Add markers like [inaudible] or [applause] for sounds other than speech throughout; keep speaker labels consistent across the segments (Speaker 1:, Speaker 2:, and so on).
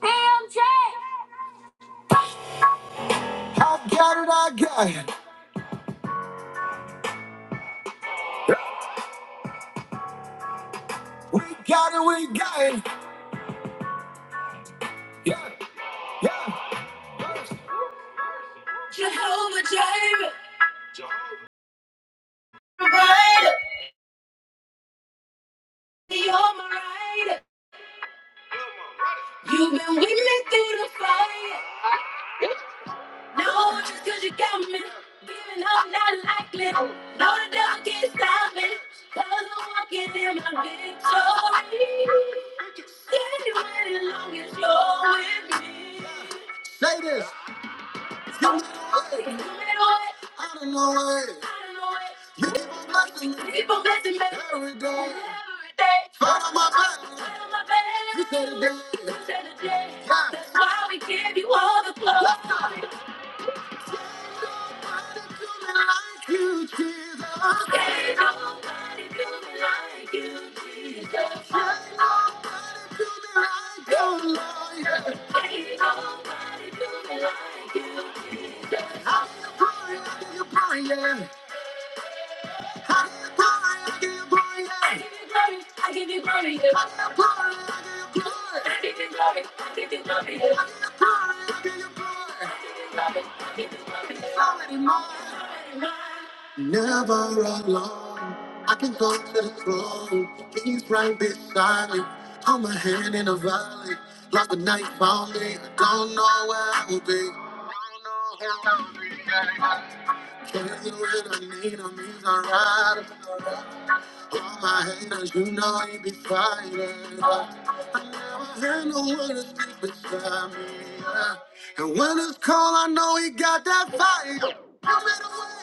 Speaker 1: PMJ. I got it, I got it. We got it, we got it. Yeah, yeah. Jehovah Jireh, provider. You're my rider. You've been with me through the fire. No, just cause you got me. Giving up, not likely. No, the devil can't stop me. Cause I'm walking in my victory. Anywhere as long as you're with me. Say this. You I don't know it. You keep on blessing me. Keep on blessing me. Every day. Every day. Fight on my back. Fight on my back. You said it did. You said it did. Yeah. That's why we give you all the glory. Yeah. Never alone. I can go to the throne. He's right beside me. Hold my hand in a valley. Like a knife on me. I don't know where I will be. I Don't know where I will be. Can't do it. I need on these are right. All my haters, you know you be fighting. I never had no one to speak beside me. yeah. And when it's cold, I know he got that fire. You made a way.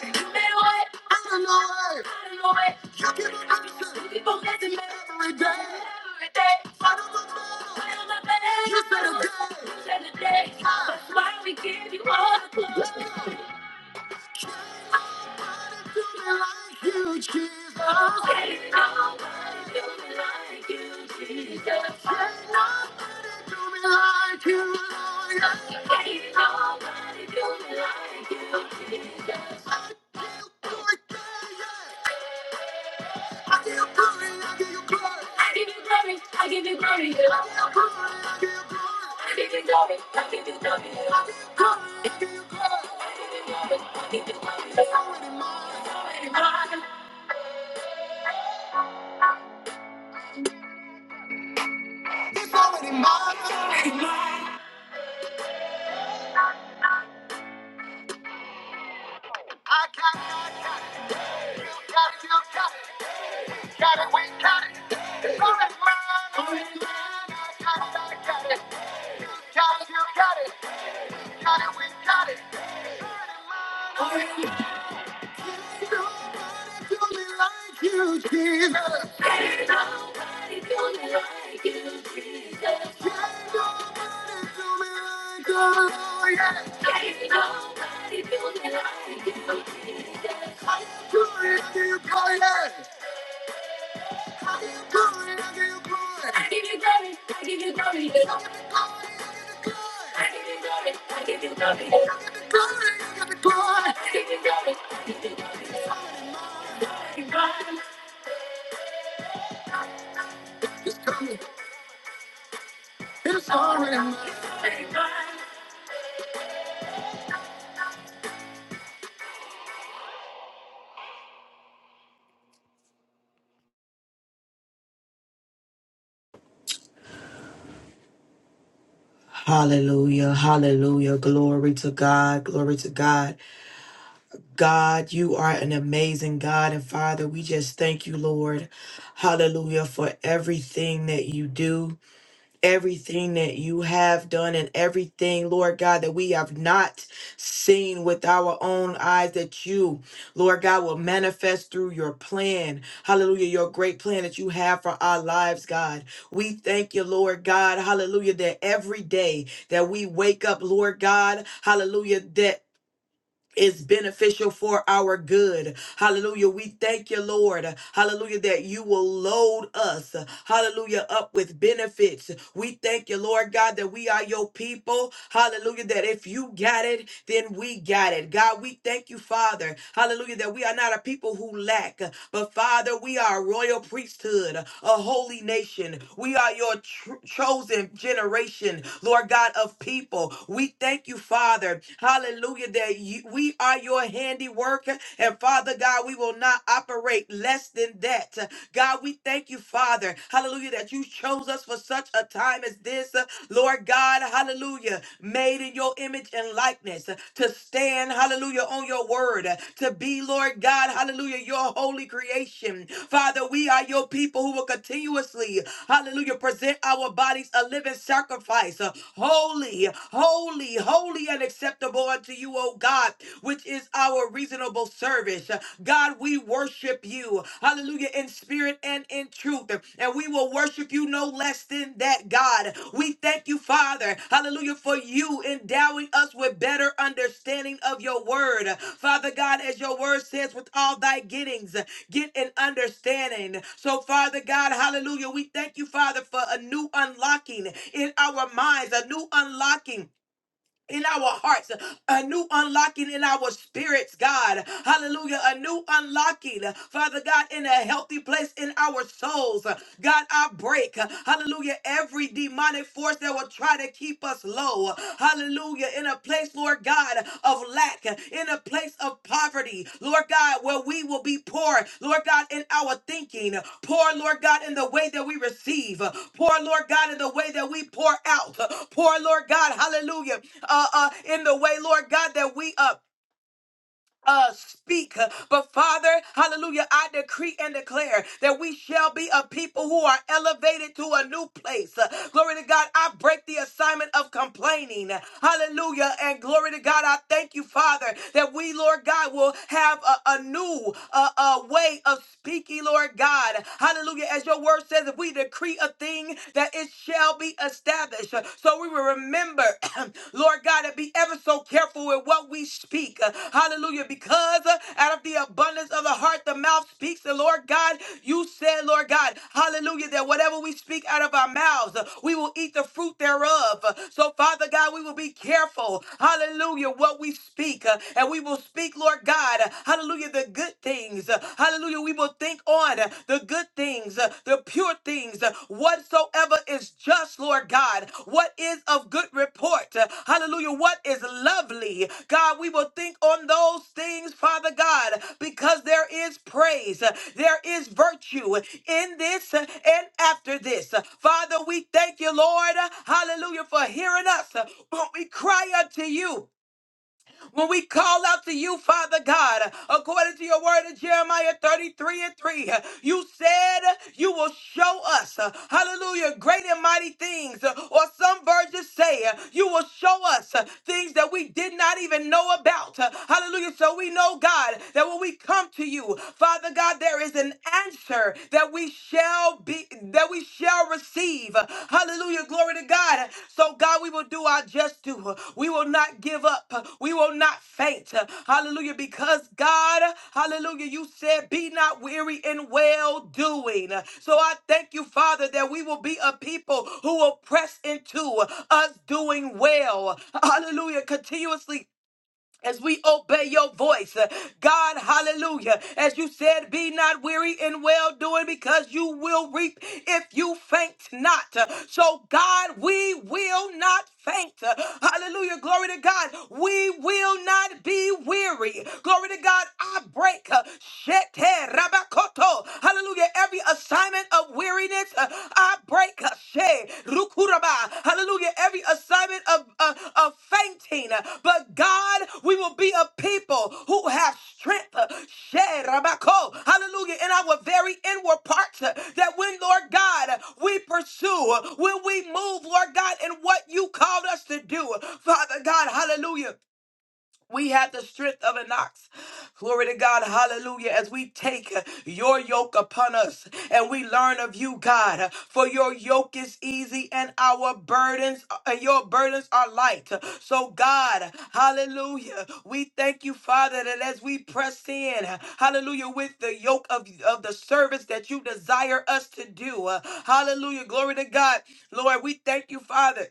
Speaker 1: You made a way. Out of no way. Out of no way. You keep on blessing. You keep on blessing me. Every day. Every day. Fight on my battle. Fight on my battle. You said a day. You said a day. Ah. That's why we give you all the glory. Jesus. I give you glory, I give you glory. I give you glory, I give you glory. yeah. I give you glory, I give you glory. I give you glory, I give you glory. yeah. I give you glory, I give you glory. I give you glory, I give you glory. It's already mine. It's already mine. It's already mine. It's already mine. I got it, I got it, got it, you got it. Got it, we got it. It's already mine. I got it, I got it. Got it, you got it. Got it, we got it. Ain't nobody do me like you, Jesus. I give you glory, I give you glory. I give you glory, I give you glory. I give you glory, I give you glory. I give you glory, I give you glory. I give you glory, I give you glory. It's already mine. It's coming. It's already mine. It's already mine.
Speaker 2: Hallelujah. Hallelujah. Glory to God. Glory to God. God, you are an amazing God and Father. We just thank you, Lord. Hallelujah for everything that you do everything that you have done and everything, Lord God, that we have not seen with our own eyes, that you, Lord God, will manifest through your plan. Hallelujah, your great plan that you have for our lives, God. We thank you, Lord God, hallelujah, that every day that we wake up, Lord God, hallelujah, is beneficial for our good. Hallelujah. We thank you, Lord. Hallelujah, that you will load us, hallelujah, up with benefits. We thank you, Lord God, that we are your people. Hallelujah, that if you got it, then we got it. God, we thank you, Father. Hallelujah, that we are not a people who lack, but Father, we are a royal priesthood, a holy nation. We are your tr- chosen generation, Lord God, of people. We thank you, Father. Hallelujah hallelujah, that you, we are your handiwork. And Father God, we will not operate less than that. God, we thank you, Father, hallelujah, that you chose us for such a time as this. Lord God, hallelujah, made in your image and likeness to stand, hallelujah, on your word, to be, Lord God, hallelujah, your holy creation. Father, we are your people who will continuously, hallelujah, present our bodies a living sacrifice, holy, holy, holy holy and acceptable unto you, O God, which is our reasonable service. God, we worship you. Hallelujah. In spirit and in truth. And we will worship you no less than that, God. We thank you, Father. Hallelujah. For you endowing us with better understanding of your word. Father God, as your word says, with all thy gettings, get an understanding. So, Father God, hallelujah. We thank you, Father, for a new unlocking in our minds, a new unlocking in our hearts, a new unlocking in our spirits, God. Hallelujah. A new unlocking, Father God, in a healthy place in our souls. God, I break, hallelujah, every demonic force that will try to keep us low. Hallelujah. In a place, Lord God. God, of lack, in a place of poverty, Lord God, where we will be poor, Lord God, in our thinking, poor, Lord God, in the way that we receive, poor, Lord God, in the way that we pour out, poor, Lord God, hallelujah, uh, uh, in the way, Lord God, that we up uh, speak. But Father, hallelujah, I decree and declare that we shall be a people who are elevated to a new place. Uh, Glory to God, I break the assignment of complaining. Hallelujah. And glory to God, I thank you, Father, that we, Lord God, will have a, a new uh, uh, way of speaking, Lord God. Hallelujah. As your word says, if we decree a thing, that it shall be established cherish. Uh, So we will remember, [clears throat] Lord God, to be ever so careful with what we speak. Uh, Hallelujah. Because uh, out of the abundance of the heart, the mouth speaks. And Lord God, you said, Lord God, hallelujah, that whatever we speak out of our mouths, uh, we will eat the fruit thereof. Uh, So, Father God, we will be careful, hallelujah, what we speak. Uh, And we will speak, Lord God, uh, hallelujah, the good things. Uh, Hallelujah. We will think on uh, the good things, uh, the pure things, uh, whatsoever is just, Lord God, what is of good report, uh, hallelujah, what is lovely. God, we will think on those things, Father God, because there is praise, uh, there is virtue in this uh, and after this. Uh, Father, we thank you, Lord, uh, hallelujah, for hearing us uh, when we cry unto you. When we call out to you, Father God, according to your word in Jeremiah 33 and 3, you said you will show us, uh, hallelujah, great and mighty things. Uh, Or some versions say uh, you will show us uh, things that we did not even know about. Uh, Hallelujah. So we know, God, that when we come to you, Father God, there is an answer that we shall be be that we shall receive. Hallelujah. Glory to God. So God, we will do our just due. We will not give up. We will not faint. Hallelujah. Because God, hallelujah, you said, be not weary in well doing. So I thank you, Father, that we will be a people who will press into us doing well. Hallelujah. Continuously as we obey your voice. uh, God, hallelujah. As you said, be not weary in well doing because you will reap if you faint not. Uh, So, God, we will not faint. Uh, Hallelujah. Glory to God. We will not be weary. Glory to God. I break. uh, shete rabakoto. Hallelujah. Every assignment of weariness weariness. Uh, I break uh, she, rukuraba. Hallelujah. Every assignment of, uh, of fainting. Uh, But God, we will be a people who have strength. uh, she, rabako. Hallelujah. In our very inward parts. uh, That when, Lord God, uh, we pursue, uh, when we move, Lord God, in what you called us to do. Father God, hallelujah. We have the strength of an ox. Glory to God. Hallelujah. As we take your yoke upon us and we learn of you, God, for your yoke is easy and our burdens and your burdens are light. So, God, hallelujah. We thank you, Father, that as we press in, hallelujah, with the yoke of, of the service that you desire us to do. Hallelujah. Glory to God. Lord, we thank you, Father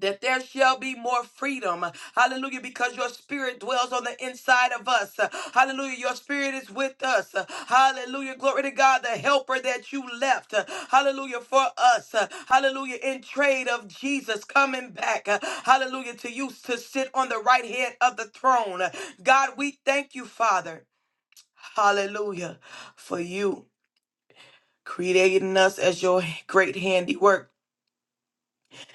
Speaker 2: that there shall be more freedom. Hallelujah. Because your spirit dwells on the inside of us. Hallelujah. Your spirit is with us. Hallelujah. Glory to God, the helper that you left. Hallelujah. For us. Hallelujah. In trade of Jesus coming back. Hallelujah. To you to sit on the right hand of the throne. God, we thank you, Father. Hallelujah. For you creating us as your great handiwork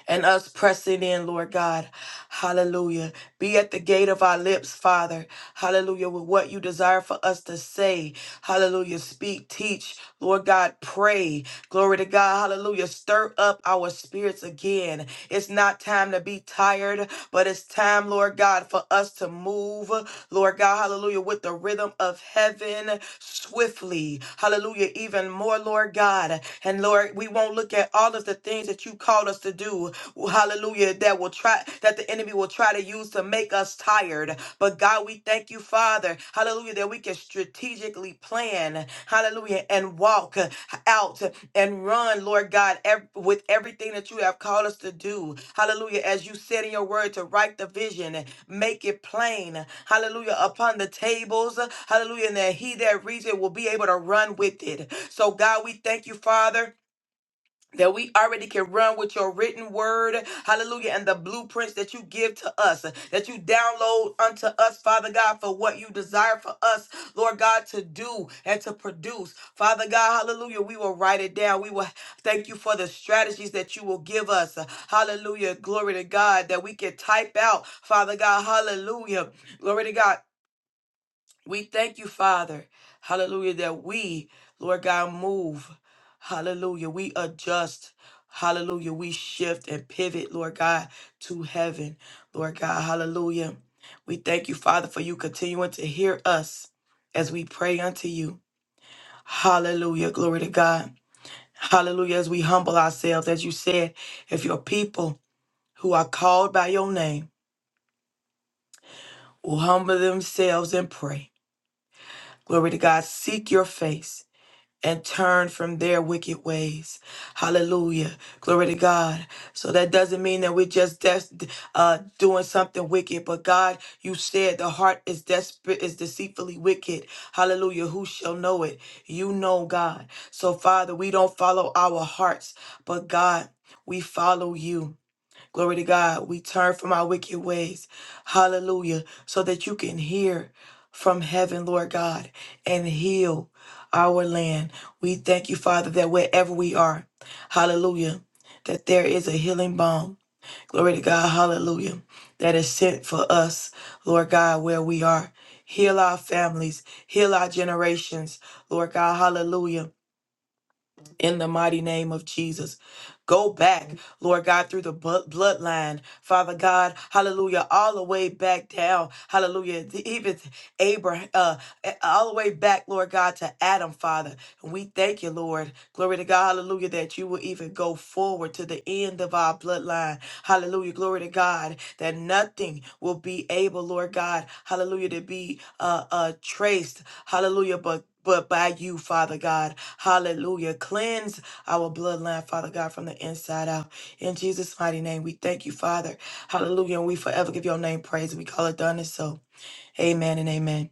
Speaker 2: and us pressing in, Lord God. Hallelujah. Be at the gate of our lips, Father. Hallelujah. With what you desire for us to say. Hallelujah. Speak, teach, Lord God, pray. Glory to God. Hallelujah. Stir up our spirits again. It's not time to be tired, but it's time, Lord God, for us to move, Lord God. Lord God, hallelujah, with the rhythm of heaven swiftly, hallelujah, even more, Lord God. And Lord, we won't look at all of the things that you called us to do, hallelujah, that will try, that the enemy will try to use to make us tired. But God, we thank you, Father, hallelujah, that we can strategically plan, hallelujah, and walk out and run, Lord God, ev- with everything that you have called us to do. Hallelujah. As you said in your word, to write the vision make it plain. Hallelujah. Upon the tables. Hallelujah. And that he that reads it will be able to run with it. So, God, we thank you, Father that we already can run with your written word, hallelujah, and the blueprints that you give to us, that you download unto us, Father God, for what you desire for us, Lord God, to do and to produce. Father God, hallelujah, we will write it down. We will thank you for the strategies that you will give us, hallelujah, glory to God, that we can type out, Father God, hallelujah, glory to God we thank you, Father. Hallelujah. That we, Lord God, move. Hallelujah. We adjust. Hallelujah. We shift and pivot, Lord God, to heaven. Lord God, hallelujah. We thank you, Father, for you continuing to hear us as we pray unto you. Hallelujah. Glory to God. Hallelujah. As we humble ourselves, as you said, if your people who are called by your name will humble themselves and pray. Glory to God. Seek your face. and turn from their wicked ways. Hallelujah. Glory to God. So that doesn't mean that we're just des- uh, doing something wicked, but God, you said the heart is desperate, is deceitfully wicked. Hallelujah. Who shall know it? You know God. So, Father, we don't follow our hearts, but God, we follow you. Glory to God. We turn from our wicked ways. Hallelujah. So that you can hear from heaven, Lord God, and heal our land. We thank you, Father, that wherever we are, hallelujah, that there is a healing balm. Glory to God. Hallelujah. That is sent for us, Lord God, where we are. Heal our families, heal our generations, Lord God. Hallelujah in the mighty name of Jesus. Go back, Lord God, through the bu- bloodline, Father God, hallelujah, all the way back down, hallelujah, to even Abraham, uh, all the way back, Lord God, to Adam, Father. We thank you, Lord. Glory to God. Hallelujah. That you will even go forward to the end of our bloodline. Hallelujah. Glory to God. That nothing will be able, Lord God. Hallelujah. To be uh, uh, traced. Hallelujah. But but by you, Father God. Hallelujah. Cleanse our bloodline, Father God, from the inside out. In Jesus' mighty name, we thank you, Father. Hallelujah. And we forever give your name praise. We call it done and so. Amen and amen.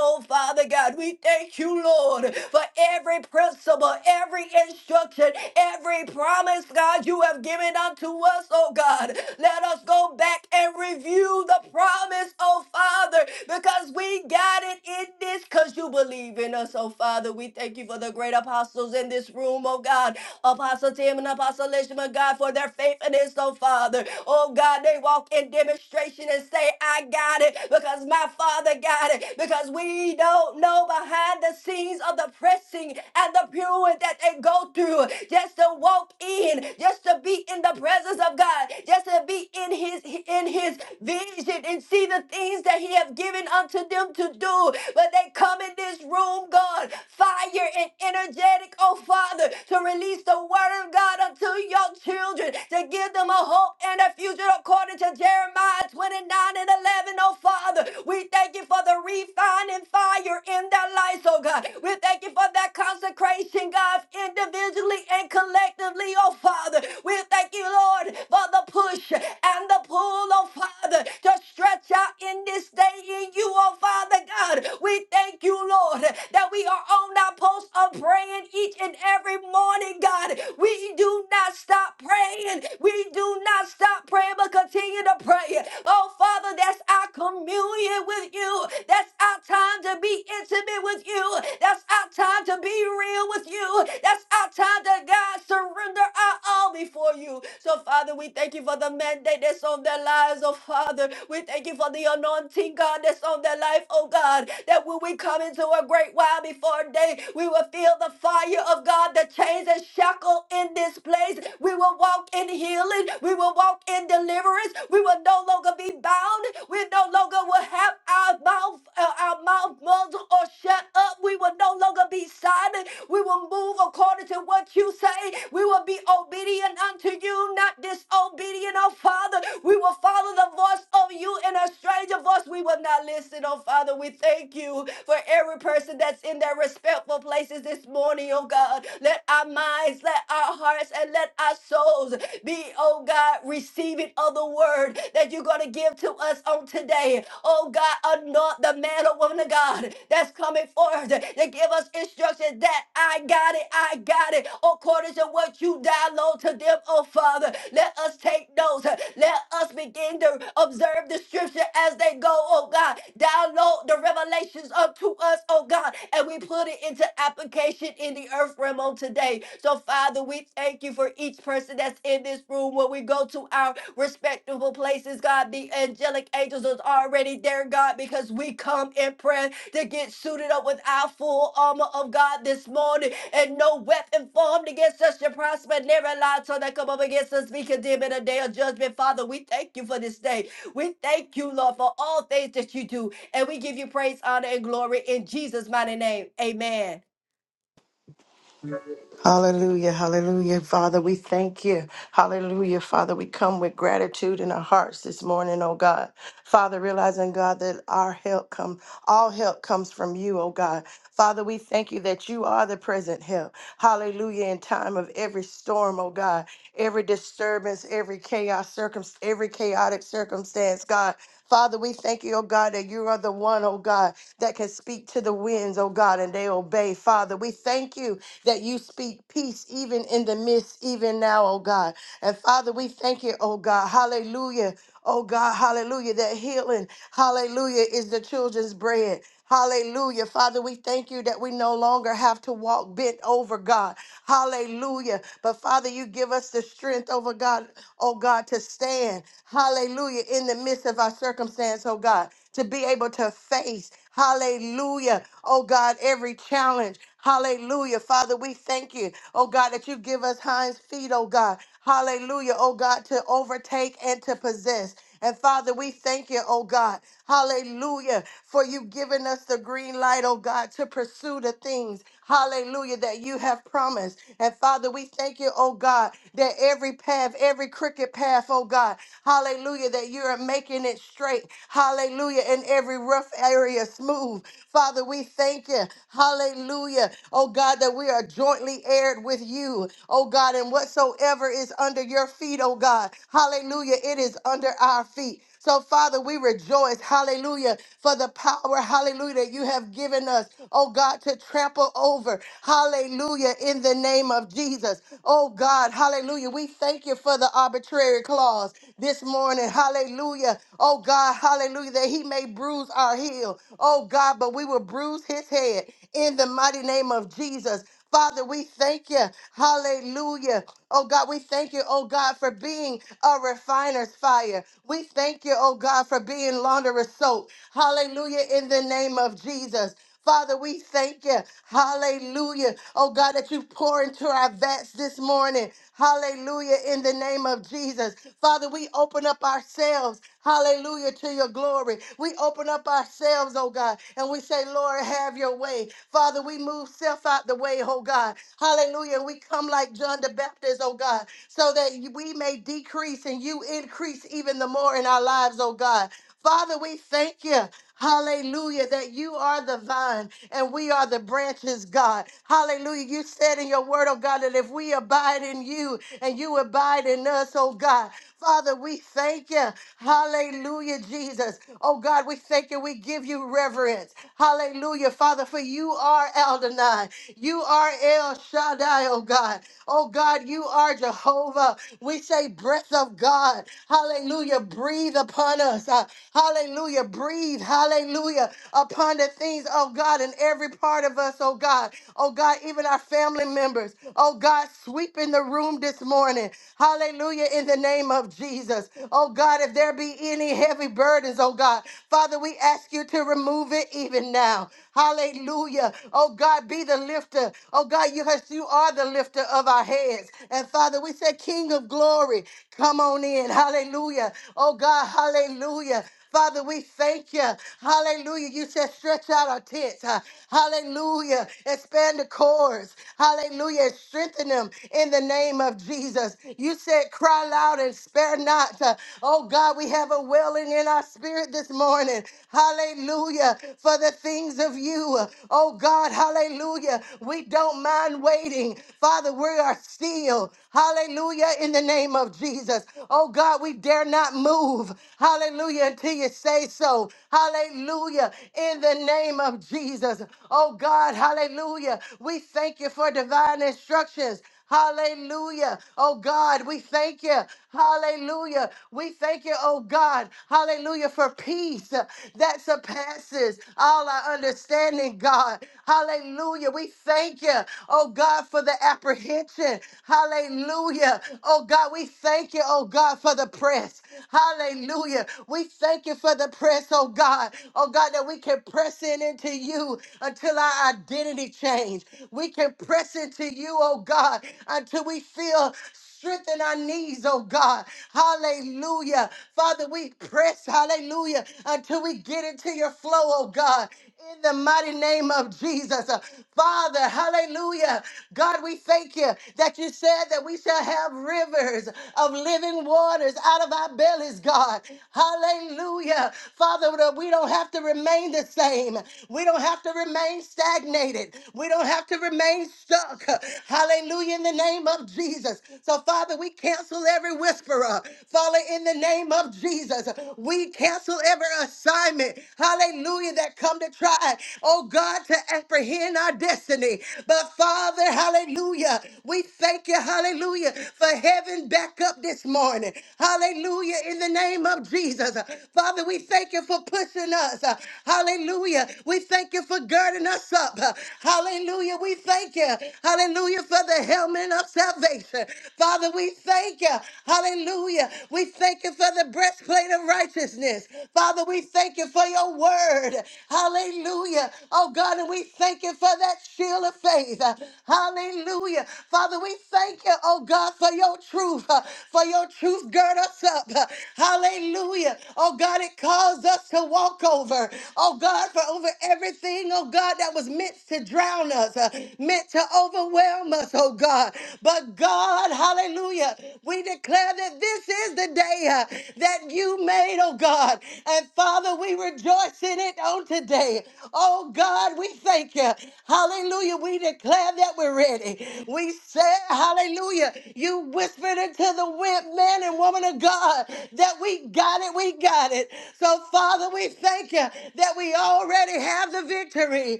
Speaker 3: Hallelujah, hallelujah. Father, we thank you. Hallelujah, Father. We come with gratitude in our hearts this morning, oh God. Father, realizing, God, that our help come, all help comes from you, oh God. Father, we thank you that you are the present help. Hallelujah, in time of every storm, oh God, every disturbance, every chaos, circum, every chaotic circumstance, God. Father, we thank you, oh God, that you are the one, oh God, that can speak to the winds, oh God, and they obey. Father, we thank you that you speak peace even in the midst, even now, oh God. And Father, we thank you, oh God. Hallelujah. Oh God, hallelujah, that healing, hallelujah, is the children's bread. Hallelujah. Father, we thank you that we no longer have to walk bent over, God. Hallelujah. But Father, you give us the strength over God, oh God, to stand. Hallelujah. In the midst of our circumstance, oh God, to be able to face. Hallelujah. Oh God, every challenge. Hallelujah. Father, we thank you. Oh God, that you give us hinds feet, oh God. Hallelujah, oh God, to overtake and to possess. And Father, we thank you, oh God. Hallelujah, for you giving us the green light, oh God, to pursue the things, hallelujah, that you have promised. And Father, we thank you, oh God, that every path, every crooked path, oh God, hallelujah, that you are making it straight, hallelujah, and every rough area smooth. Father, we thank you, hallelujah, oh God, that we are jointly heired with you, oh God, and whatsoever is under your feet, oh God, hallelujah, it is under our feet. So, Father, we rejoice, hallelujah, for the power, hallelujah, that you have given us, oh God, to trample over, hallelujah, in the name of Jesus. Oh God, hallelujah, we thank you for the arbitrary clause this morning, hallelujah, oh God, hallelujah, that he may bruise our heel, oh God, but we will bruise his head in the mighty name of Jesus. Father, we thank you. Hallelujah. Oh God, we thank you, oh God, for being a refiner's fire. We thank you, oh God, for being launderer's soap. Hallelujah, in the name of Jesus. Father, we thank you. Hallelujah. Oh God, that you pour into our vats this morning. Hallelujah. In the name of Jesus. Father, we open up ourselves. Hallelujah to your glory. We open up ourselves, oh God, and we say, Lord, have your way. Father, we move self out the way, oh God. Hallelujah. we come like John the Baptist, oh God, so that we may decrease and you increase even the more in our lives, oh God. Father, we thank you. Hallelujah, that you are the vine and we are the branches, God. Hallelujah. You said in your word, oh God, that if we abide in you and you abide in us, oh God. Father, we thank you. Hallelujah, Jesus. Oh God, we thank you. We give you reverence. Hallelujah, Father, for you are Eldonai. You are El Shaddai, oh God. Oh God, you are Jehovah. We say, breath of God. Hallelujah, breathe upon us. Uh, hallelujah, breathe. Hallelujah, upon the things, oh God, in every part of us, oh God. Oh God, even our family members. Oh God, sweep in the room this morning. Hallelujah, in the name of Jesus. Oh God, if there be any heavy burdens, oh God, Father, we ask you to remove it even now. Hallelujah. Oh God, be the lifter. Oh God, you, has- you are the lifter of our heads. And Father, we say, King of glory, come on in. Hallelujah. Oh God, hallelujah. Father, we thank you. Hallelujah. You said stretch out our tents. huh? Hallelujah. Expand the cords. Hallelujah. And Strengthen them in the name of Jesus. You said cry loud and spare not. huh? Oh God, we have a wailing in in our spirit this morning. Hallelujah. For the things of you. Oh God, hallelujah. We don't mind waiting. Father, we are still. Hallelujah. In the name of Jesus. Oh God, we dare not move. Hallelujah. Until you say so. Hallelujah. In the name of Jesus. Oh God, hallelujah. We thank you for divine instructions. Hallelujah. Oh God, we thank you. Hallelujah. We thank you, oh God. Hallelujah for peace uh, that surpasses all our understanding, God. Hallelujah. We thank you, oh God, for the apprehension. Hallelujah. Oh God, we thank you, oh God, for the press. Hallelujah. We thank you for the press, oh God. Oh God, that we can press in into you until our identity change. We can press into you you, oh God, until we feel strengthen our knees, oh God. Hallelujah. Father, we press, hallelujah, until we get into your flow, oh God. In the mighty name of Jesus. Uh, Father, hallelujah. God, we thank you that you said that we shall have rivers of living waters out of our bellies, God. Hallelujah. Father, that we don't have to remain the same. We don't have to remain stagnated. We don't have to remain stuck. Hallelujah, in the name of Jesus. So, Father, we cancel every whisperer. Father, in the name of Jesus, we cancel every assignment. Hallelujah, that come to try, oh God, to apprehend our destiny. But, Father, hallelujah, we thank you, hallelujah, for heaven back up this morning. Hallelujah, in the name of Jesus. Father, we thank you for pushing us. Hallelujah. We thank you for girding us up. Hallelujah. Hallelujah. We thank you. Hallelujah for the helmet of salvation. Father, we thank you. Hallelujah. We thank you for the breastplate of righteousness. Father, we thank you for your word. Hallelujah. Oh God, and we thank you for that shield of faith. Hallelujah. Father, we thank you, oh God, for your truth. uh, For your truth gird us up. Hallelujah. Oh God, it caused us to walk over. Oh God, for over everything, oh God, that was meant to to drown us, uh, meant to overwhelm us, oh God. But God, hallelujah, we declare that this is the day uh, that you made, oh God. And Father, we rejoice in it on today. Oh God, we thank you. Hallelujah, we declare that we're ready. We said, hallelujah, you whispered into the wind, man and woman of God, that we got it, we got it. So Father, we thank you that we already have the victory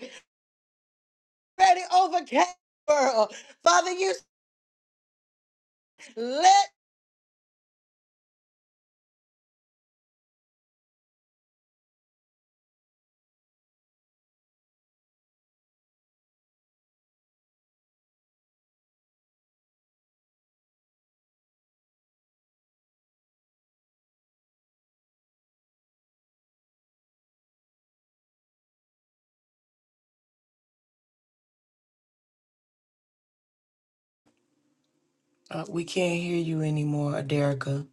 Speaker 3: already overcame the world. Father, you let
Speaker 2: Uh, we can't hear you anymore, Aderica.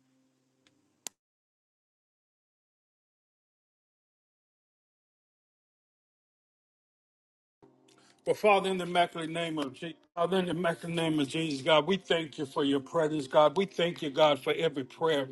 Speaker 1: Well, Father, in the immaculate name of Jesus, Father, in the immaculate name of Jesus, God, we thank you for your presence, God. We thank you, God, for every prayer.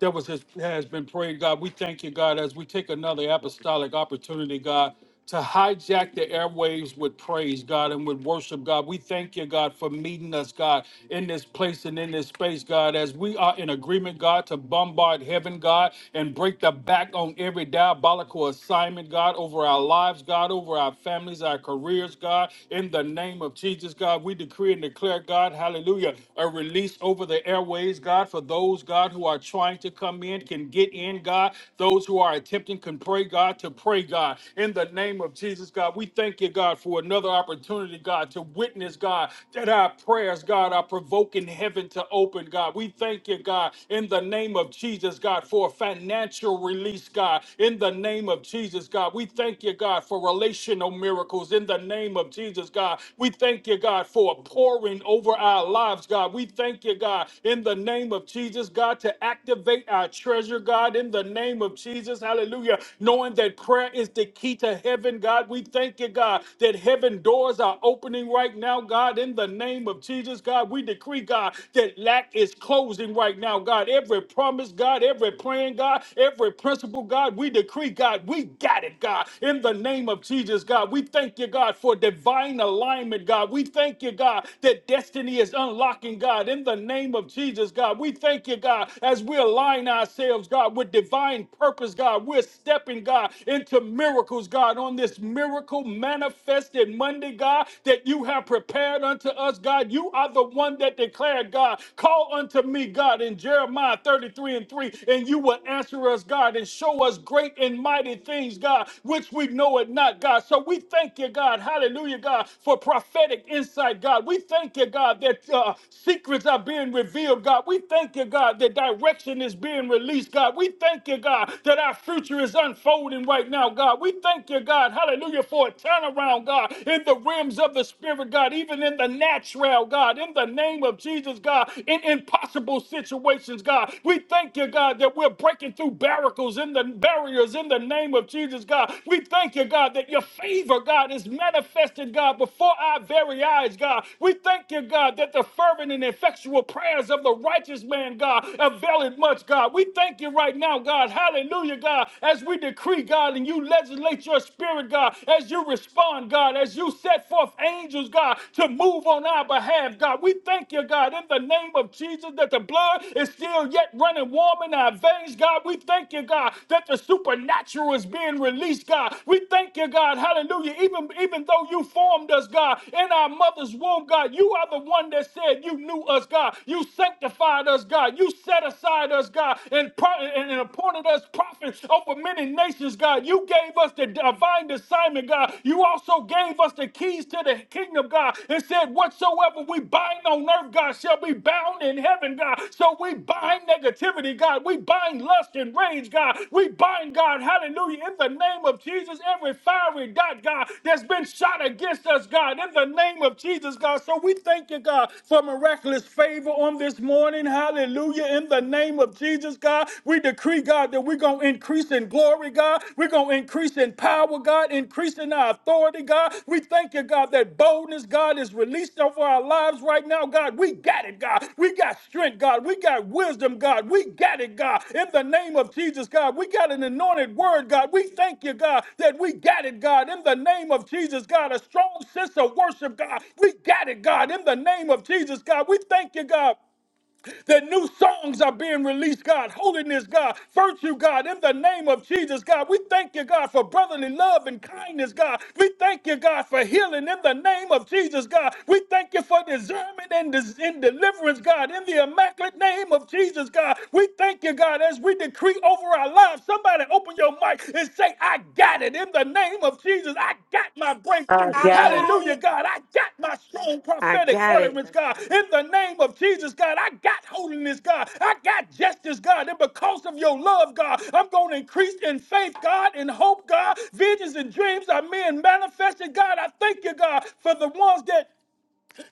Speaker 1: that was his, has been prayed, God. We thank you, God, as we take another apostolic opportunity, God, to hijack the airwaves with praise, God, and with worship, God. We thank you, God, for meeting us, God, in this place and in this space, God, as we are in agreement, God, to bombard heaven, God, and break the back on every diabolical assignment, God, over our lives, God, over our families, our careers, God. In the name of Jesus, God, we decree and declare, God, hallelujah, a release over the airways, God, for those, God, who are trying to come in can get in, God. Those who are attempting can pray, God, to pray, God. In the name of Jesus, God, we thank you, God, for another opportunity, God, to witness, God, that our prayers, God, are provoking heaven to open, God. We thank you, God, in the name of Jesus, God, for financial release, God. In the name of Jesus, God, we thank you, God, for relational miracles. In the name of Jesus, God, we thank you, God, for pouring over our lives, God. We thank you, God, in the name of Jesus, God. to to activate our treasure, God, in the name of Jesus. Hallelujah. Knowing that prayer is the key to heaven, God. We thank you, God, that heaven doors are opening right now, God, in the name of Jesus, God. We decree, God, that lack is closing right now, God. Every promise, God, every plan, God, every principle, God, we decree, God, we got it, God, in the name of Jesus, God. We thank you, God, for divine alignment, God. We thank you, God, that destiny is unlocking, God, in the name of Jesus, God. We thank you, God. God, as we align ourselves, God, with divine purpose, God, we're stepping, God, into miracles, God, on this miracle manifested Monday, God, that you have prepared unto us, God. You are the one that declared, God, call unto me, God, in Jeremiah 33 and 3, and you will answer us, God, and show us great and mighty things, God, which we know it not, God. So we thank you, God, hallelujah, God, for prophetic insight, God. We thank you, God, that uh, secrets are being revealed, God. We thank you, God you, God, that direction is being released, God. We thank you, God, that our future is unfolding right now, God. We thank you, God, hallelujah, for a turnaround, God, in the realms of the Spirit, God, even in the natural, God, in the name of Jesus, God, in impossible situations, God. We thank you, God, that we're breaking through barricades in the barriers in the name of Jesus, God. We thank you, God, that your favor, God, is manifested, God, before our very eyes, God. We thank you, God, that the fervent and effectual prayers of the righteous man, God, availeth much, God. We thank you right now, God. Hallelujah, God. As we decree, God, and you legislate your spirit, God, as you respond, God, as you set forth angels, God, to move on our behalf, God. We thank you, God, in the name of Jesus, that the blood is still yet running warm in our veins, God. We thank you, God, that the supernatural is being released, God. We thank you, God. Hallelujah. Even, even though you formed us, God, in our mother's womb, God, you are the one that said you knew us, God. You sanctified sanctified us, God. You set aside us, God, and, pro- and, and appointed us prophets over many nations, God. You gave us the divine assignment, God. You also gave us the keys to the kingdom, God, and said, Whatsoever we bind on earth, God, shall be bound in heaven, God. So we bind negativity, God. We bind lust and rage, God. We bind, God, hallelujah, in the name of Jesus, every fiery dot, God, that's been shot against us, God, in the name of Jesus, God. So we thank you, God, for miraculous favor on this morning. Hallelujah. In the name of Jesus, God, we decree, God, that we're going to increase in glory, God. We're going to increase in power, God, increase in our authority, God. We thank you, God, that boldness, God, is released over our lives right now, God. We got it, God. We got strength, God. We got wisdom, God. We got it, God. In the name of Jesus, God, we got an anointed word, God. We thank you, God, that we got it, God. In the name of Jesus, God, a strong sense of worship, God. We got it, God. In the name of Jesus, God, we thank you, God that new songs are being released, God. Holiness, God. Virtue, God. In the name of Jesus, God. We thank you, God, for brotherly love and kindness, God. We thank you, God, for healing in the name of Jesus, God. We thank you for discernment and, dis- and deliverance, God. In the immaculate name of Jesus, God. We thank you, God, as we decree over our lives. Somebody open your mic and and say, I got it. In the name of Jesus, I got my
Speaker 2: I
Speaker 1: breakthrough.
Speaker 2: got it.
Speaker 1: Hallelujah, God. I got my strong
Speaker 4: I
Speaker 1: prophetic
Speaker 4: got it.
Speaker 1: utterance, God. In the name of Jesus, God, I got holiness, God. I got justice, God. And because of your love, God, I'm going to increase in faith, God, in hope, God. Visions and dreams are being manifested, God. I thank you, God, for the ones that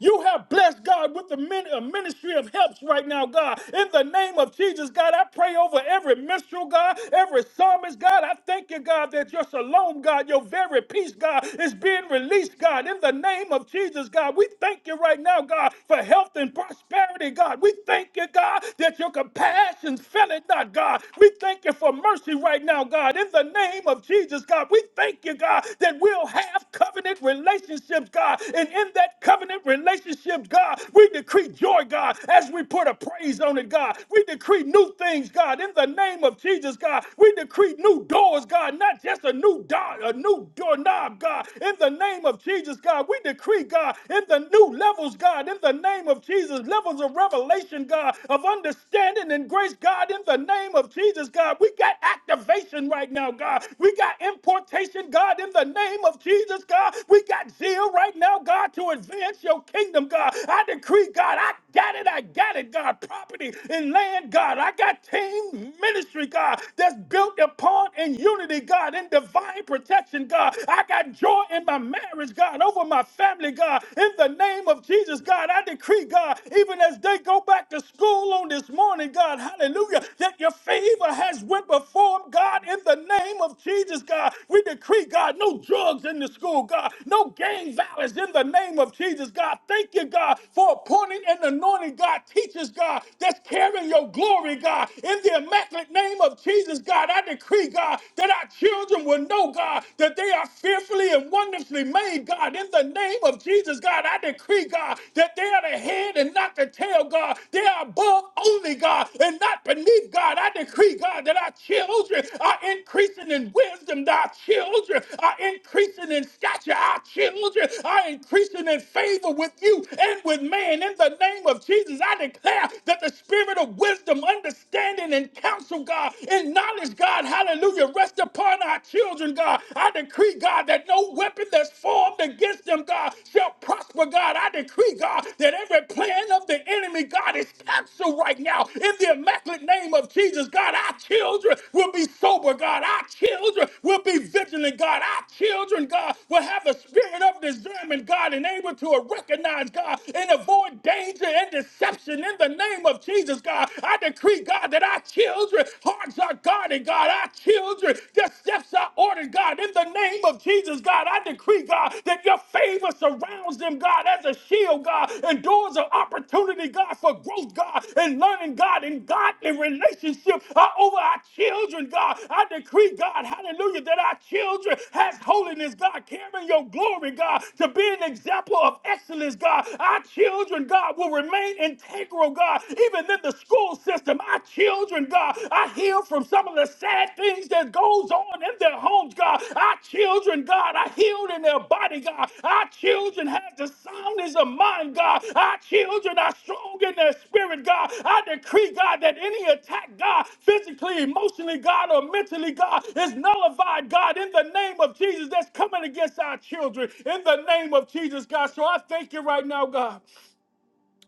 Speaker 1: you have blessed God with the min- a ministry of helps right now, God. In the name of Jesus, God, I pray over every minstrel, God, every psalmist, God. I thank you, God, that your shalom, God, your very peace, God, is being released, God. In the name of Jesus, God, we thank you right now, God, for health and prosperity, God. We thank you, God, that your compassion fell it not, God. We thank you for mercy right now, God. In the name of Jesus, God, we thank you, God, that we'll still have covenant relationships, God. And in that covenant relationship, God, we decree joy, God, as we put a praise on it, God. We decree new things, God, in the name of Jesus, God. We decree new doors, God, not just a new door, a new doorknob, God. In the name of Jesus, God, we decree, God, in the new levels, God, in the name of Jesus, levels of revelation, God, of understanding and grace, God, in the name of Jesus, God. We got activated elevation right now, God. We got importation, God, in the name of Jesus, God. We got zeal right now, God, to advance your kingdom, God. I decree, God, I got it, I got it, God. Property and land, God. I got team ministry, God, that's built upon in unity, God, in divine protection, God. I got joy in my marriage, God, over my family, God. In the name of Jesus, God, I decree, God, even as they go back to school on this morning morning, God. Hallelujah. That your favor has went before them, God, in the name of Jesus, God. We decree, God, no drugs in the school, God. No gang violence in the name of Jesus, God. Thank you, God, for appointing and anointing, God, teachers, God, that's carrying your glory, God. In the immaculate name of Jesus, God, I decree, God, that our children will know, God, that they are fearfully and wonderfully made, God. In the name of Jesus, God, I decree, God, that they are the head and not the tail, God. They are above only, God, and not beneath, God. I decree, God, that our children are increasing in wisdom. That our children are increasing in stature. Our children are increasing in favor with you and with man. In the name of Jesus, I declare that the spirit of wisdom, understanding, and counsel, God, and knowledge, God, hallelujah, rest upon our children, God. I decree, God, that no weapon weapon that's formed against them, God, shall prosper, God. I decree, God, that every plan of the enemy, God, is canceled right now in the immaculate name of Jesus, God. Our children will be sober, God. Our children will be vigilant, God. Our children, God, will have the spirit of discernment, God, and able to recognize, God, and avoid danger and deception in the name of Jesus, God. I decree, God, that our children hearts are guarded, God. Our children children. Their steps are ordered, God. In the name of Jesus, God, I decree, God, that your favor surrounds them, God, as a shield, God, and doors of opportunity, God, for growth, God, and learning, God, and godly relationship are over our children, God. I decree, God, hallelujah, that our children has holiness, God, carrying your glory, God, to be an example of excellence, God. Our children, God, will remain integral, God, even in the school system. Our children, God, I hear from some of the sad things that goes on in their homes, God. Our children, God, are healed in their body, God. Our children have the soundness of mind, God. Our children are strong in their spirit, God. I decree, God, that any attack, God, physically, emotionally, God, or mentally, God, is nullified, God, in the name of Jesus that's coming against our children, in the name of Jesus, God. So I thank you right now, God.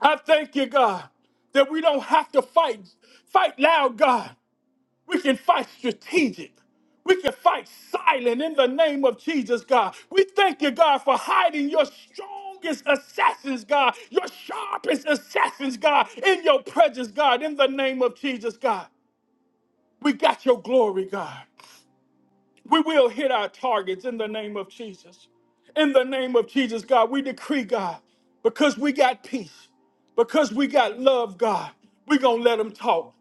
Speaker 1: I thank you, God, that we don't have to fight, fight loud, God. We can fight strategic. We can fight silent in the name of Jesus, God. We thank you, God, for hiding your strongest assassins, God, your sharpest assassins, God, in your presence, God, in the name of Jesus, God. We got your glory, God. We will hit our targets in the name of Jesus. In the name of Jesus, God, we decree, God, because we got peace, because we got love, God, we're going to let them talk.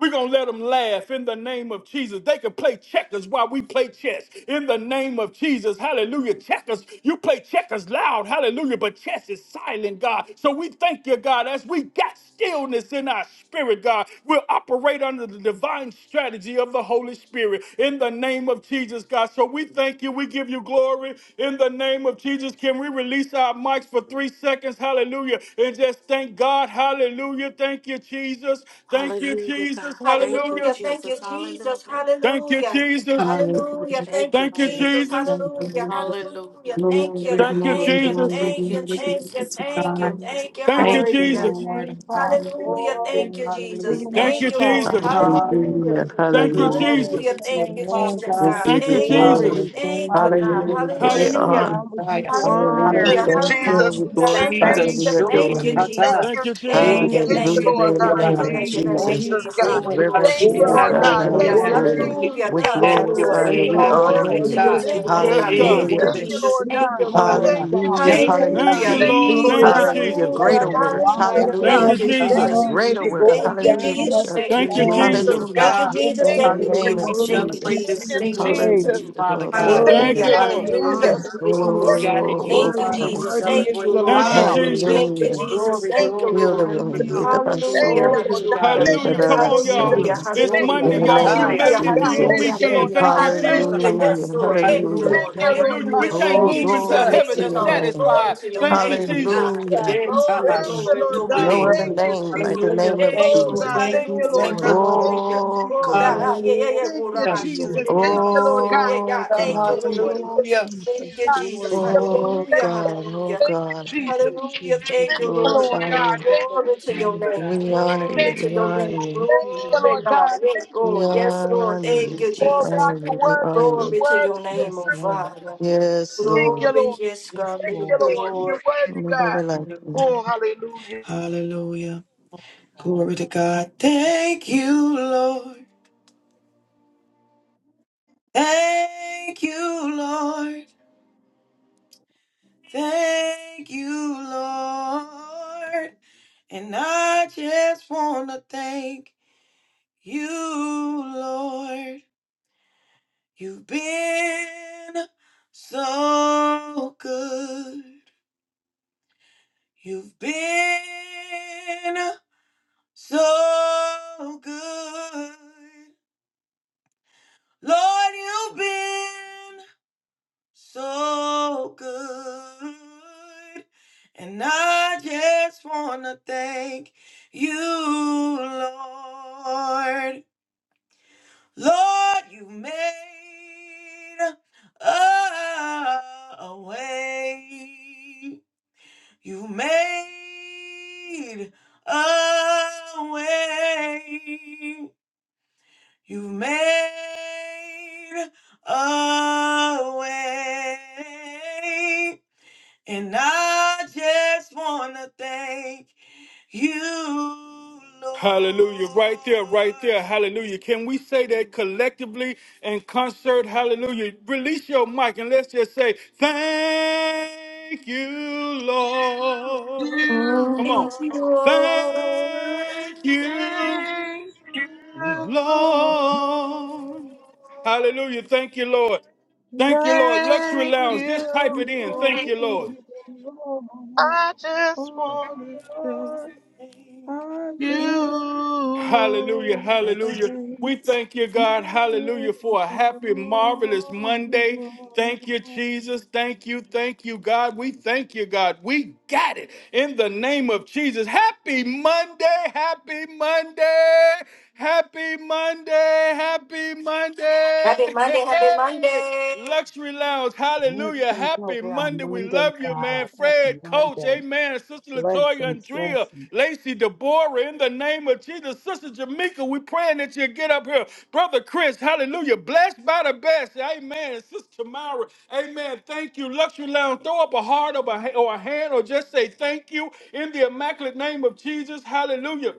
Speaker 1: We're going to let them laugh in the name of Jesus. They can play checkers while we play chess in the name of Jesus. Hallelujah. Checkers, you play checkers loud. Hallelujah. But chess is silent, God. So we thank you, God, as we got stillness in our spirit, God. We'll operate under the divine strategy of the Holy Spirit in the name of Jesus, God. So we thank you. We give you glory in the name of Jesus. Can we release our mics for three seconds? Hallelujah. And just thank God. Hallelujah. Thank you, Jesus. Thank you,
Speaker 4: Hallelujah, God.
Speaker 1: Jesus.
Speaker 4: Thank you,
Speaker 1: Hallelujah.
Speaker 4: Jesus. Hallelujah.
Speaker 1: Thank you, Jesus.
Speaker 2: Hallelujah.
Speaker 4: Thank you,
Speaker 1: Thank you,
Speaker 4: Jesus.
Speaker 1: Jesus.
Speaker 2: Hallelujah. Hallelujah.
Speaker 4: Hallelujah. Thank you,
Speaker 2: Glory,
Speaker 1: Thank
Speaker 4: God.
Speaker 1: you,
Speaker 2: glory,
Speaker 1: Jesus.
Speaker 2: glory,
Speaker 4: Thank you,
Speaker 2: glory be
Speaker 4: Jesus.
Speaker 2: to God.
Speaker 4: Hallelujah.
Speaker 1: Thank you,
Speaker 2: Thank
Speaker 5: Glory
Speaker 2: you,
Speaker 5: to your
Speaker 1: Jesus.
Speaker 2: Lord.
Speaker 5: name, Father.
Speaker 2: Hallelujah.
Speaker 5: Glory to your
Speaker 4: Hallelujah,
Speaker 2: Hallelujah.
Speaker 1: Thank
Speaker 5: name,
Speaker 1: you,
Speaker 4: Jesus.
Speaker 5: Father.
Speaker 4: Thank
Speaker 1: Jesus.
Speaker 4: you,
Speaker 3: Hallelujah,
Speaker 5: Hallelujah.
Speaker 2: Hallelujah.
Speaker 1: Thank you,
Speaker 3: hallelujah.
Speaker 5: Glory to
Speaker 1: Jesus.
Speaker 2: Glory to
Speaker 5: your
Speaker 2: your
Speaker 5: name, Father.
Speaker 2: name,
Speaker 5: We
Speaker 3: We
Speaker 5: give
Speaker 2: God.
Speaker 4: Jesus.
Speaker 3: give
Speaker 1: Thank
Speaker 5: you
Speaker 3: you
Speaker 1: you,
Speaker 2: Father,
Speaker 5: glory.
Speaker 1: Jesus.
Speaker 2: we
Speaker 3: glory.
Speaker 2: thank you.
Speaker 5: Father, we give
Speaker 3: Hallelujah,
Speaker 5: you
Speaker 2: We
Speaker 3: we give you
Speaker 5: praise.
Speaker 2: worship
Speaker 1: Hallelujah.
Speaker 2: you.
Speaker 5: Father,
Speaker 3: honor.
Speaker 5: we give
Speaker 2: Fire.
Speaker 5: you
Speaker 3: Hallelujah, we
Speaker 5: honor.
Speaker 6: Thank you,
Speaker 2: Hallelujah.
Speaker 3: thank
Speaker 4: Hallelujah,
Speaker 3: you,
Speaker 2: Thank you,
Speaker 6: Jesus.
Speaker 5: Father,
Speaker 3: we
Speaker 5: we say
Speaker 4: Jesus.
Speaker 6: Thank you,
Speaker 3: glorify you,
Speaker 2: Jesus,
Speaker 5: thank
Speaker 3: we
Speaker 5: you,
Speaker 6: Jesus.
Speaker 2: surely,
Speaker 3: adore you.
Speaker 5: Jesus.
Speaker 6: Thank
Speaker 2: Akata.
Speaker 1: Thank
Speaker 6: you,
Speaker 1: you,
Speaker 2: Thank
Speaker 6: Jesus.
Speaker 1: Jesus.
Speaker 5: Thank you,
Speaker 6: Thank you, Lord
Speaker 3: Hallelujah, in
Speaker 2: surely,
Speaker 3: the
Speaker 5: Jesus.
Speaker 6: God.
Speaker 3: name
Speaker 2: Abba.
Speaker 6: Thank
Speaker 3: of
Speaker 5: Thank you,
Speaker 6: you,
Speaker 2: Thank you,
Speaker 3: Jesus.
Speaker 6: Jesus,
Speaker 3: We
Speaker 6: God.
Speaker 5: Jesus.
Speaker 4: Hallelujah,
Speaker 2: Lord.
Speaker 3: reverence
Speaker 6: Thank
Speaker 3: you,
Speaker 6: you,
Speaker 2: Hallelujah.
Speaker 3: we
Speaker 5: Oh
Speaker 4: Jesus.
Speaker 6: Lord
Speaker 2: Have
Speaker 3: bow
Speaker 5: God,
Speaker 2: your
Speaker 6: God.
Speaker 5: your
Speaker 3: down
Speaker 2: way,
Speaker 6: Thank you,
Speaker 2: have your
Speaker 3: before
Speaker 5: word,
Speaker 3: you.
Speaker 2: way.
Speaker 6: Jesus,
Speaker 4: Thank
Speaker 3: We
Speaker 4: you,
Speaker 6: God.
Speaker 5: your
Speaker 2: Have your
Speaker 3: glorify
Speaker 4: Jesus.
Speaker 6: Thank
Speaker 5: word,
Speaker 3: you,
Speaker 2: way,
Speaker 6: you,
Speaker 3: we
Speaker 5: God,
Speaker 2: have
Speaker 6: Lord
Speaker 2: your
Speaker 3: honor
Speaker 6: God.
Speaker 2: way,
Speaker 5: your
Speaker 3: you.
Speaker 5: word,
Speaker 2: God.
Speaker 6: Thank you,
Speaker 1: Yes,
Speaker 6: Jesus.
Speaker 5: your
Speaker 2: Eh,
Speaker 1: God.
Speaker 5: word
Speaker 3: Hallelujah,
Speaker 6: Thank
Speaker 2: David,
Speaker 6: you, Lord
Speaker 5: to be
Speaker 6: God.
Speaker 2: surely, Abba.
Speaker 5: praised,
Speaker 6: Thank you,
Speaker 5: Father.
Speaker 3: hallelujah,
Speaker 2: Thank
Speaker 6: Jesus,
Speaker 2: you,
Speaker 1: Thank
Speaker 6: God.
Speaker 1: you,
Speaker 5: Your
Speaker 3: hallelujah.
Speaker 6: Thank you,
Speaker 1: Lord.
Speaker 6: Lord
Speaker 5: word
Speaker 1: Thank you,
Speaker 2: Jesus.
Speaker 6: God.
Speaker 5: is
Speaker 3: Hallelujah,
Speaker 1: Jesus.
Speaker 6: Thank
Speaker 5: from
Speaker 3: greater
Speaker 2: Hallelujah.
Speaker 6: you,
Speaker 5: the
Speaker 3: works.
Speaker 6: Jesus,
Speaker 5: rising
Speaker 1: Thank
Speaker 6: God.
Speaker 3: Hallelujah.
Speaker 1: you,
Speaker 5: of the
Speaker 2: Hallelujah.
Speaker 6: Thank
Speaker 1: Jesus.
Speaker 6: you,
Speaker 5: sun to
Speaker 3: Greater
Speaker 5: the going
Speaker 3: works.
Speaker 2: Hallelujah.
Speaker 6: Jesus.
Speaker 3: Hallelujah.
Speaker 5: down
Speaker 3: We
Speaker 5: of
Speaker 6: Thank
Speaker 3: shall
Speaker 5: the
Speaker 6: you,
Speaker 1: Thank you,
Speaker 3: do.
Speaker 5: same.
Speaker 2: Glory
Speaker 6: Jesus,
Speaker 2: to
Speaker 1: Jesus.
Speaker 3: Hallelujah.
Speaker 6: God.
Speaker 2: God.
Speaker 5: Your
Speaker 3: In
Speaker 6: Thank
Speaker 5: name
Speaker 3: the
Speaker 6: you,
Speaker 5: is
Speaker 6: Lord
Speaker 2: Hallelujah.
Speaker 3: name
Speaker 2: We
Speaker 3: of
Speaker 6: God.
Speaker 5: worthy
Speaker 2: celebrate
Speaker 3: Jesus.
Speaker 6: Thank
Speaker 2: this
Speaker 5: to
Speaker 2: new
Speaker 5: be
Speaker 6: you,
Speaker 2: place in
Speaker 5: praised,
Speaker 6: Jesus.
Speaker 2: you,
Speaker 3: Hallelujah.
Speaker 2: Father
Speaker 3: For those
Speaker 2: God.
Speaker 3: who
Speaker 5: worthy
Speaker 1: Thank
Speaker 6: Thank
Speaker 1: you,
Speaker 3: believe.
Speaker 5: to
Speaker 6: you,
Speaker 1: Lord.
Speaker 5: be
Speaker 2: Hallelujah.
Speaker 5: honored.
Speaker 6: Jesus.
Speaker 2: What we
Speaker 6: Thank
Speaker 5: Worthy,
Speaker 2: got
Speaker 6: you,
Speaker 2: in you,
Speaker 3: Oh,
Speaker 6: Jesus.
Speaker 5: worthy,
Speaker 2: Father, we
Speaker 3: God.
Speaker 5: worthy is
Speaker 2: celebrate.
Speaker 5: the
Speaker 1: Thank you,
Speaker 6: Thank
Speaker 5: Lamb.
Speaker 6: you,
Speaker 2: Hallelujah.
Speaker 1: Jesus.
Speaker 6: Jesus.
Speaker 3: Hallelujah.
Speaker 5: Worthy
Speaker 2: Glory,
Speaker 5: is
Speaker 6: Thank you,
Speaker 2: glory,
Speaker 3: Fill the
Speaker 5: the
Speaker 2: glory,
Speaker 3: room.
Speaker 5: Lamb.
Speaker 6: Jesus.
Speaker 3: Make up
Speaker 2: glory,
Speaker 3: our
Speaker 6: Thank
Speaker 3: soul.
Speaker 6: you,
Speaker 2: glory
Speaker 5: Worthy
Speaker 6: Lord
Speaker 2: to
Speaker 6: God.
Speaker 5: is
Speaker 2: God.
Speaker 5: the
Speaker 3: Make
Speaker 6: Thank
Speaker 1: Hallelujah.
Speaker 3: up
Speaker 5: Lamb.
Speaker 6: you,
Speaker 1: Come
Speaker 3: our
Speaker 5: Thank
Speaker 1: on,
Speaker 5: you,
Speaker 1: y'all.
Speaker 5: Father.
Speaker 6: Jesus.
Speaker 2: Glory,
Speaker 3: soul.
Speaker 1: It's
Speaker 6: Thank
Speaker 2: Gloria,
Speaker 6: you,
Speaker 1: Monday,
Speaker 3: In the
Speaker 5: Thank you,
Speaker 1: y'all.
Speaker 3: name
Speaker 1: We
Speaker 3: of
Speaker 5: Father,
Speaker 2: Mataya.
Speaker 6: Jesus,
Speaker 1: made
Speaker 5: for
Speaker 1: it
Speaker 6: God.
Speaker 1: through the
Speaker 5: brand new
Speaker 3: Jesus.
Speaker 6: Thank you,
Speaker 5: day,
Speaker 1: weekend.
Speaker 6: Lord
Speaker 2: Gloria,
Speaker 1: Thank
Speaker 6: God.
Speaker 1: you,
Speaker 6: Thank
Speaker 2: Masura,
Speaker 6: you,
Speaker 1: Jesus.
Speaker 2: Bata.
Speaker 3: Hallelujah.
Speaker 6: Jesus.
Speaker 5: brand new
Speaker 2: Hallelujah.
Speaker 3: Hallelujah.
Speaker 6: Thank
Speaker 5: mercy,
Speaker 6: you,
Speaker 2: Thank
Speaker 6: Lord
Speaker 5: brand
Speaker 1: Hallelujah.
Speaker 5: new
Speaker 2: you,
Speaker 1: We
Speaker 6: God.
Speaker 1: can't
Speaker 3: Oh,
Speaker 5: grace.
Speaker 6: Thank
Speaker 1: move
Speaker 6: you,
Speaker 5: Thank you
Speaker 1: until
Speaker 5: for
Speaker 3: glory
Speaker 2: Jesus.
Speaker 5: the
Speaker 1: heaven
Speaker 3: to
Speaker 6: Jesus.
Speaker 1: is
Speaker 3: your
Speaker 5: love,
Speaker 3: name.
Speaker 5: Father.
Speaker 1: satisfied.
Speaker 6: Thank you,
Speaker 5: Thank
Speaker 1: Thank you,
Speaker 5: you.
Speaker 6: Jesus,
Speaker 1: Jesus.
Speaker 6: God.
Speaker 3: Hallelujah.
Speaker 5: Thank
Speaker 2: Jeta,
Speaker 5: you,
Speaker 6: Thank
Speaker 5: Lord.
Speaker 6: you, Lord
Speaker 5: Thank
Speaker 2: Bashutu,
Speaker 5: you,
Speaker 6: God.
Speaker 3: No other
Speaker 5: Lord.
Speaker 2: Rebe.
Speaker 6: Thank you,
Speaker 3: name like the
Speaker 6: Jesus.
Speaker 5: Thank
Speaker 2: Hallelujah.
Speaker 3: name
Speaker 5: you,
Speaker 3: of
Speaker 2: Thank
Speaker 6: Oh,
Speaker 5: Lord.
Speaker 2: you,
Speaker 6: God.
Speaker 3: Jesus.
Speaker 2: thank
Speaker 5: Thank
Speaker 6: Thank
Speaker 2: you,
Speaker 5: you,
Speaker 6: you, Lord
Speaker 2: thank
Speaker 5: Lord.
Speaker 2: you,
Speaker 6: God.
Speaker 2: Lord.
Speaker 6: Thank you,
Speaker 5: Thank
Speaker 3: Oh,
Speaker 5: you,
Speaker 6: Jesus.
Speaker 3: God.
Speaker 5: Lord.
Speaker 6: Thank
Speaker 5: Thank
Speaker 6: you,
Speaker 2: Hallelujah.
Speaker 5: you, Lord.
Speaker 6: Jesus. Thank
Speaker 5: Thank you,
Speaker 6: you,
Speaker 5: Lord.
Speaker 6: Lord God.
Speaker 3: Oh
Speaker 6: Thank you,
Speaker 3: God,
Speaker 5: Thank
Speaker 6: Jesus.
Speaker 5: you,
Speaker 2: Hallelujah.
Speaker 5: Jesus.
Speaker 6: God, thank
Speaker 5: Glory
Speaker 6: you,
Speaker 5: to your
Speaker 6: Lord.
Speaker 3: oh
Speaker 5: name,
Speaker 6: Thank you,
Speaker 3: God,
Speaker 6: Lord.
Speaker 5: Father.
Speaker 3: oh
Speaker 6: Thank you,
Speaker 3: God,
Speaker 5: Thank
Speaker 6: Jesus.
Speaker 5: you,
Speaker 3: we
Speaker 5: Jesus.
Speaker 6: Thank you, Lord
Speaker 3: glorify
Speaker 5: Bless
Speaker 6: God.
Speaker 3: you,
Speaker 5: your
Speaker 6: Thank you,
Speaker 5: holy name,
Speaker 6: Jesus.
Speaker 5: God.
Speaker 3: we honor you,
Speaker 6: Thank
Speaker 3: we honor
Speaker 5: Bless
Speaker 3: you,
Speaker 5: your holy
Speaker 6: you, Lord God. Thank you, Lord
Speaker 5: name.
Speaker 6: God. Thank you,
Speaker 3: we
Speaker 6: Jesus.
Speaker 3: honor
Speaker 5: Lord.
Speaker 3: you, we
Speaker 6: Oh
Speaker 3: honor
Speaker 6: God, you're
Speaker 3: you, we
Speaker 6: worthy.
Speaker 3: honor
Speaker 6: You're
Speaker 3: you.
Speaker 6: worthy. You're
Speaker 5: Yes,
Speaker 6: worthy,
Speaker 5: Lord.
Speaker 6: God.
Speaker 3: Yes,
Speaker 6: Thank
Speaker 3: Lord,
Speaker 6: you, Lord.
Speaker 5: Yes,
Speaker 6: Thank you,
Speaker 5: Lord.
Speaker 6: Lord. You're
Speaker 5: Jesus,
Speaker 6: worthy, God.
Speaker 3: nobody like you.
Speaker 6: Oh, hallelujah.
Speaker 2: Hallelujah. Glory to
Speaker 5: God.
Speaker 2: God.
Speaker 5: Thank
Speaker 2: Thank
Speaker 5: you.
Speaker 2: you, Lord. Thank you, Lord. Thank you, Lord. And I just want to thank you, Lord. You've been so good. You've been so good. Lord, you've been so good. And I just want to thank you, Lord. Lord, you made a, a way. You made a way. You made a way, and I just want to thank you, Lord.
Speaker 1: Hallelujah. Right there, right there. Hallelujah. Can we say that collectively in concert? Hallelujah. Release your mic and let's just say, Thank you, Lord.
Speaker 6: You,
Speaker 1: Come
Speaker 3: Oh,
Speaker 1: on.
Speaker 6: Lord.
Speaker 1: Thank you,
Speaker 6: Thank you, Lord.
Speaker 1: Lord. Hallelujah. Thank you, Lord. Thank you, Lord. Luxury
Speaker 6: Thank
Speaker 1: Lounge,
Speaker 6: you,
Speaker 1: just type it in. Thank
Speaker 6: Lord.
Speaker 1: you, Lord.
Speaker 6: I just want
Speaker 5: Oh,
Speaker 6: to thank
Speaker 5: Lord.
Speaker 2: Thank
Speaker 5: I just
Speaker 6: you,
Speaker 2: you.
Speaker 1: Hallelujah,
Speaker 6: Lord.
Speaker 2: Thank you,
Speaker 1: hallelujah. We
Speaker 5: thank
Speaker 1: thank you, God,
Speaker 5: you,
Speaker 1: hallelujah, for a happy, marvelous Monday. Thank you,
Speaker 5: Lord.
Speaker 1: Jesus. Thank you, thank you, God. We thank you, God. We got it in the name of Jesus. Happy Monday, happy Monday, happy Monday, happy Monday. [laughs] Luxury Lounge, hallelujah.
Speaker 5: Blessings
Speaker 1: Happy
Speaker 5: over our
Speaker 1: Monday. We
Speaker 5: Monday,
Speaker 1: love you, man.
Speaker 5: God. Happy
Speaker 1: Fred, Coach,
Speaker 5: Monday.
Speaker 1: amen. Sister Latoya,
Speaker 5: Blessings,
Speaker 1: Andrea,
Speaker 5: blessings.
Speaker 1: Lacey, Deborah, in the name of Jesus. Sister Jamaica, we praying that you get up here. Brother Chris, hallelujah. Blessed by the best, amen. And Sister Myra, amen. Thank you. Luxury Lounge, throw up a heart or a, or a hand or just say thank you in the immaculate name of Jesus, hallelujah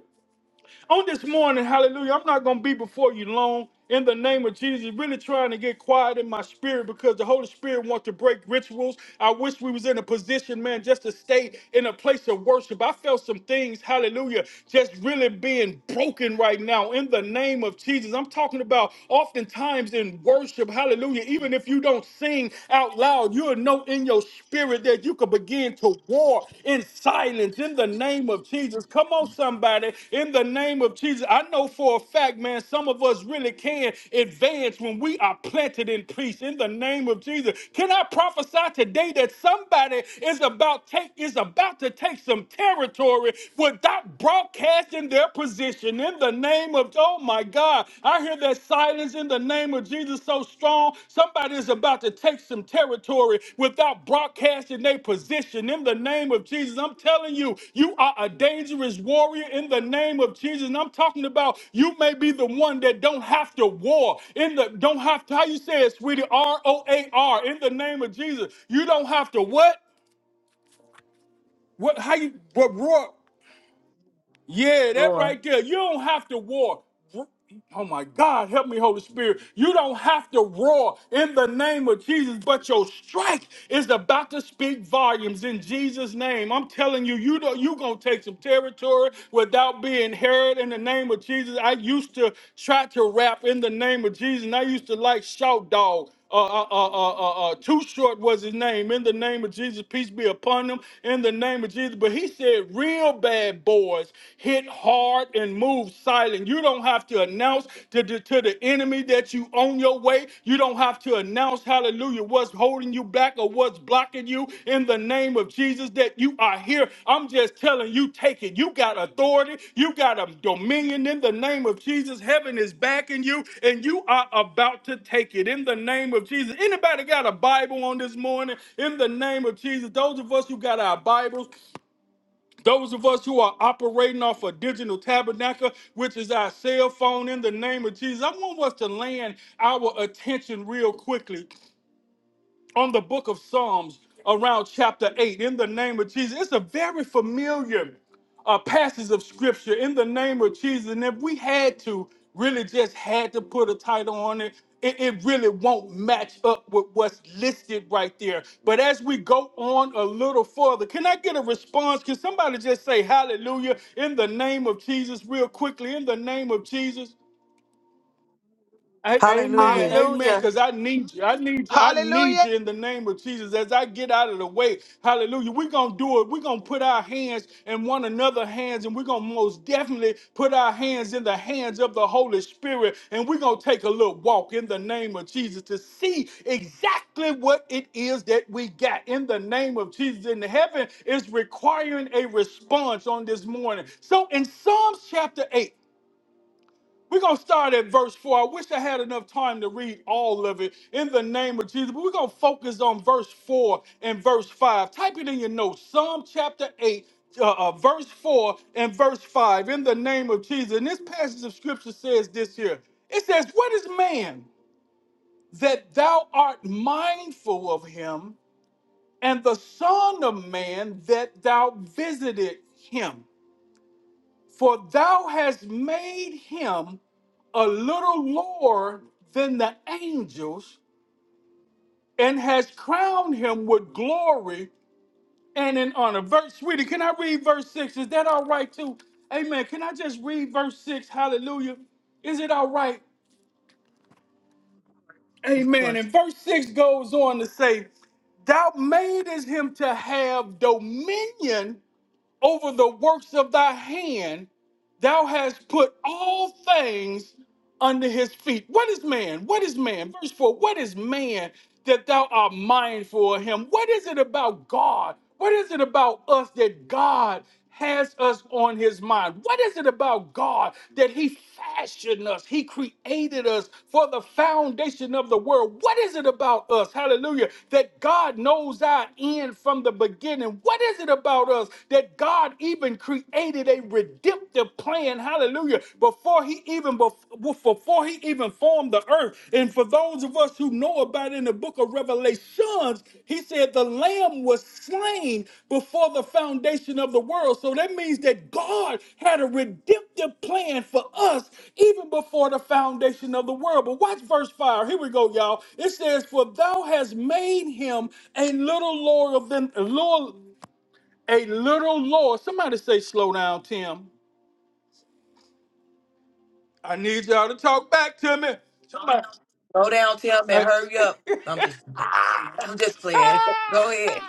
Speaker 1: on this morning, hallelujah, I'm not going to be before you long in the name of Jesus, really trying to get quiet in my spirit because the Holy Spirit wants to break rituals. I wish we was in a position, man, just to stay in a place of worship. I felt some things, hallelujah, just really being broken right now in the name of Jesus. I'm talking about oftentimes in worship, hallelujah, even if you don't sing out loud, you'll know in your spirit that you could begin to war in silence in the name of Jesus. Come on, somebody, in the name of Jesus. I know for a fact, man, some of us really can advance when we are planted in peace in the name of Jesus. Can I prophesy today that somebody is about take is about to take some territory without broadcasting their position in the name of Oh my God. I hear that silence in the name of Jesus so strong. Somebody is about to take some territory without broadcasting their position in the name of Jesus. I'm telling you, you are a dangerous warrior in the name of Jesus. And I'm talking about you may be the one that don't have to war in the don't have to how you say it, sweetie, R-O-A-R in the name of Jesus. You don't have to what? What how you what roar? Yeah, that
Speaker 2: Lord.
Speaker 1: right there. You don't have to war. Oh my God, help me, Holy Spirit. You don't have to roar in the name of Jesus, but your strike is about to speak volumes in Jesus' name. I'm telling you, you don't, you gonna take some territory without being heard in the name of Jesus. I used to try to rap in the name of Jesus, and I used to like shout dog uh, uh, uh, uh, uh, uh, too short was his name. In the name of Jesus, peace be upon him. In the name of Jesus, but he said, real real bad boys hit hard and move silent. You don't have to announce to the, to the enemy that you on your way. You don't have to announce, hallelujah, what's holding you back or what's blocking you in the name of Jesus that you are here. I'm just telling you, take it. You got authority, you got a dominion in the name of Jesus. Heaven is backing you, and you are about to take it in the name of Jesus. Anybody got a Bible on this morning? In the name of Jesus, those of us who got our Bibles, those of us who are operating off a digital tabernacle, which is our cell phone, in the name of Jesus, I want us to land our attention real quickly on the book of Psalms around chapter 8 in the name of Jesus. It's a very familiar uh, passage of scripture in the name of Jesus. And if we had to, really just had to put a title on it, it, it really won't match up with what's listed right there. But as we go on a little further, can I get a response? Can somebody just say hallelujah in the name of Jesus, real quickly, in the name of Jesus? A- Amen,
Speaker 3: hallelujah.
Speaker 1: amen.
Speaker 4: Hallelujah.
Speaker 1: Because I need you. I need you. I need
Speaker 6: Hallelujah.
Speaker 1: you in the name of Jesus. As I get out of the way, hallelujah. We're gonna do it. We're gonna put our hands in one another hands, and we're gonna most definitely put our hands in the hands of the Holy Spirit, and we're gonna take a little walk in the name of Jesus to see exactly what it is that we got in the name of Jesus. And heaven is requiring a response on this morning. So in Psalms chapter 8. We're going to start at verse 4. I wish I had enough time to read all of it in the name of Jesus, but we're going to focus on verse 4 and verse 5. Type it in your notes Psalm chapter 8. Uh, uh, verse 4 and verse 5 in the name of Jesus. And this passage of scripture says this here it says, What is man that thou art mindful of him, and the Son of Man that thou visited him? For thou hast made him a little lower than the angels and hast crowned him with glory and in honor. Verse, sweetie, can I read verse 6? Is that all right too? Amen. Can I just read verse 6? Hallelujah. Is it all right?
Speaker 2: Of
Speaker 1: Amen.
Speaker 2: course.
Speaker 1: And verse 6 goes on to say, Thou madest him to have dominion over the works of thy hand Thou hast put all things under his feet. What is man? What is man? Verse 4 What is man that thou art mindful of him? What is it about God? What is it about us that God has us on his mind? What is it about God that he fashioned us? He created us for the foundation of the world. What is it about us, hallelujah, that God knows our end from the beginning? What is it about us that God even even created a redemptive plan, hallelujah, before he even bef- well, before he even formed the earth. And for those of us who know about it in the book of Revelations, he said the lamb was slain before the foundation of the world. So that means that God had a redemptive plan for us even before the foundation of the world. But watch verse 5. Here we go, y'all. It says, For thou hast made him a little lower than Lord. A little Lord. Somebody say, slow down, Tim. I need y'all to talk back to me. Somebody.
Speaker 2: Go down, tell me,
Speaker 1: Hey.
Speaker 2: hurry up. I'm just, [laughs] I'm just playing.
Speaker 1: [laughs]
Speaker 2: Go ahead.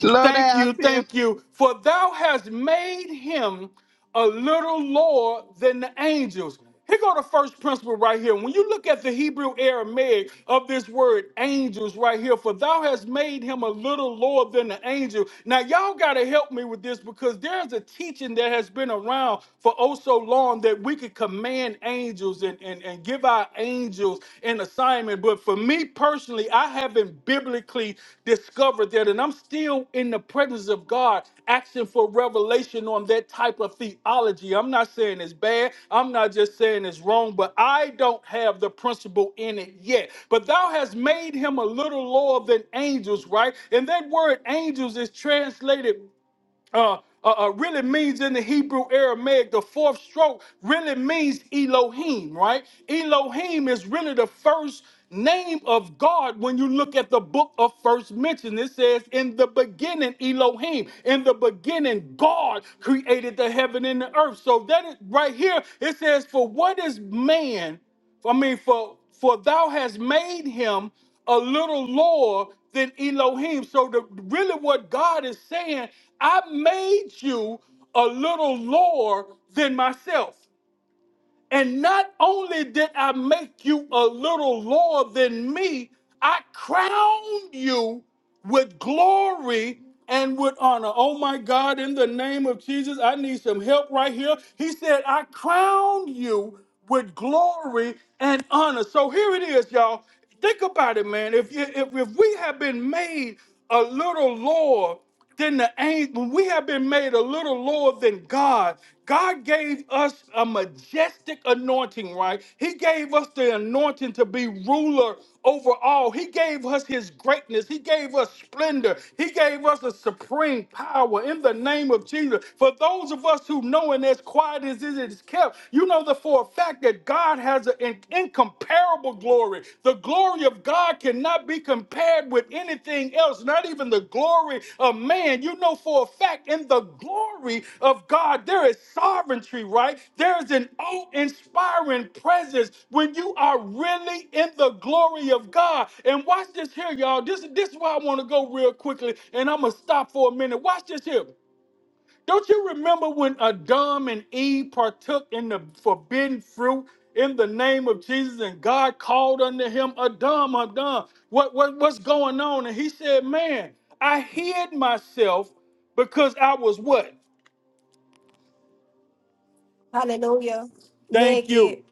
Speaker 6: Slow
Speaker 1: Thank
Speaker 6: down,
Speaker 1: you,
Speaker 6: Tim.
Speaker 1: thank you. For thou hast made him a little lower than the angels. Here go the first principle right here. When you look at the Hebrew Aramaic of this word angels right here, for thou hast made him a little lower than the angel. Now, y'all got to help me with this because there's a teaching that has been around for oh so long that we could command angels and, and, and give give our angels an assignment. But for me personally, I haven't biblically discovered that. And I'm still in the presence of God asking for revelation on that type of theology. I'm not saying it's bad. I'm not just saying it's wrong, but I don't have the principle in it yet. But thou hast made him a little lower than angels, right? And that word angels is translated uh, uh, uh, really means in the Hebrew Aramaic, the fourth stroke really means Elohim, right? Elohim is really the first name of God when you look at the book of first mention. It says, In the beginning, Elohim, in the beginning, God created the heaven and the earth. So that is, right here, it says, For what is man? I mean, for for thou has made him a little lower than Elohim. So the really what God is saying, I made you a little lower than myself. And not only did I make you a little lower than me, I crowned you with glory and with honor. Oh my God, in the name of Jesus, I need some help right here. He said, I crowned you with glory and honor. So here it is, y'all. Think about it, man. If, you, if, if we have been made a little lower then the angel, when we have been made a little lower than God, God gave us a majestic anointing, right? He gave us the anointing to be ruler over all. He gave us his greatness. He gave us splendor. He gave us a supreme power in the name of Jesus. For those of us who know, and as quiet as it is kept, you know that for a fact that God has an incomparable glory. The glory of God cannot be compared with anything else, not even the glory of man. You know for a fact, in the glory of God, there is sovereignty, right? There is an awe inspiring presence when you are really in the glory of God. And watch this here, y'all. This, this is why I want to go real quickly, and I'm going to stop for a minute. Watch this here. Don't you remember when Adam and Eve partook in the forbidden fruit in the name of Jesus and God called unto him, Adam, Adam, what, what, what's going on? And he said, Man, I hid myself because I was what? Thank you.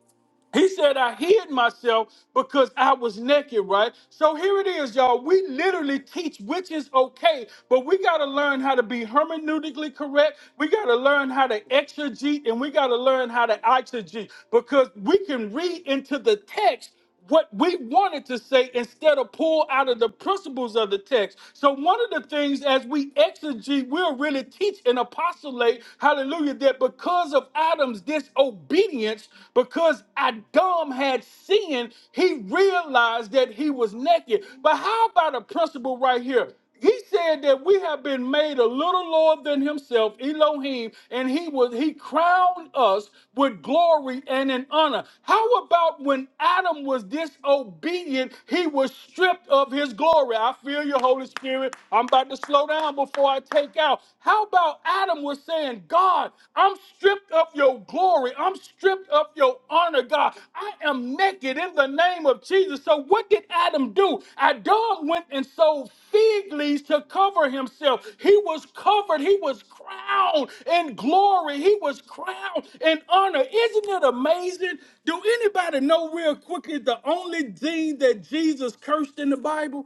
Speaker 1: He said, I hid myself because I was naked, right? So here it is, y'all. We literally teach which is okay, but we got to learn how to be hermeneutically correct. We got to learn how to exegete and we got to learn how to exegete because we can read into the text what we wanted to say instead of pull out of the principles of the text. So one of the things as we exegete, we'll really teach and apostolate, hallelujah, that because of Adam's disobedience, because Adam had sinned, he realized that he was naked. But how about a principle right here? He said that we have been made a little lower than himself, Elohim, and he was he crowned us with glory and in honor. How about when Adam was disobedient, he was stripped of his glory? I feel you, Holy Spirit. I'm about to slow down before I take out. How about Adam was saying, God, I'm stripped of your glory. I'm stripped of your honor, God. I am naked in the name of Jesus. So, what did Adam do? Adam went and sold fig leaves to cover himself. He was covered, he was crowned in glory, he was crowned in honor. Isn't it amazing? Do anybody know, real quickly, the only thing that Jesus cursed in the Bible?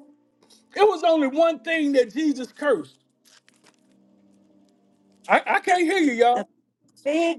Speaker 1: It was only one thing that Jesus cursed. I, I can't hear you, y'all.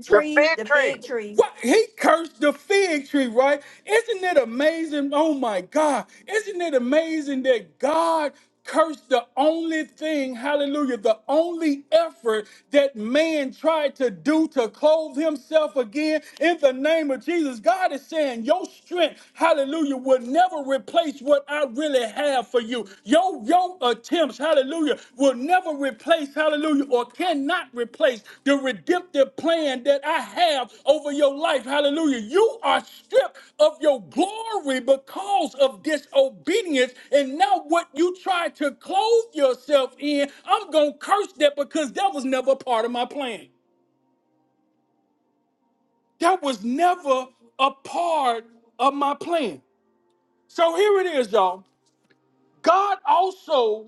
Speaker 6: The victory.
Speaker 1: What he cursed the fig tree, right? Isn't it amazing? Oh my God. Isn't it amazing that God cursed the only thing, hallelujah, the only effort that man tried to do to clothe himself again in the name of Jesus? God is saying, Your strength, hallelujah, will never replace what I really have for you. Your your attempts, hallelujah, will never replace, hallelujah, or cannot replace the redemptive plan that I have over your life. Hallelujah. You are stripped of your glory because of disobedience. And now what you try to clothe yourself in, I'm gonna curse that because that was never a part of my plan. That was never a part of my plan. So here it is, y'all. God also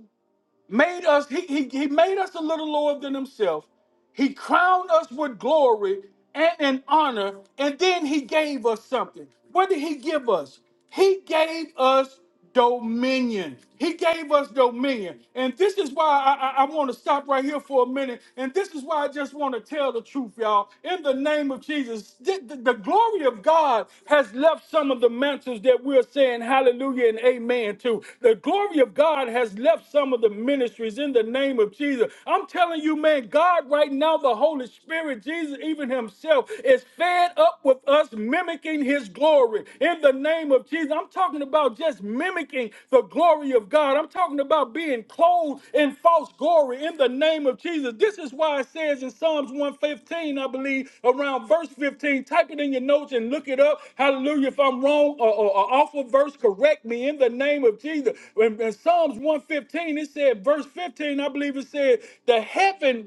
Speaker 1: made us he, he, he made us a little lower than himself he crowned us with glory and in honor, and then he gave us something. What did he give us? He gave us dominion. He gave us dominion. And this is why I, I, I want to stop right here for a minute. And this is why I just want to tell the truth, y'all. In the name of Jesus, the, the- the glory of God has left some of the mantles that we're saying hallelujah and amen to. The glory of God has left some of the ministries in the name of Jesus. I'm telling you, man, God. God, right now, the Holy Spirit, Jesus, even Himself, is fed up with us mimicking His glory. In the name of Jesus, I'm talking about just mimicking the glory of God. I'm talking about being clothed in false glory. In the name of Jesus, this is why it says in Psalms 115, I believe, around verse 15. Type it in your notes and look it up. Hallelujah. If I'm wrong or, or, or off a verse, correct me in the name of Jesus. In, in Psalms 115, it said, verse 15, I believe it said, the heaven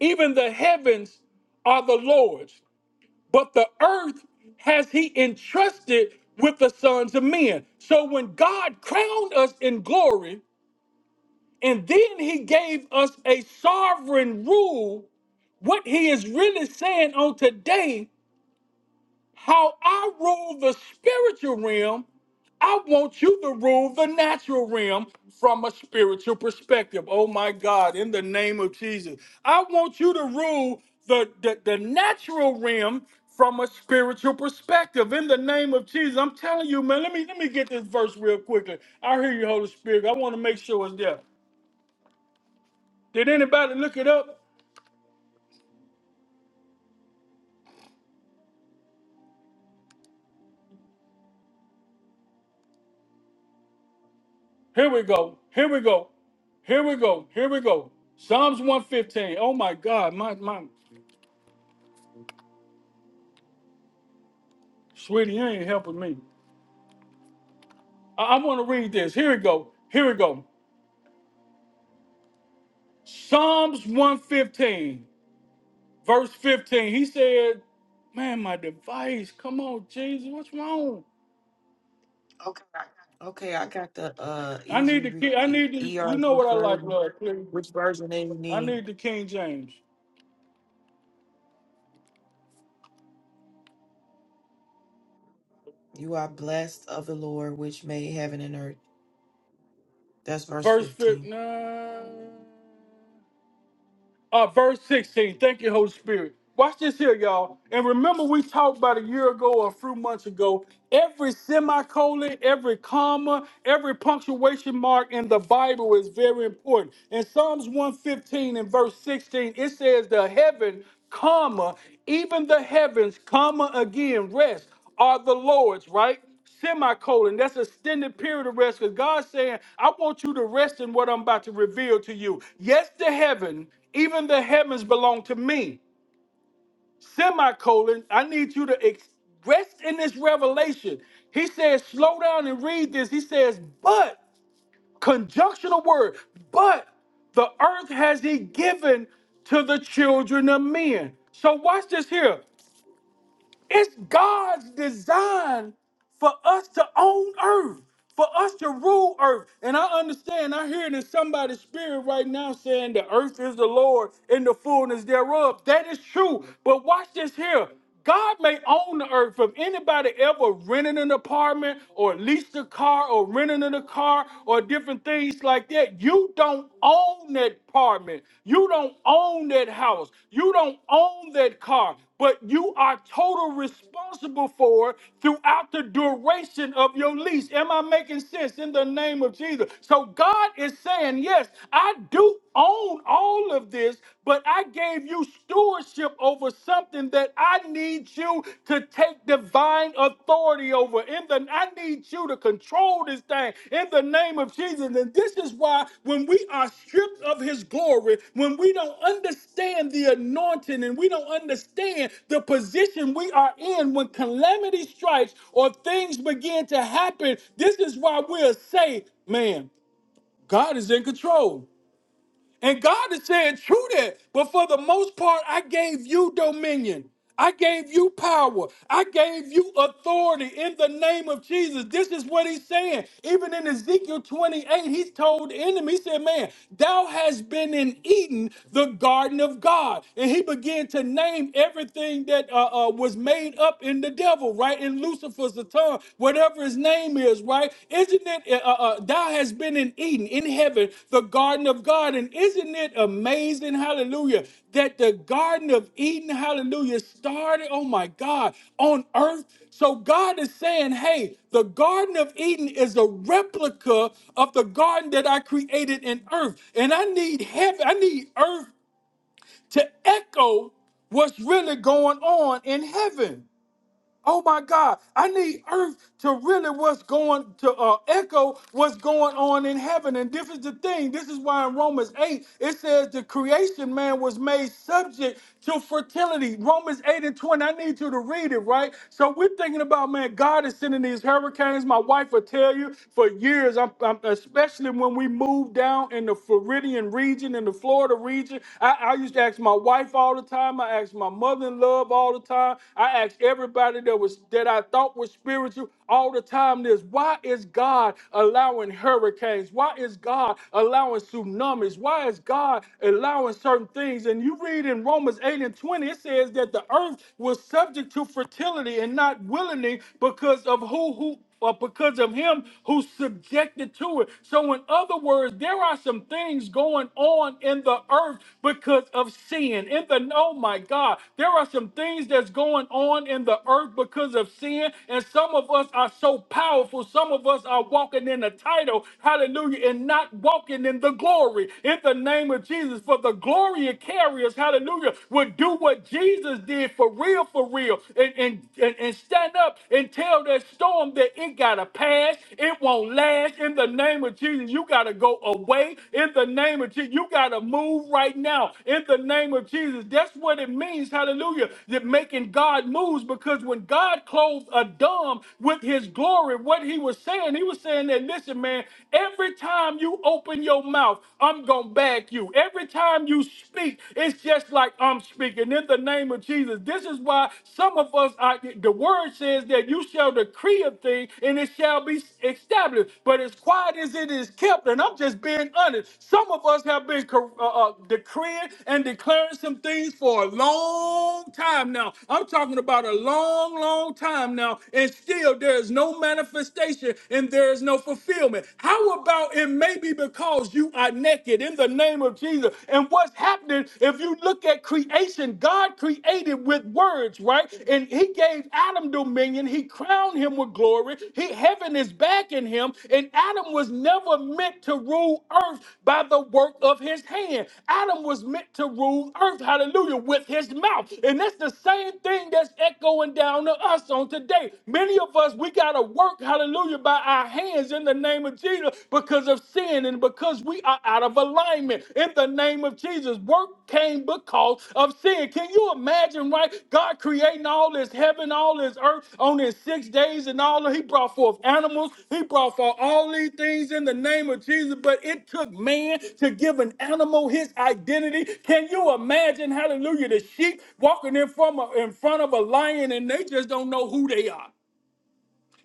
Speaker 1: even the heavens are the Lord's, but the earth has he entrusted with the sons of men. So when God crowned us in glory, and then he gave us a sovereign rule, what he is really saying on today how I rule the spiritual realm, I want you to rule the natural realm from a spiritual perspective. Oh my God, in the name of Jesus. I want you to rule the, the, the natural realm from a spiritual perspective. In the name of Jesus. I'm telling you, man, let me let me get this verse real quickly. I hear you, Holy Spirit. I want to make sure it's there. Did anybody look it up? Here we go. Here we go. Here we go. Here we go. Psalms 115. Oh my God. My my Sweetie, you ain't helping me. I, I want to read this. Here we go. Here we go. Psalms 115, verse 15. He said, Man, my device. Come on, Jesus. What's wrong?
Speaker 2: Okay, I got the uh
Speaker 1: I need
Speaker 2: easy
Speaker 1: the king.
Speaker 2: re-
Speaker 1: I
Speaker 2: e-
Speaker 1: need the you know
Speaker 2: ERV
Speaker 1: what I like,
Speaker 2: version.
Speaker 1: Lord, please.
Speaker 2: Which version do you
Speaker 1: I
Speaker 2: need?
Speaker 1: need the King James.
Speaker 2: You are blessed of the Lord, which made heaven and earth. That's verse
Speaker 1: Verse 15.
Speaker 2: 15.
Speaker 1: Nah. uh, verse 16. Thank you, Holy Spirit. Watch this here, y'all. And remember, we talked about a year ago or a few months ago. Every semicolon, every comma, every punctuation mark in the Bible is very important. In Psalms 115 and verse 16, it says, The heaven, comma, even the heavens, comma, again, rest are the Lord's, right? semicolon. That's extended period of rest because God's saying, I want you to rest in what I'm about to reveal to you. Yes, the heaven, even the heavens belong to me. Semicolon, I need you to ex- rest in this revelation. He says, slow down and read this. He says, but, conjunctional word, but the earth has he given to the children of men. So watch this here. It's God's design for us to own earth, for us to rule earth. And I understand, I hear it in somebody's spirit right now saying the earth is the Lord and the fullness thereof. That is true. But watch this here. God may own the earth. If anybody ever rented an apartment or leased a car or rented in a car or different things like there, you don't own that apartment. You don't own that house. You don't own that car, but you are total responsible for it throughout the duration of your lease. Am I making sense in the name of Jesus? So God is saying, yes, I do own all of this, but I gave you stewardship over something that I need you to take divine authority over. In the I need you to control this thing in the name of Jesus. And this is why when we are stripped of his glory, when we don't understand the anointing and we don't understand the position we are in when calamity strikes or things begin to happen, this is why we'll say, man, God is in control. And God is saying, true that, but for the most part, I gave you dominion. I gave you power. I gave you authority in the name of Jesus. This is what he's saying. Even in Ezekiel 28, he's told the enemy, he said, Man, thou hast been in Eden, the garden of God. And he began to name everything that uh, uh, was made up in the devil, right? In Lucifer's tongue, whatever his name is, right? Isn't it, uh, uh, thou has been in Eden, in heaven, the garden of God. And isn't it amazing, hallelujah, that the garden of Eden, hallelujah, started, oh my God, on earth. So God is saying, hey, the garden of Eden is a replica of the garden that I created in earth. And I need heaven, I need earth to echo what's really going on in heaven. Oh my God, I need earth to really what's going to uh, echo what's going on in heaven. And this is the thing. This is why in Romans 8, it says the creation man was made subject to fertility. Romans 8 and 20, I need you to read it, right? So we're thinking about, man, God is sending these hurricanes. My wife will tell you for years, I'm, I'm, especially when we moved down in the Floridian region, in the Florida region. I, I used to ask my wife, wife all the time. I asked my mother in love all the time. I asked everybody that was that I thought was spiritual all the time this. Why is God allowing hurricanes? Why is God allowing tsunamis? Why is God allowing certain things? And you read in Romans 8 and 20, it says that the earth was subject to fertility and not willingly because of who who or because of him who's subjected to it. So, in other words, there are some things going on in the earth because of sin. In the oh my God, there are some things that's going on in the earth because of sin. And some of us are so powerful. Some of us are walking in the title, hallelujah, and not walking in the glory. In the name of Jesus, for the glory it carries, hallelujah, would do what Jesus did for real, for real and, and, and, and stand up and tell that storm that it got to pass. It won't last in the name of Jesus. You got to go away in the name of Jesus. You got to move right now in the name of Jesus. That's what it means. Hallelujah. That making God moves because when God clothes a dumb with his glory, what he was saying, he was saying that, listen, man, every time you open your mouth, I'm going to back you. Every time you speak, it's just like like I'm speaking in the name of Jesus. This is why some of us are the word says that you shall decree a thing and it shall be established. But as quiet as it is kept, and I'm just being honest, some of us have been cor- uh, uh, decreeing and declaring some things for a long time now. I'm talking about a long, long time now, and still there is no manifestation and there is no fulfillment. How about it may be because you are naked? naked in the name of Jesus. And what's happening, if you look at creation, God created with words, right? And he gave Adam dominion. He crowned him with glory. He, heaven is back in him. And Adam was never meant to rule earth by the work of his hand. Adam was meant to rule earth, hallelujah, with his mouth. And that's the same thing that's echoing down to us on today. Many of us, we got to work, hallelujah, by our hands in the the name of Jesus because of sin and because we are out of alignment. In the name of Jesus, work came because of sin. Can you imagine, right? God creating all this heaven, all this earth on his six days and all that. He brought forth animals, he brought forth all these things in the name of Jesus, but it took man to give an animal his identity. Can you imagine, hallelujah, the sheep walking in, from a- in front of a lion and they just don't know who they are?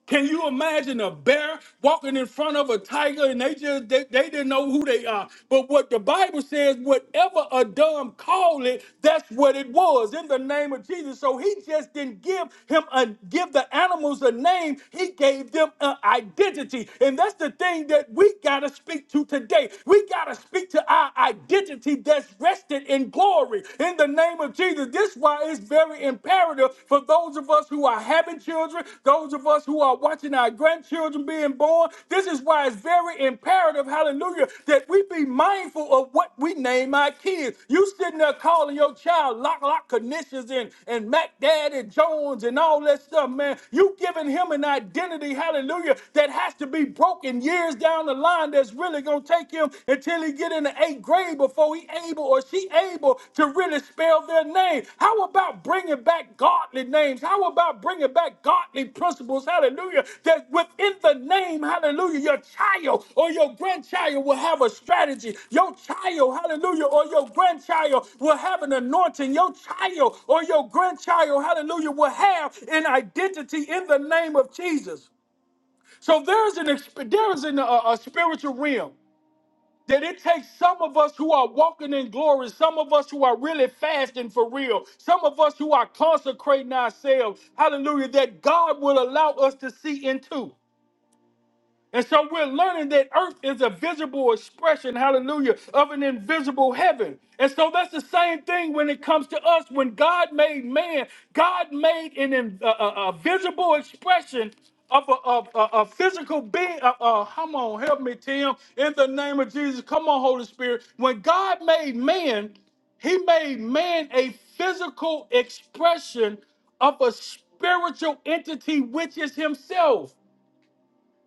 Speaker 1: Can you imagine a bear walking in front of a tiger and they just they, they didn't know who they are? But what the Bible says, whatever a dumb call it, that's what it was in the name of Jesus. So he just didn't give him a give the animals a name, he gave them an identity. And that's the thing that we gotta speak to today. We gotta speak to our identity that's rested in glory in the name of Jesus. this. This is why it's very imperative for those of us who are having children, those of us who are watching our grandchildren being born. This is why it's very imperative, hallelujah, that we be mindful of what we name our kids. You sitting there calling your child Lock Lock Conditions and, and Mac Daddy Jones and all that stuff, man. You giving him an identity, hallelujah, that has to be broken years down the line that's really going to take him until really get in the eighth grade before he able or she able to really spell their name. How about bringing back godly names? How about bringing back godly principles? Hallelujah. That within the name, hallelujah, your child or your grandchild will have a strategy. Your child, hallelujah, or your grandchild will have an anointing. Your child or your grandchild, hallelujah, will have an identity in the name of Jesus. So there's an exp- there is an, a, a spiritual realm that it takes some of us who are walking in glory, some of us who are really fasting for real, some of us who are consecrating ourselves, hallelujah, that God will allow us to see into. And so we're learning that earth is a visible expression, hallelujah, of an invisible heaven. And so that's the same thing when it comes to us. When God made man, God made an, in- a, a- a visible expression of a, of a, a physical being. Uh, uh, come on, help me, Tim. In the name of Jesus, come on, Holy Spirit. When God made man, he made man a physical expression of a spiritual entity, which is himself.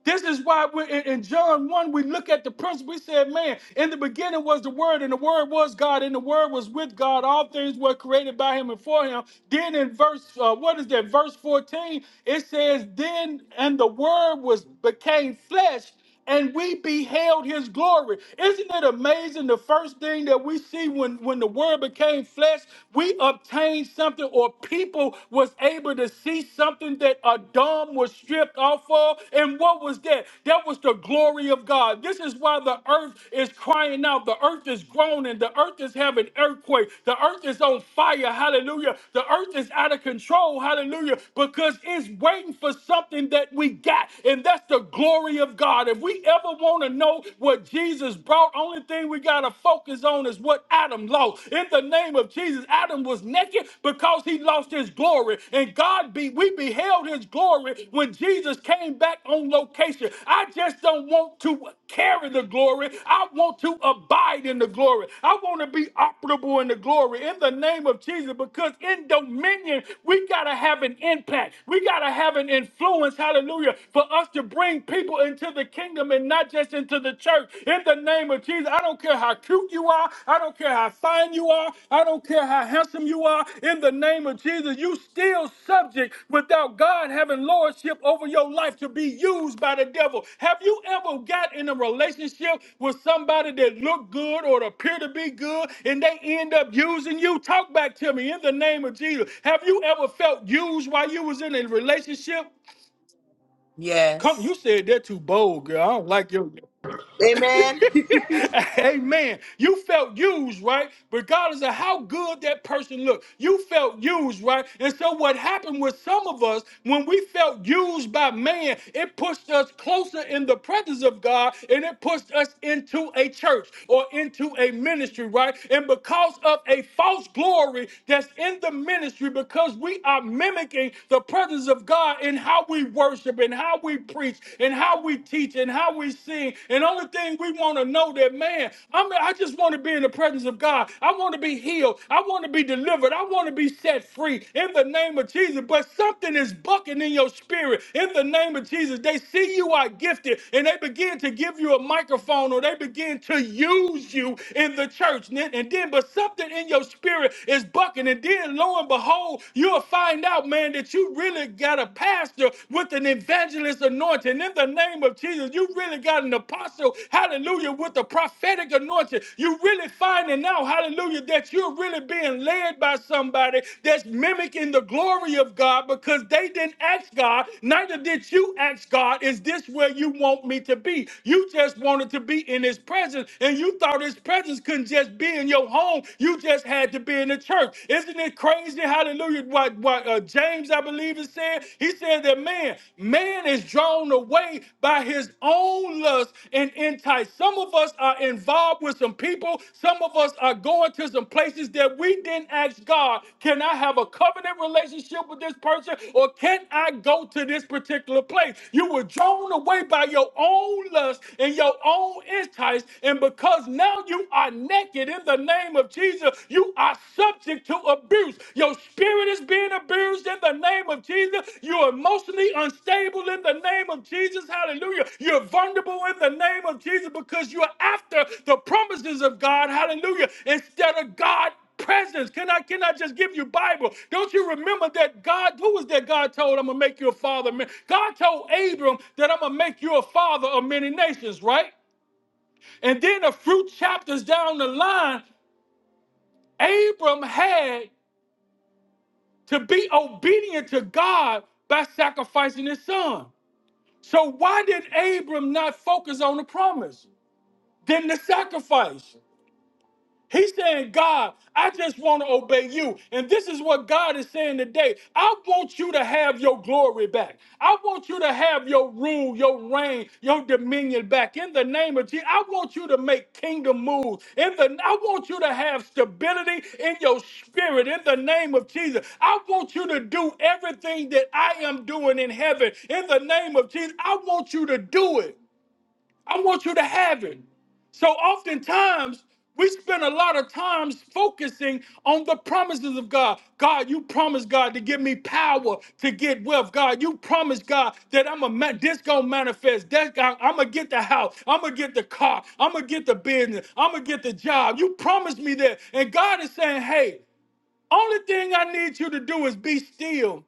Speaker 1: This is why we in, in John 1, we look at the principle. We said, man, in the beginning was the Word, and the Word was God, and the Word was with God. All things were created by Him and for Him. Then in verse, uh, what is that? Verse 14, it says, then, and the Word was became flesh and we beheld his glory. Isn't it amazing? The first thing that we see when, when the word became flesh, we obtained something, or people was able to see something that Adam was stripped off of. And what was that? That was the glory of God. This is why the earth is crying out, the earth is groaning, the earth is having earthquake, the earth is on fire, hallelujah. The earth is out of control, hallelujah, because it's waiting for something that we got, and that's the glory of God. If we ever want to know what Jesus brought, only thing we got to focus on is what Adam lost. In the name of Jesus, Adam was naked because he lost his glory. And God be we beheld his glory when Jesus came back on location. I just don't want to carry the glory. I want to abide in the glory. I want to be operable in the glory in the name of Jesus because in dominion, we got to have an impact. We got to have an influence, hallelujah, for us to bring people into the kingdom and not just into the church. In the name of Jesus, I don't care how cute you are. I don't care how fine you are. I don't don't care how handsome you are, in the name of Jesus, you still subject without God having lordship over your life to be used by the devil. Have you ever got in a relationship with somebody that looked good or appeared to be good and they end up using you? Talk back to me in the name of Jesus. Have you ever felt used while you was in a relationship? Come, you
Speaker 2: Yes.
Speaker 1: said they're too bold, girl. I don't like your.
Speaker 6: Amen. [laughs]
Speaker 1: [laughs] Amen. You felt used, right? Regardless of how good that person looked, you felt used, right? And so, what happened with some of us when we felt used by man, it pushed us closer in the presence of God and it pushed us into a church or into a ministry, right? And because of a false glory that's in the ministry, because we are mimicking the presence of God in how we worship and how we preach and how we teach and how we sing. And only thing we want to know that man, I'm, I just want to be in the presence of God. I want to be healed. I want to be delivered. I want to be set free in the name of Jesus. But something is bucking in your spirit in the name of Jesus. They see you are gifted and they begin to give you a microphone or they begin to use you in the church. And then, and then- but something in your spirit is bucking. And then lo and behold, you'll find out, man, that you really really got a pastor with an evangelist anointing. In the name of Jesus, you really got an apostle, hallelujah, with a prophetic anointing. You really finding out, hallelujah, that you're really being led by somebody that's mimicking the glory of God because they didn't ask God, neither did you ask God, is this where you want me to be? You just wanted to be in his presence and you thought his presence couldn't just be in your home. You just had to be in the church. Isn't isn't it crazy? Hallelujah. What, what uh, James, I believe, is saying? He said that man, man is drawn away by his own lust and entice. Some of us are involved with some people. Some of us are going to some places that we didn't ask God, can I have a covenant relationship with this person or can I go to this particular place? You were drawn away by your own lust and your own entice. And because now you are naked, and in the name of Jesus, you are subject to abuse. Your spirit is being abused in the name of Jesus. You're emotionally unstable in the name of Jesus. Hallelujah. You're vulnerable in the name of Jesus because you're after the promises of God. Hallelujah. Instead of God presence. Can I can I just give you Bible? Don't you remember that God, who was that God told I'm gonna make you a father? of many-" God told Abram that I'm gonna make you a father of many nations, right? And then a few chapters down the line, Abram had to be obedient to God by sacrificing his son. So why did Abram not focus on the promise, then the sacrifice? He's saying, God, I just want to obey you. And this is what God is saying today. I want you to have your glory back. I want you to have your rule, your reign, your dominion back. In the name of Jesus, I want you to make kingdom moves. In the, I want you to have stability in your spirit. In the name of Jesus, I want you to do everything that I am doing in heaven. In the name of Jesus, I want you to do it. I want you to have it. So oftentimes we spend a lot of times focusing on the promises of God. God, you promised God to give me power to get wealth. God, you promised God that I'm a ma- this gonna manifest. That God, I'm gonna get the house. I'm gonna get the car. I'm gonna get the business. I'm gonna get the job. You promised me that, and God is saying, "Hey, only thing I need you to do is be still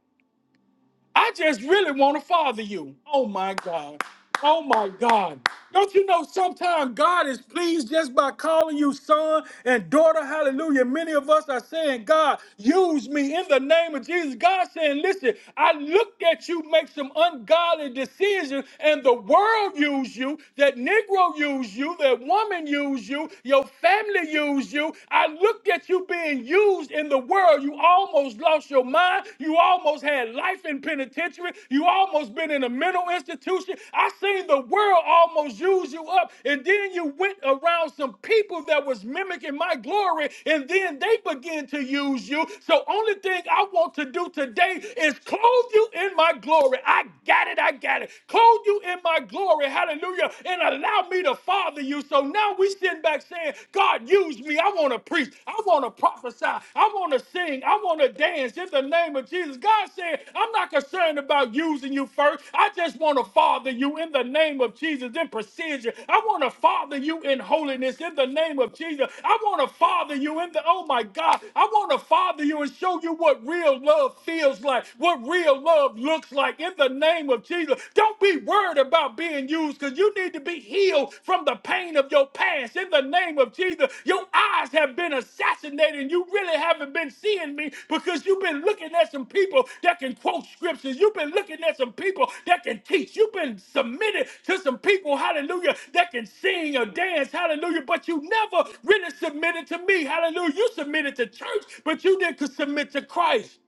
Speaker 1: I just really want to father you. Oh my God. Oh my God. Don't you know sometimes God is pleased just by calling you son and daughter? Hallelujah. Many of us are saying, God, use me in the name of Jesus. God saying, listen, I looked at you make some ungodly decisions and the world used you, that Negro used you, that woman used you, your family used you. I looked at you being used confused in the world. You almost lost your mind. You almost had life in penitentiary. You almost been in a mental institution. I seen the world almost use you up. And then you went around some people that was mimicking my glory, and then they began to use you. So only thing I want to do today is clothe you in my glory. I got it. I got it. Clothe you in my glory. Hallelujah. And allow me to father you. So now now we sitting back saying, God, use me. I want to preach. I want to prophesy. I want to sing. I want to dance in the name of Jesus. God said, I'm not concerned about using you first. I just want to father you in the name of Jesus in precision. I want to father you in holiness in the name of Jesus. I want to father you in the, oh my God, I want to father you and show you what real love feels like, what real love looks like in the name of Jesus. Don't be worried about being used because you need to be healed from the pain of your past. In the name of Jesus, your eyes have been assassinated and you really haven't been seeing me because you've been looking at some people that can quote scriptures. You've been looking at some people that can teach. You've been submitted to some people, hallelujah, that can sing or dance, hallelujah, but you never really submitted to me, hallelujah. You submitted to church, but you didn't submit to Christ.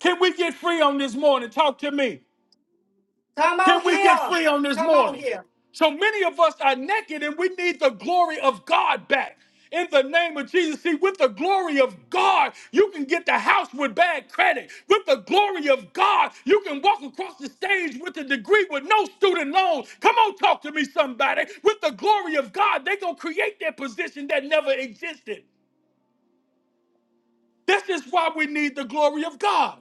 Speaker 1: Can we get free on this morning? Talk to me. Can we get free on this morning? So many of us are naked and we need the glory of God back. In the name of Jesus, see, with the glory of God, you can get the house with bad credit. With the glory of God, you can walk across the stage with a degree with no student loan. Come on, talk to me, somebody. With the glory of God, they're going to create their position that never existed. This is why we need the glory of God.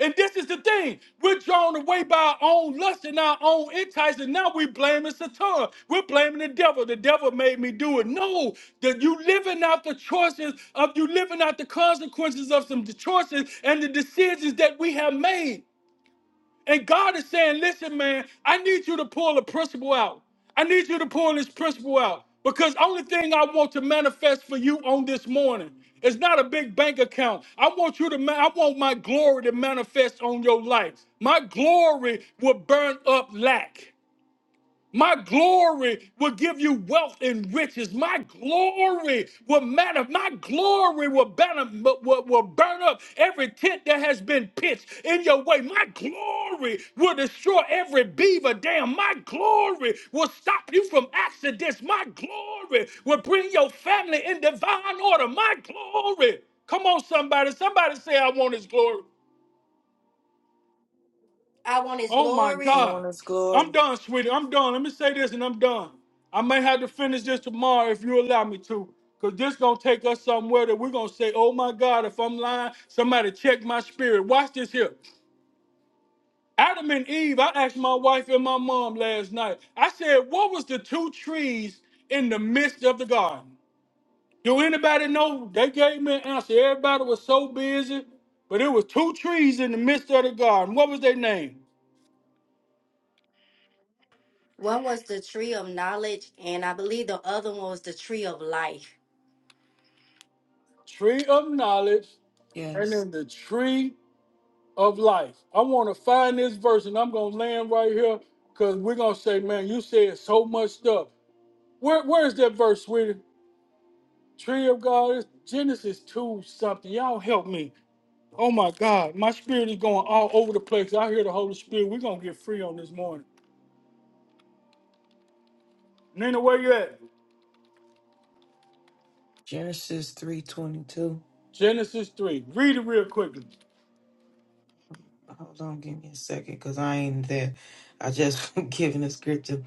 Speaker 1: And this is the thing. We're drawn away by our own lust and our own entice, and now we're blaming Satan. We're blaming the devil. The devil made me do it. No, that you living out the choices of you living out the consequences of some choices and the decisions that we have made. And God is saying, listen, man, I need you to pull a principle out. I need you to pull this principle out because only thing I want to manifest for you on this morning is not a big bank account. I want you to, ma- I want my glory to manifest on your life. My glory will burn up lack. My glory will give you wealth and riches. My glory will matter. My glory will burn, up, will, will burn up every tent that has been pitched in your way. My glory will destroy every beaver dam. My glory will stop you from accidents. My glory will bring your family in divine order. My glory. Come on, somebody. Somebody say, I want his glory. Oh my God.
Speaker 2: Corona's
Speaker 1: I'm
Speaker 2: glory.
Speaker 1: done, sweetie. I'm done. Let me say this and I'm done. I may have to finish this tomorrow if you allow me to. Cause this gonna take us somewhere that we're gonna say, oh my God, if I'm lying, somebody check my spirit. Watch this here. Adam and Eve, I asked my wife and my mom last night. I said, what was the two trees in the midst of the garden? Do anybody know? They gave me an answer. Everybody was so busy, but it was two trees in the midst of the garden. What was their name? Tree of knowledge and
Speaker 2: Yes.
Speaker 1: in the tree of life. I want to find this verse and I'm going to land right here because we're going to say, man, you said so much stuff. Where, where is that verse, sweetie? Tree of God, it's Genesis 2 something. Y'all help me. Oh my God, my spirit is going all over the place. I hear the Holy Spirit. We're going to get free on this morning. Nina, where you at?
Speaker 2: Genesis 3.22.
Speaker 1: Genesis 3. Read it real quickly.
Speaker 2: Hold on, give me a second, because I ain't there. I just [laughs] giving the scripture.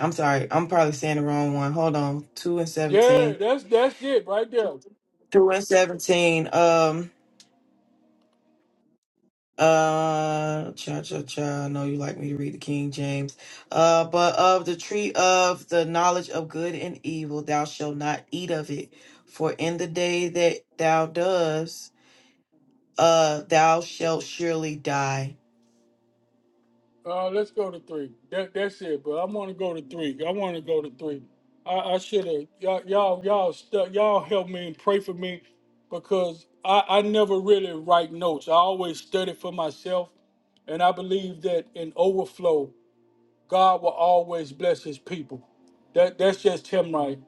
Speaker 2: I'm sorry. I'm probably saying the wrong one. Hold on. 2 and
Speaker 1: Yeah,
Speaker 2: 17.
Speaker 1: that's that's it right there.
Speaker 2: 2 and 17. Um, Uh, cha cha cha. I know you like me to read the King James. Uh, but of the tree of the knowledge of good and evil, thou shalt not eat of it. For in the day that thou dost, uh, thou shalt surely die.
Speaker 1: Uh, let's go to three. That that's it. But I want to go to three. I want to go to three. I, I should have y'all y'all y'all stu- y'all help me and pray for me because I I never really write notes. I always study for myself, and I believe that in overflow, God will always bless His people. That that's just Him right.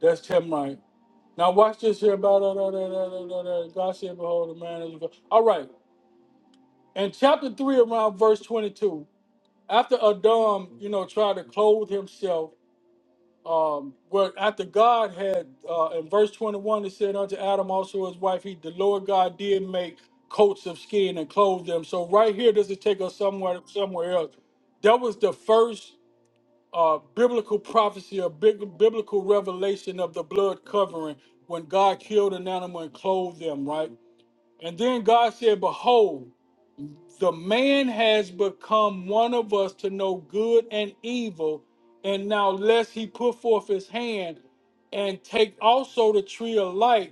Speaker 1: That's Him right. Now watch this here about God said, "Behold, the man is." a- God." All right, in chapter three, around verse twenty-two after Adam, you know, tried to clothe himself, um, where after God had uh, in verse 21, it said unto Adam also his wife, he the Lord God did make coats of skin and clothe them. So right here, does it take us somewhere somewhere else? That was the first uh, biblical prophecy or big, biblical revelation of the blood covering when God killed an animal and clothed them, right? And then God said, Behold, the man has become one of us to know good and evil. And now, lest he put forth his hand and take also the tree of life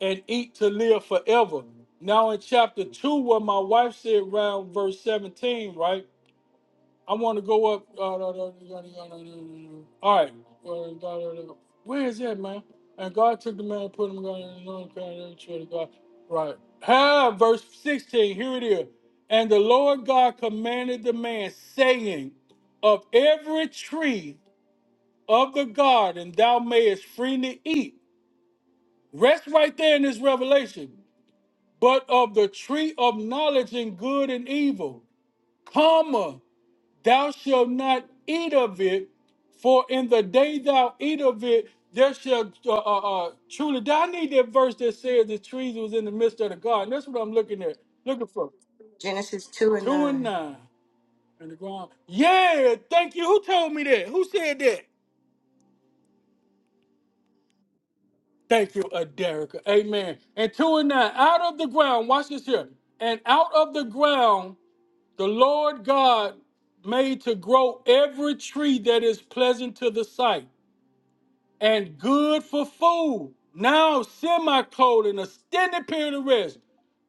Speaker 1: and eat to live forever. Now, in chapter 2, what my wife said around verse 17, right? I want to go up. All right. Well, Where is that man? And God took the man and put him in another kind of God. Right. Have verse 16. Here it is. And the Lord God commanded the man, saying, Of every tree of the garden thou mayest freely eat. Rest right there in this revelation. But of the tree of knowledge and good and evil, comma. Thou shalt not eat of it, for in the day thou eat of it, there shall uh, uh, uh, truly. I need that verse that says the trees was in the midst of the garden. That's what I'm looking at, looking for.
Speaker 3: Genesis 2 and
Speaker 1: Two
Speaker 3: 9.
Speaker 1: and nine in the ground. Yeah, thank you. Who told me that? Who said that? Thank you, Aderica. Amen. And two and nine, out of the ground. Watch this here. And out of the ground, the Lord God made to grow every tree that is pleasant to the sight and good for food. Now semi-clothed and a extended period of rest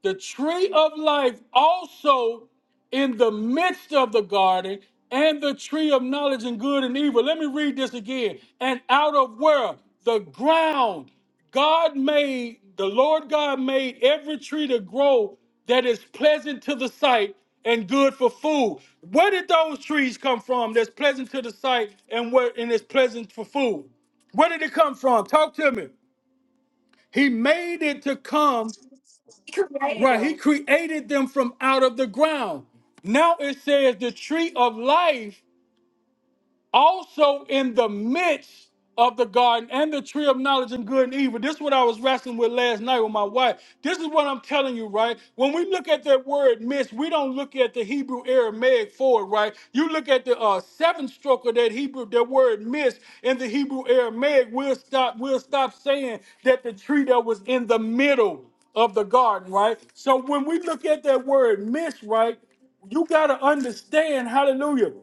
Speaker 1: the tree of life also in the midst of the garden and the tree of knowledge and good and evil. Let me read this again. And out of where? The ground. God made, the Lord God made every tree to grow that is pleasant to the sight and good for food. Where did those trees come from that's pleasant to the sight and where and is pleasant for food? Where did it come from? Talk to me. He made it to come. Right, he created them from out of the ground. Now it says the tree of life also in the midst of the garden and the tree of knowledge and good and evil. This is what I was wrestling with last night with my wife. This is what I'm telling you, right? When we look at that word midst, we don't look at the Hebrew Aramaic for it, right? You look at the uh, seventh stroke of that Hebrew, that word midst in the Hebrew Aramaic, we'll stop, we'll stop saying that the tree that was in the middle of the garden, right? So when we look at that word midst, right, you gotta understand, hallelujah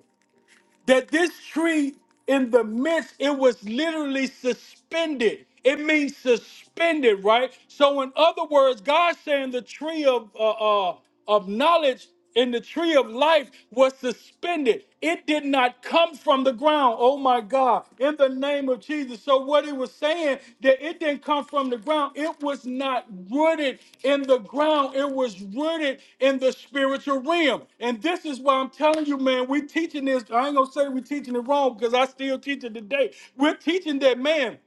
Speaker 1: that this tree in the midst, it was literally suspended. It means suspended, right? So, in other words, God saying the tree of uh, uh, of knowledge and the tree of life was suspended. It did not come from the ground. Oh my God. God, in the name of Jesus. So, what he was saying, that it didn't come from the ground, it was not rooted in the ground, it was rooted in the spiritual realm. And this is why I'm telling you, man, we teaching this. I ain't gonna say we teaching it wrong because I still teach it today. We're teaching that, man.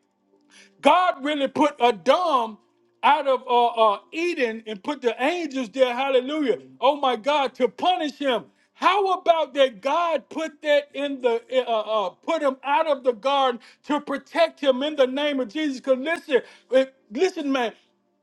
Speaker 1: God really put Adam out of uh, uh, Eden and put the angels there. Hallelujah. Oh my God, to punish him. How about that God put that in the eh, uh, uh, put him out of the garden to protect him in the name of Jesus? Because listen, eh, listen, man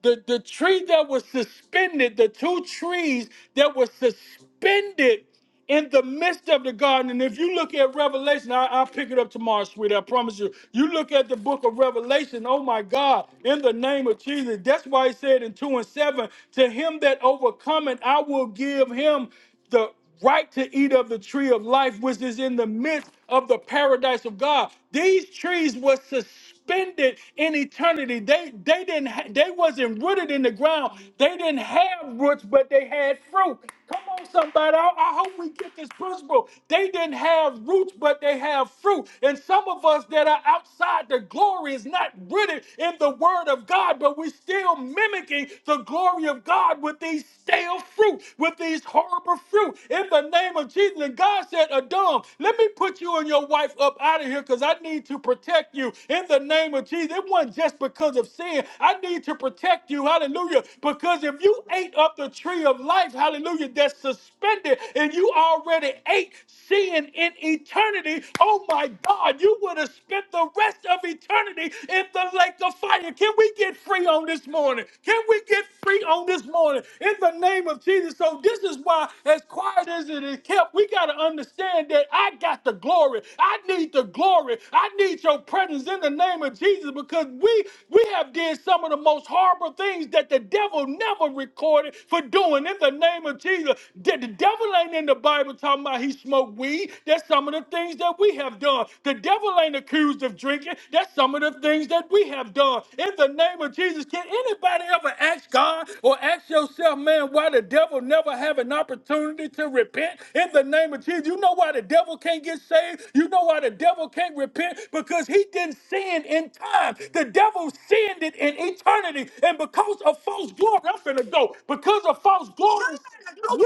Speaker 1: the, the tree that was suspended, the two trees that were suspended in the midst of the garden. And if you look at Revelation, I, I'll pick it up tomorrow, sweetie. I promise you. You look at the book of Revelation, oh my God, in the name of Jesus. That's why he said in 2 and 7, to him that overcometh, I will give him the right to eat of the tree of life, which is in the midst of the paradise of God. These trees were suspended spend it in eternity. They they didn't ha- they wasn't rooted in the ground. They didn't have roots, but they had fruit. Come on, somebody. I, I hope we get this principle. They didn't have roots, but they have fruit. And some of us that are outside the glory is not rooted in the word of God, but we're still mimicking the glory of God with these stale fruit, with these horrible fruit. In the name of Jesus. And God said, Adam, let me put you and your wife up out of here because I need to protect you. In the the name of Jesus. It wasn't just because of sin. I need to protect you, hallelujah, because if you ate up the tree of life, hallelujah, that's suspended and you already ate sin in eternity, oh my God, you would have spent the rest of eternity in the lake of fire. Can we get free on this morning? Can we get free on this morning in the name of Jesus? So, this is why, as quiet as it is kept, we got to understand that I got the glory. I need the glory. I need your presence in the name name of Jesus because we we have did some of the most horrible things that the devil never recorded for doing in the name of Jesus. The, the devil ain't in the Bible talking about he smoked weed. That's some of the things that we have done. The devil ain't accused of drinking. That's some of the things that we have done. In the name of Jesus, can anybody ever ask God or ask yourself, man, why the devil never have an opportunity to repent? In the name of Jesus, you know why the devil can't get saved? You know why the devil can't repent? Because he didn't sin sinned in time. The devil sinned it in eternity. And because of false glory, I'm finna go. Because of false glory,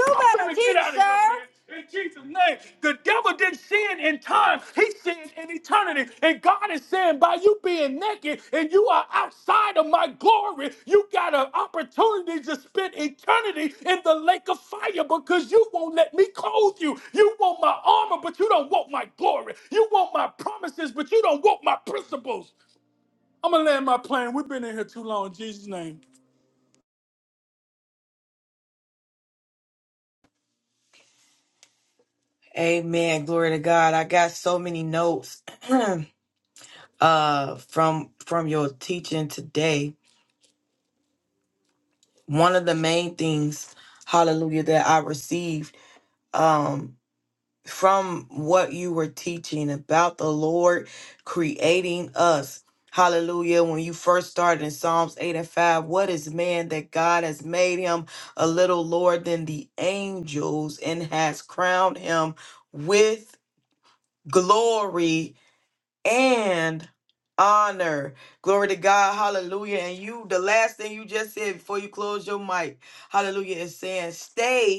Speaker 1: I'm finna get out of here, man. In Jesus' name. The devil didn't sin in time. He sinned in eternity. And God is saying, by you being naked and you are outside of my glory, you got an opportunity to spend eternity in the lake of fire because you won't let me clothe you. You want my armor, but you don't want my glory. You want my promises, but you don't want my principles. I'm gonna land my plane. We've been in here too long. In Jesus' name.
Speaker 2: Amen. Glory to God. I got so many notes, [clears throat] uh, from from your teaching today. One of the main things, Hallelujah, that I received. um, from what you were teaching about the Lord creating us. Hallelujah. When you first started in Psalms 8 and 5, what is man that God has made him a little lower than the angels and has crowned him with glory and honor? Glory to God. Hallelujah. And you, the last thing you just said before you close your mic, hallelujah, is saying, stay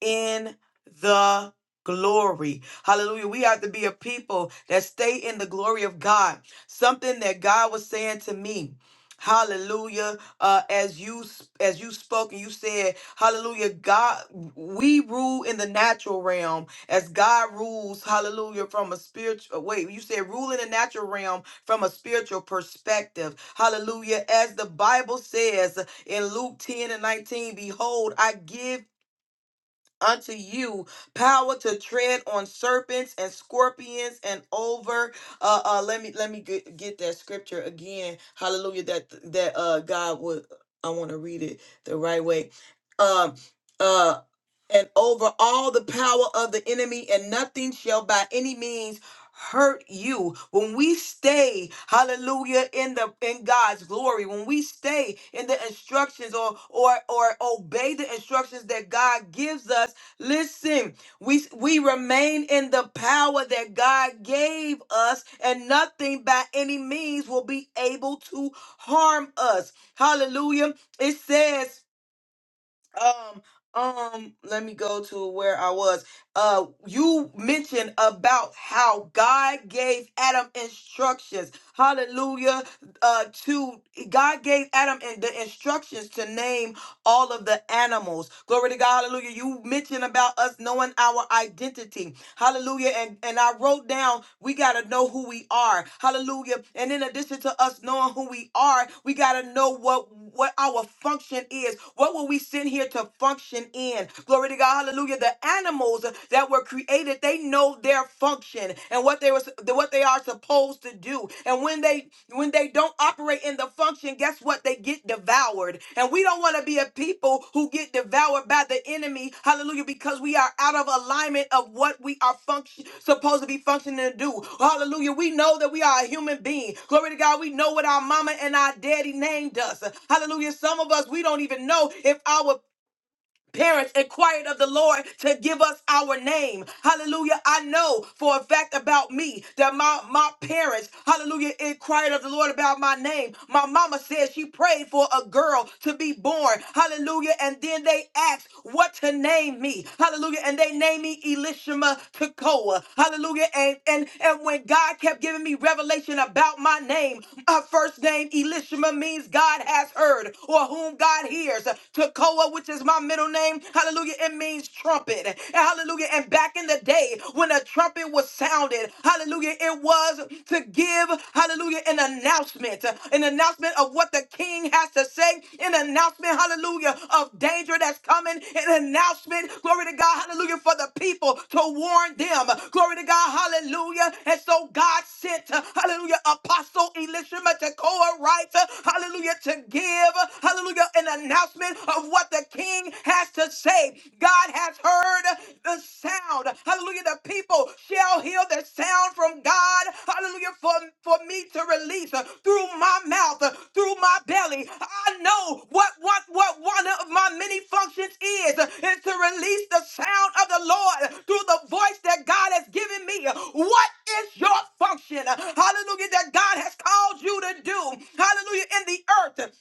Speaker 2: in the glory. Hallelujah. We have to be a people that stay in the glory of God. Something that God was saying to me. Hallelujah. Uh, as you as you spoke and you said, Hallelujah, God, we rule in the natural realm as God rules, Hallelujah, from a spiritual. Wait, you said rule in the natural realm from a spiritual perspective. Hallelujah, as the Bible says in Luke ten and nineteen, behold, I give unto you power to tread on serpents and scorpions and over uh uh let me let me get, get that scripture again hallelujah that that uh god would i want to read it the right way um uh and over all the power of the enemy and nothing shall by any means hurt you when we stay hallelujah in the in god's glory when we stay in the instructions or or or obey the instructions that god gives us Listen, we we remain in the power that God gave us, and nothing by any means will be able to harm us. Hallelujah. It says, um, um, let me go to where I was. Uh, you mentioned about how God gave Adam instructions. Hallelujah. Uh, to God gave Adam in- the instructions to name all of the animals. Glory to God. Hallelujah. You mentioned about us knowing our identity. Hallelujah. And, and I wrote down, we got to know who we are. Hallelujah. And in addition to us knowing who we are, we got to know what, what our function is. What were we sent here to function in? Glory to God. Hallelujah. The animals that were created, they know their function and what they were, to what they are supposed to do. And when they when they don't operate in the function, guess what? They get devoured. And we don't want to be a people who get devoured by the enemy. Hallelujah. Because we are out of alignment of what we are function supposed to be functioning to do. Hallelujah. We know that we are a human being. Glory to God. We know what our mama and our daddy named us. Hallelujah. Some of us we don't even know if our Parents inquired of the Lord to give us our name. Hallelujah. I know for a fact about me that my, my parents, hallelujah, inquired of the Lord about my name. My mama said she prayed for a girl to be born. Hallelujah. And then they asked what to name me. Hallelujah. And they named me Elishama Tekoa. Hallelujah. And, and, and when God kept giving me revelation about my name, my first name, Elishama, means God has heard or whom God hears. Tekoa Tekoa, which is my middle name. Hallelujah. It means trumpet. And hallelujah. And back in the day when a trumpet was sounded, hallelujah, it was to give, hallelujah, an announcement, an announcement of what the king has to say, an announcement, hallelujah, of danger that's coming, an announcement, glory to God, hallelujah, for the people to warn them. Glory to God, hallelujah. And so God sent, hallelujah, Apostle Elisha Tekoa, right? Hallelujah, to give, hallelujah, reveal an announcement of what the king has to say. God has heard the sound. Hallelujah. The people shall hear the sound from God. Hallelujah. For, for me to release uh, through my mouth, uh, through my belly. I know what, what, what one of my many functions is, uh, is to release the sound of the Lord through the voice that God has given me. What is your function? Hallelujah. That God has called you to do. Hallelujah. In the earth.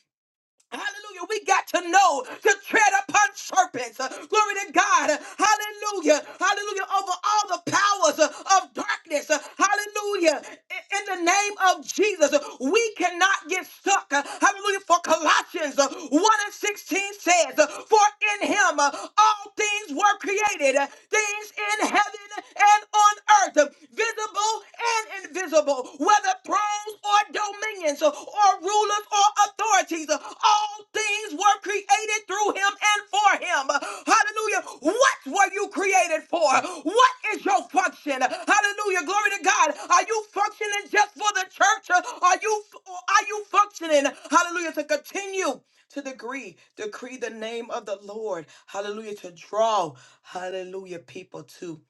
Speaker 2: Hallelujah. We got to know to tread upon serpents. Uh, Glory to God. Hallelujah. Hallelujah. Over all the powers uh, of darkness. Uh, Hallelujah. In in the name of Jesus, uh, we cannot get stuck. Uh, Hallelujah. For Colossians uh, 1 and 16 says, uh, For in him uh, all things were created, uh, things in heaven and on earth, uh, visible and invisible, whether thrones or dominions uh, or rulers or authorities. Uh, All things were created through him and for him. Uh, Hallelujah. What were you created for? What is your function? Hallelujah. Glory to God. Are you functioning just for the church? Uh, Are you or are you functioning? Hallelujah. To continue to decree, decree the name of the Lord. Hallelujah. To draw, hallelujah, people to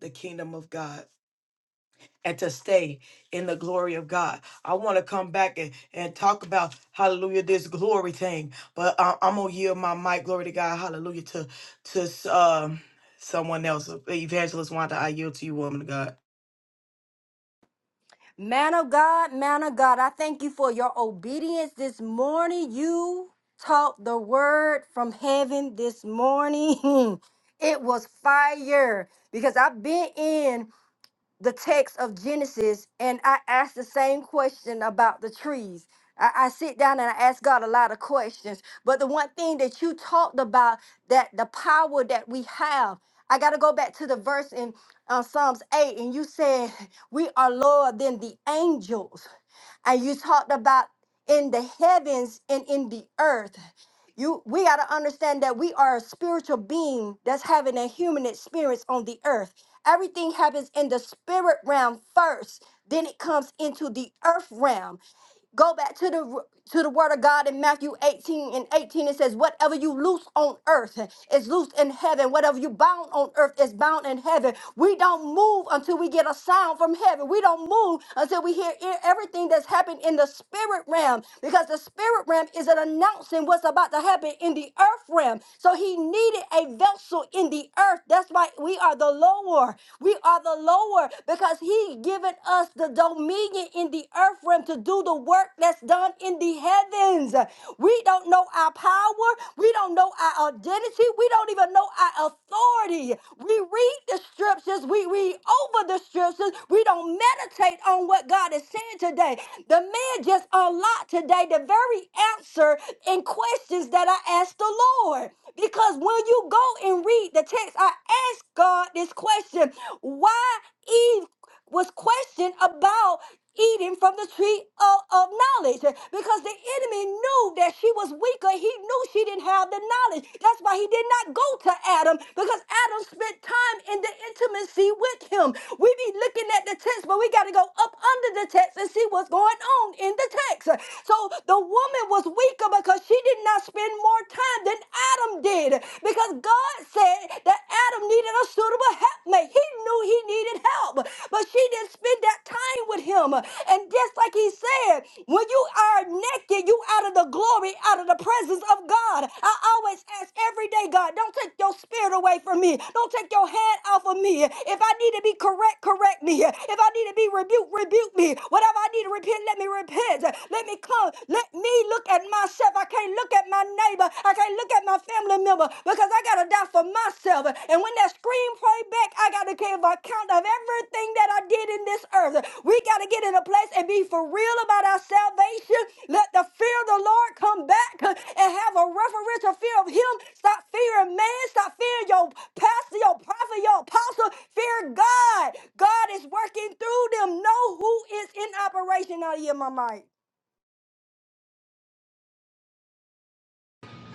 Speaker 2: the kingdom of God and to stay in the glory of God. I want to come back and, and talk about hallelujah this glory thing, but I, am gonna yield my mic, glory to God, hallelujah to to um someone else, uh, evangelist Wanda. I yield to you, woman of God.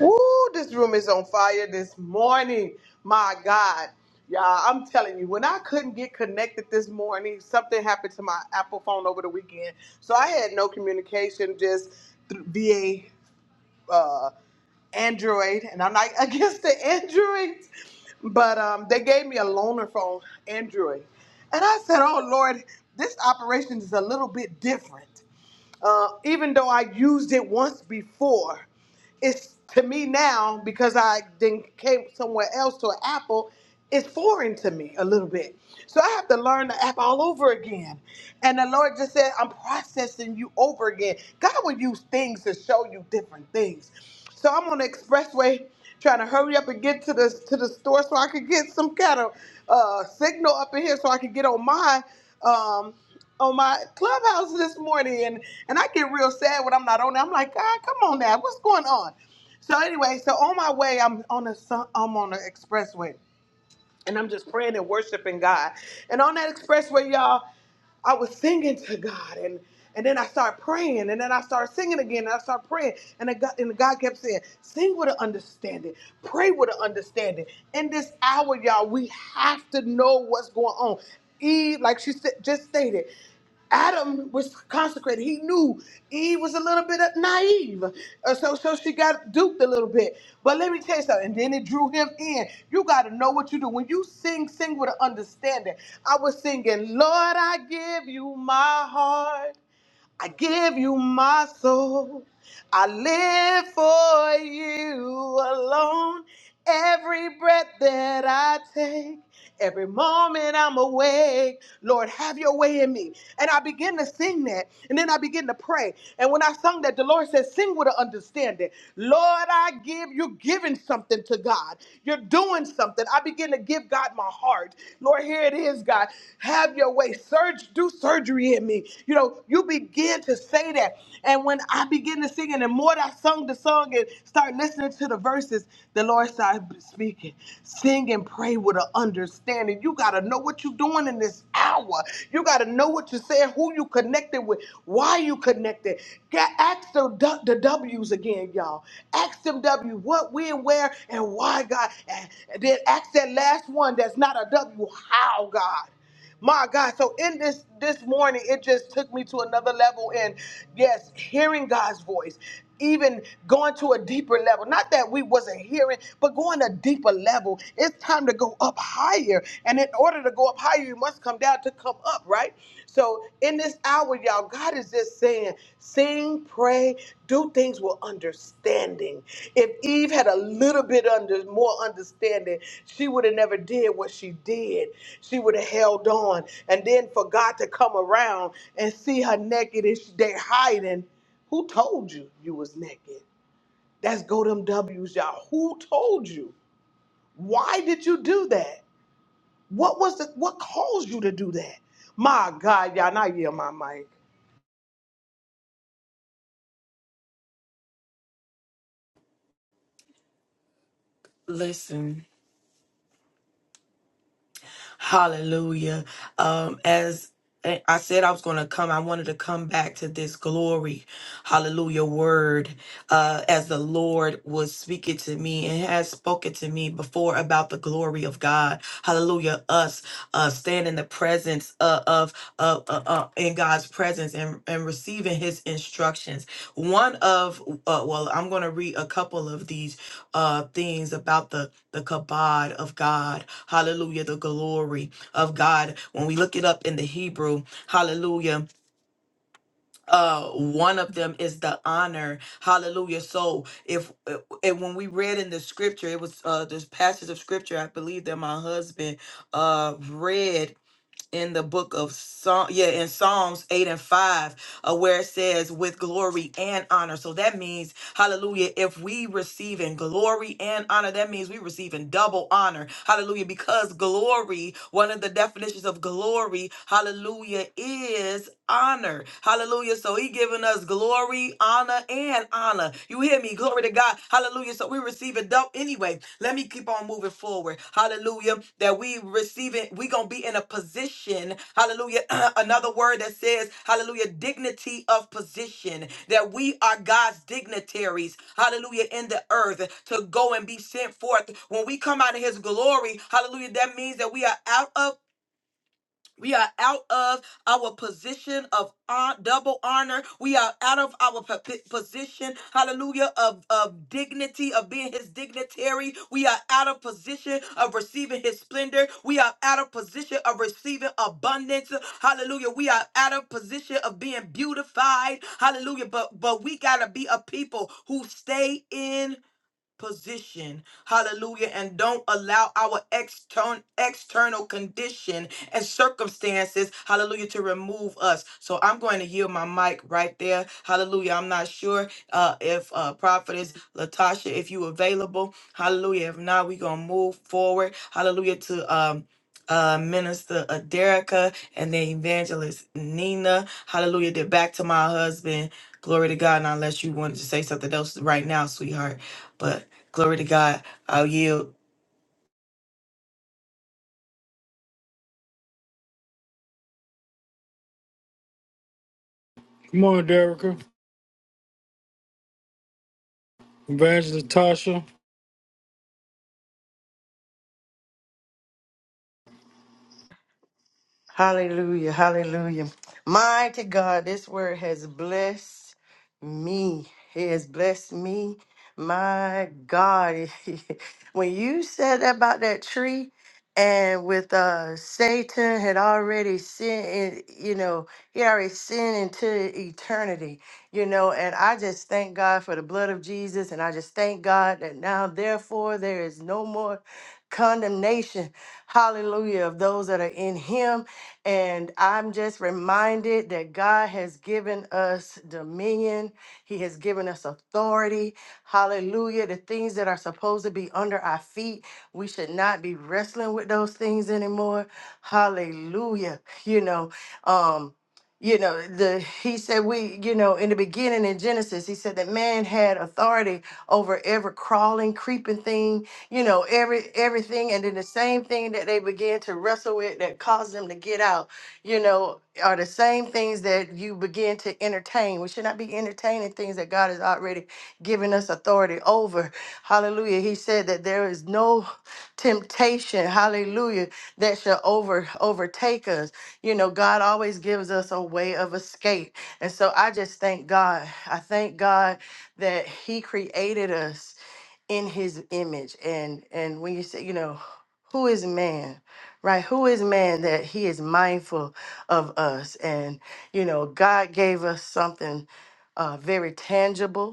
Speaker 6: Ooh, this room is on fire this morning. My God. Y'all, I'm telling you, when I couldn't get connected this morning, something happened to my Apple phone over the weekend. So I had no communication, just th- via uh, Android. And I'm like, [laughs] against the Androids. But um, they gave me a loaner phone, Android. And I said, oh, Lord, this operation is a little bit different. Uh, even though I used it once before, it's to me now because I then came somewhere else to an Apple. It's foreign to me a little bit, so I have to learn the app all over again. And the Lord just said, "I'm processing you over again." God will use things to show you different things. So I'm on the expressway trying to hurry up and get to the to the store so I could get some kind of uh, signal up in here so I could get on mine. Um, on my clubhouse this morning and and I get real sad when I'm not on there. I'm like, God, come on now, what's going on? So anyway, so on my way, I'm on a sun- I'm on the expressway and I'm just praying and worshiping God. And on that expressway, y'all, I was singing to God and and then I started praying, and then I started singing again, and I started praying, and I got, and God kept saying, "Sing with an understanding, pray with an understanding." In this hour, y'all, we have to know what's going on. Eve, like she said, just stated. Adam was consecrated. He knew Eve was a little bit naive. Uh, So, so she got duped a little bit. But let me tell you something. And then it drew him in. You got to know what you do. When you sing, sing with an understanding. I was singing, Lord, I give you my heart. I give you my soul. I live for you alone. Every breath that I take, every moment I'm awake, Lord, have your way in me. And I begin to sing that, and then I begin to pray. And when I sung that, the Lord says, Sing with an understanding. Lord, I give, you're giving something to God. You're doing something something. I begin to give God my heart. Lord, here it is, God. Have your way. Surge, do surgery in me. You know, you begin to say that. And when I begin to sing, and the more that I sung the song and start listening to the verses, the Lord started speaking. Sing and pray with an understanding. You got to know what you're doing in this hour. You got to know what you're saying, who you connected with, why you connected connected. Get, ask the, the W's again, y'all. Ask them W, what, when, where, and why, God. and then ask that last one that's not a W, how, God. My God, so in this this morning, it just took me to another level. And yes, hearing God's voice even going to a deeper level. Not that we wasn't hearing, but going a deeper level. It's time to go up higher. And in order to go up higher, you must come down to come up, right? So in this hour, y'all, God is just saying, sing, pray, do things with understanding. If Eve had a little bit under more understanding, she would have never did what she did. She would have held on. And then for God to come around and see her naked and she, they hiding. Who told you you was naked? That's go them W's, y'all. Who told you? Why did you do that? What was the what caused you to do that? My God, y'all, not yeah, my mic.
Speaker 2: Listen. Hallelujah. Um, as eh, I said, I was going to come. I wanted to come back to this glory, hallelujah word, uh, as the Lord was speaking to me and has spoken to me before about the glory of God, hallelujah. Us uh, stand in the presence uh, of uh, uh, uh, in God's presence and and receiving His instructions. One of uh, well, I'm going to read a couple of these uh, things about the the kabod of God. Hallelujah. The glory of God. When we look it up in the Hebrew, hallelujah. Uh, one of them is the honor. Hallelujah. So if uh, and when we read in the scripture, it was uh this passage of scripture, I believe that my husband uh read in the book of Psalm, yeah, in Psalms 8 and 5, uh, where it says, with glory and honor. So that means, hallelujah, if we receive in glory and honor, that means we receive in double honor. Hallelujah. Because glory, one of the definitions of glory, hallelujah, is honor. Hallelujah. So he giving us glory, honor, and honor. You hear me? Glory to God. Hallelujah. So we we receive it though anyway. Let me keep on moving forward. Hallelujah. That we receive it. we going to be in a position. Hallelujah. [clears throat] Another word that says, hallelujah, dignity of position. That we are God's dignitaries. Hallelujah. In the earth to go and be sent forth. When we come out of his glory, hallelujah, that means that we are out of we are out of our position of hon- double honor. We are out of our po- position, hallelujah, of, of dignity, of being his dignitary. We are out of position of receiving his splendor. We are out of position of receiving abundance. Hallelujah. We are out of position of being beautified. Hallelujah. But but we gotta be a people who stay in position hallelujah and don't allow our external external condition and circumstances hallelujah to remove us so i'm going to yield my mic right there hallelujah i'm not sure uh if uh prophetess latasha if you available hallelujah if not we're gonna move forward hallelujah to um uh, Minister Aderica and then Evangelist Nina. Hallelujah. Then back to my husband. Glory to God. Now, unless you wanted to say something else right now, sweetheart. But Glory to God. I'll yield.
Speaker 1: Come on, Derricka. Evangelist Tasha.
Speaker 3: Hallelujah. Hallelujah. Mighty God, this word has blessed me. It has blessed me. My God. [laughs] when you said about that tree and with uh Satan had already sinned, in- you know, he already sinned into eternity, you know, and I just thank God for the blood of Jesus and I just thank God that now therefore there is no more condemnation hallelujah of those that are in him and I'm just reminded that God has given us dominion, He has given us authority. Hallelujah. The things that are supposed to be under our feet, we should not be wrestling with those things anymore. Hallelujah. You know, um, you know the he said we you know in the beginning in genesis he said that man had authority over every crawling creeping thing you know, every everything, and then the same thing that they begin to wrestle with that caused them to get out, you know, are the same things that you begin to entertain. We should not be entertaining things that God has already given us authority over. Hallelujah. He said that there is no temptation, hallelujah, that shall over overtake us. You know, God always gives us a way of escape. And so I just thank God. I thank God that He created us in his image and and when you say you know who is man right who is man that he is mindful of us and you know god gave us something uh very tangible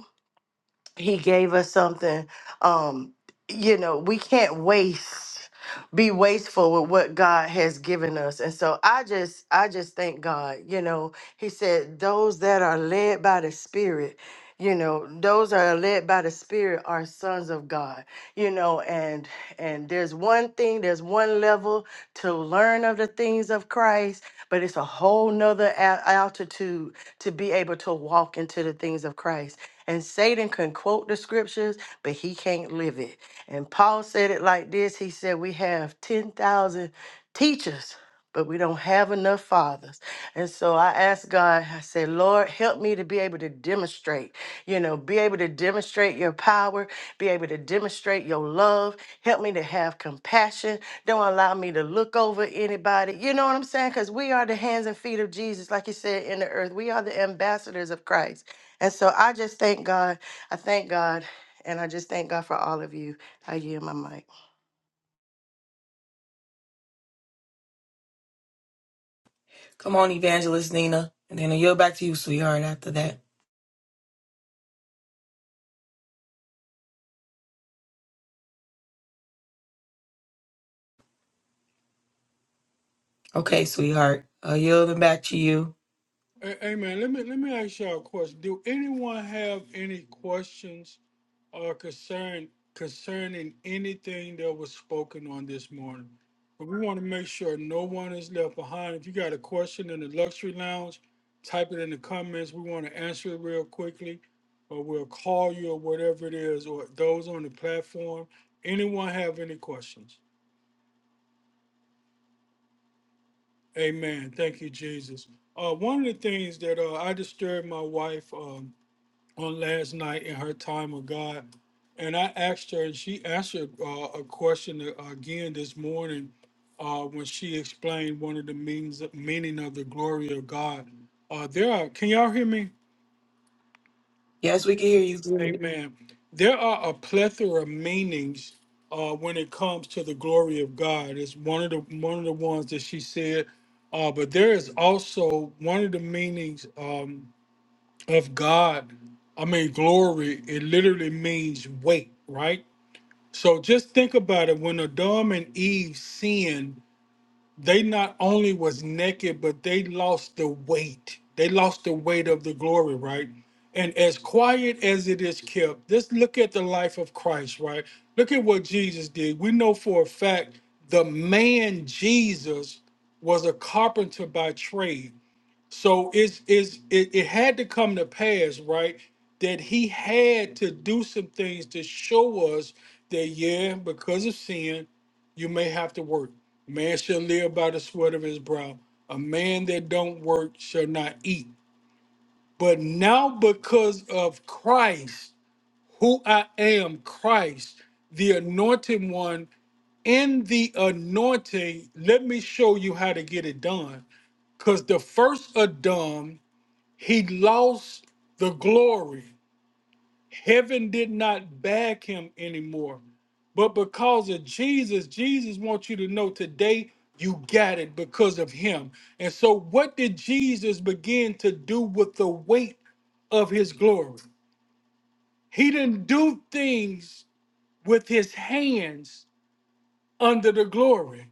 Speaker 3: he gave us something um you know we can't waste be wasteful with what god has given us and so i just i just thank god you know he said those that are led by the spirit you know those that are led by the spirit are sons of god you know and and there's one thing there's one level to learn of the things of christ but it's a whole nother al- altitude to be able to walk into the things of christ and Satan can quote the scriptures, but he can't live it. And Paul said it like this He said, We have 10,000 teachers, but we don't have enough fathers. And so I asked God, I said, Lord, help me to be able to demonstrate, you know, be able to demonstrate your power, be able to demonstrate your love. Help me to have compassion. Don't allow me to look over anybody. You know what I'm saying? Because we are the hands and feet of Jesus, like you said, in the earth. We are the ambassadors of Christ. And so I just thank God. I thank God. And I just thank God for all of you. I yield my mic.
Speaker 2: Come on, Evangelist Nina. And then I'll yield back to you, sweetheart, after that. Okay, sweetheart. I'll yield them back to you.
Speaker 1: Hey, hey, man, let me let me ask y'all a question. Do anyone have any questions or concern concerning anything that was spoken on this morning? But we want to make sure no one is left behind. If you got a question in the luxury lounge, type it in the comments. We want to answer it real quickly, or we'll call you or whatever it is, or those on the platform. Anyone have any questions? Amen. Thank you, Jesus. Uh, one of the things that uh, I disturbed my wife um, on last night in her time of God, and I asked her, and she answered uh, a question uh, again this morning uh, when she explained one of the meanings meaning of the glory of God. Uh, there are. Can y'all hear me?
Speaker 2: Yes, we can hear you.
Speaker 1: Amen. There are a plethora of meanings uh, when it comes to the glory of God. It's one of the one of the ones that she said, uh, but there is also one of the meanings um, of God. I mean, glory. It literally means weight, right? So just think about it. When Adam and Eve sinned, they not only was naked, but they lost the weight. They lost the weight of the glory, right? And as quiet as it is kept, just look at the life of Christ, right? Look at what Jesus did. We know for a fact the man Jesus was a carpenter by trade so it's it's it, it had to come to pass, right? That he had to do some things to show us that yeah, because of sin, you may have to work. Man shall live by the sweat of his brow. A man that don't work shall not eat. But now because of Christ, who I am, Christ, the anointed one, in the anointing, let me show you how to get it done. Because the first Adam he lost the glory. Heaven did not bag him anymore. But because of Jesus, Jesus wants you to know today you got it because of him. And so, what did Jesus begin to do with the weight of his glory? He didn't do things with his hands under the glory,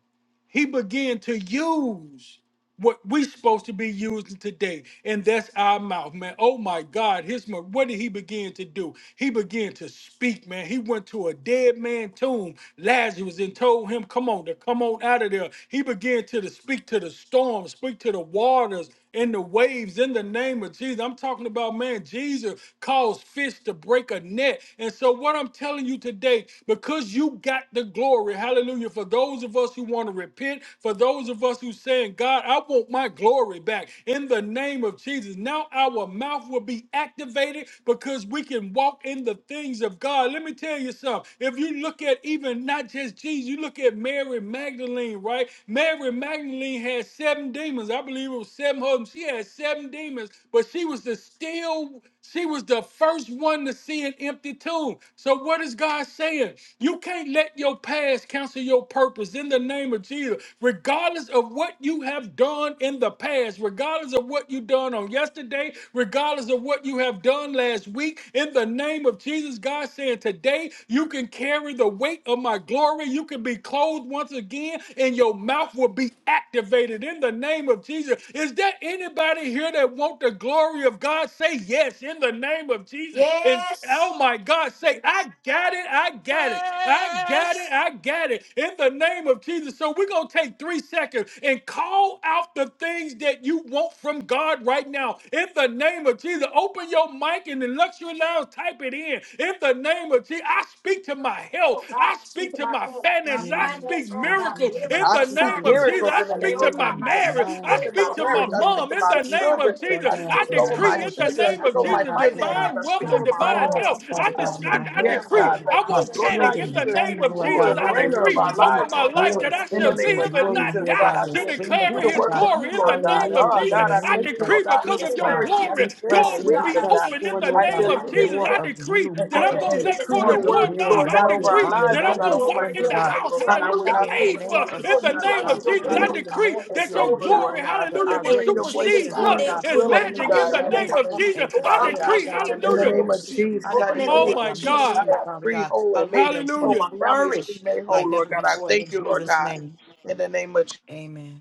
Speaker 1: he began to use what we supposed to be using today, and that's our mouth, man. Oh my God, his mo- what did he begin to do? He began to speak, man. He went to a dead man tomb, Lazarus, and told him, "Come on, to come on out of there." He began to, to speak to the storm, speak to the waters and the waves in the name of Jesus. I'm talking about, man, Jesus caused fish to break a net. And so, what I'm telling you today, because you got the glory, hallelujah, for those of us who want to repent, for those of us who saying, God, I want my glory back in the name of Jesus. Now our mouth will be activated because we can walk in the things of God. Let me tell you something. If you look at even not just Jesus, you look at Mary Magdalene, right? Mary Magdalene had seven demons. I believe it was seven of them. She had seven demons, but she was the still. She was the first one to see an empty tomb. So, what is God saying? You can't let your past cancel your purpose in the name of Jesus. Regardless of what you have done in the past, regardless of what you done on yesterday, regardless of what you have done last week, in the name of Jesus, God saying today you can carry the weight of my glory. You can be clothed once again and your mouth will be activated in the name of Jesus. Is there anybody here that want the glory of God? Say yes in the name of Jesus. And oh my God, say, I got it, I got it, I got it, I got it in the name of Jesus. So we're gonna take three seconds and call out the things that you want from God right now in the name of Jesus. Open your mic and in the luxury lounge, type it in. In the name of Jesus, I speak to my health. I speak to my finances.
Speaker 2: Yes.
Speaker 1: I speak miracles. In
Speaker 6: I
Speaker 1: the
Speaker 6: speak
Speaker 1: name of
Speaker 2: Hallelujah.
Speaker 1: Jesus,
Speaker 6: miracles
Speaker 1: I
Speaker 6: in the
Speaker 1: speak
Speaker 6: name
Speaker 1: to
Speaker 6: of
Speaker 1: my
Speaker 6: Jesus. I
Speaker 1: marriage. I
Speaker 6: speak
Speaker 2: Amen.
Speaker 6: to my
Speaker 1: speak to my
Speaker 6: marriage. I
Speaker 2: Amen.
Speaker 6: speak
Speaker 1: mom.
Speaker 6: to
Speaker 1: In
Speaker 6: my
Speaker 1: the
Speaker 2: Speak
Speaker 1: name
Speaker 6: children.
Speaker 1: of
Speaker 2: for
Speaker 1: Jesus,
Speaker 6: I
Speaker 2: God
Speaker 1: I
Speaker 6: speak
Speaker 2: in the
Speaker 6: over my
Speaker 1: decree in
Speaker 2: marriage.
Speaker 1: the
Speaker 6: children. I
Speaker 2: Speak
Speaker 1: name
Speaker 6: speak
Speaker 1: of
Speaker 6: over
Speaker 2: for
Speaker 6: my
Speaker 1: Jesus
Speaker 2: God over
Speaker 6: finances.
Speaker 1: divine
Speaker 6: I
Speaker 1: wealth
Speaker 6: speak
Speaker 2: my
Speaker 1: and
Speaker 6: over my
Speaker 1: divine
Speaker 6: home.
Speaker 2: finances,
Speaker 1: health.
Speaker 2: Father
Speaker 1: I,
Speaker 6: I
Speaker 1: just,
Speaker 2: God,
Speaker 1: I,
Speaker 6: speak,
Speaker 2: my
Speaker 1: I
Speaker 2: health,
Speaker 6: yes,
Speaker 1: decree
Speaker 2: Father,
Speaker 6: God, like
Speaker 1: I
Speaker 2: my
Speaker 6: that.
Speaker 1: won't
Speaker 6: Lord
Speaker 1: panic
Speaker 6: God,
Speaker 1: in
Speaker 6: you
Speaker 1: the
Speaker 2: children, my
Speaker 6: should be
Speaker 2: family,
Speaker 1: name
Speaker 6: the
Speaker 1: of
Speaker 2: Lord
Speaker 6: ruler
Speaker 1: Jesus.
Speaker 2: God.
Speaker 6: and
Speaker 1: I
Speaker 6: the reigner
Speaker 2: Hallelujah.
Speaker 6: of
Speaker 1: decree
Speaker 2: That
Speaker 6: our
Speaker 1: over
Speaker 6: lives,
Speaker 1: my
Speaker 6: Lord
Speaker 2: we
Speaker 6: God.
Speaker 1: life
Speaker 2: will
Speaker 1: that I
Speaker 6: In the
Speaker 1: shall
Speaker 2: experience
Speaker 6: name
Speaker 2: your
Speaker 1: live
Speaker 6: of
Speaker 1: and
Speaker 2: glory,
Speaker 1: not
Speaker 6: Jesus,
Speaker 2: Lord
Speaker 1: die
Speaker 6: God,
Speaker 2: God,
Speaker 6: I
Speaker 2: your
Speaker 1: to
Speaker 6: should.
Speaker 2: splendor,
Speaker 6: Do
Speaker 1: declaring
Speaker 6: the
Speaker 2: Father
Speaker 1: his
Speaker 6: works
Speaker 2: God.
Speaker 6: of you,
Speaker 1: glory in the
Speaker 6: Lord God.
Speaker 1: name
Speaker 2: Hallelujah.
Speaker 1: of
Speaker 6: Oh,
Speaker 2: In
Speaker 1: Jesus.
Speaker 6: God, I
Speaker 2: the
Speaker 1: I
Speaker 2: name
Speaker 6: thank you,
Speaker 2: of
Speaker 6: Lord
Speaker 1: decree
Speaker 6: God, for
Speaker 1: because
Speaker 6: your
Speaker 1: of
Speaker 2: Jesus,
Speaker 1: your
Speaker 2: God,
Speaker 6: clarity,
Speaker 2: we
Speaker 1: glory,
Speaker 6: understanding,
Speaker 2: press
Speaker 1: doors
Speaker 6: and
Speaker 2: in,
Speaker 1: will
Speaker 2: we
Speaker 1: be
Speaker 6: wisdom,
Speaker 2: press
Speaker 6: God.
Speaker 1: open in
Speaker 2: for,
Speaker 1: the
Speaker 2: Lord
Speaker 6: I
Speaker 1: name
Speaker 6: shall
Speaker 2: God,
Speaker 1: of
Speaker 6: live
Speaker 1: Jesus.
Speaker 2: more
Speaker 6: and,
Speaker 1: I
Speaker 2: of
Speaker 1: decree
Speaker 6: and,
Speaker 2: you,
Speaker 1: that
Speaker 2: more
Speaker 1: I'm
Speaker 2: of
Speaker 6: and,
Speaker 1: going
Speaker 6: and
Speaker 1: to
Speaker 2: you,
Speaker 1: let go
Speaker 6: decree
Speaker 2: more
Speaker 1: the
Speaker 2: of
Speaker 6: your
Speaker 2: your
Speaker 6: words,
Speaker 1: doorknob.
Speaker 2: glory,
Speaker 6: Lord
Speaker 1: I
Speaker 2: more
Speaker 6: God,
Speaker 2: of your
Speaker 6: over our
Speaker 1: decree
Speaker 2: honor,
Speaker 6: lives,
Speaker 1: that
Speaker 2: more
Speaker 6: Lord
Speaker 1: I'm
Speaker 2: of
Speaker 6: God,
Speaker 2: your
Speaker 1: going to
Speaker 6: over my
Speaker 1: walk in
Speaker 2: splendor,
Speaker 1: the
Speaker 6: children's
Speaker 2: God.
Speaker 6: lives,
Speaker 1: house,
Speaker 6: Lord God. I will
Speaker 1: hallelujah,
Speaker 6: not
Speaker 2: Hallelujah. In the
Speaker 6: sleep or
Speaker 1: paid for
Speaker 2: name
Speaker 6: slumber,
Speaker 2: of
Speaker 1: in
Speaker 6: Lord
Speaker 1: the
Speaker 6: God,
Speaker 2: Jesus,
Speaker 6: but
Speaker 1: name
Speaker 6: I
Speaker 2: God.
Speaker 6: will
Speaker 1: of
Speaker 6: be
Speaker 1: Jesus. I
Speaker 6: vigilant
Speaker 2: Hallelujah.
Speaker 1: decree
Speaker 2: More
Speaker 6: and
Speaker 2: of
Speaker 1: that
Speaker 2: your
Speaker 1: your
Speaker 6: sober,
Speaker 2: weight,
Speaker 6: Lord
Speaker 1: glory,
Speaker 2: Lord God,
Speaker 6: God.
Speaker 2: that
Speaker 1: hallelujah,
Speaker 2: our
Speaker 1: will
Speaker 6: Hearing your voice and
Speaker 1: supersede
Speaker 2: reputation, Lord
Speaker 6: doing
Speaker 1: luck
Speaker 6: the
Speaker 2: God.
Speaker 1: and
Speaker 6: will of you,
Speaker 2: Hallelujah.
Speaker 1: magic in
Speaker 6: God, in
Speaker 1: the
Speaker 6: the
Speaker 2: Shall be
Speaker 6: name
Speaker 1: name
Speaker 6: of
Speaker 1: of
Speaker 2: great.
Speaker 1: Jesus.
Speaker 6: Jesus,
Speaker 2: As you
Speaker 1: I
Speaker 6: Father
Speaker 2: said,
Speaker 6: God.
Speaker 2: Lord
Speaker 1: decree,
Speaker 2: God.
Speaker 6: In
Speaker 2: Hallelujah. In
Speaker 6: the
Speaker 2: the
Speaker 1: hallelujah.
Speaker 2: name
Speaker 6: name
Speaker 2: of
Speaker 6: of
Speaker 2: Jesus, I
Speaker 6: Jesus, I
Speaker 2: decree
Speaker 1: Oh
Speaker 6: decree
Speaker 2: over
Speaker 6: and
Speaker 1: my
Speaker 2: our
Speaker 6: declare that
Speaker 1: God,
Speaker 2: ministry,
Speaker 6: I am
Speaker 2: Father
Speaker 6: free,
Speaker 2: God.
Speaker 6: whole, and
Speaker 2: Hallelujah.
Speaker 6: made
Speaker 2: That we
Speaker 6: whole.
Speaker 2: will
Speaker 1: hallelujah.
Speaker 6: My family is free,
Speaker 2: flourish
Speaker 6: made
Speaker 2: like
Speaker 6: whole, Lord
Speaker 2: never
Speaker 6: God. I
Speaker 2: before in
Speaker 6: thank you, Lord
Speaker 2: Jesus'
Speaker 6: God.
Speaker 2: name.
Speaker 6: In the name of
Speaker 2: Amen.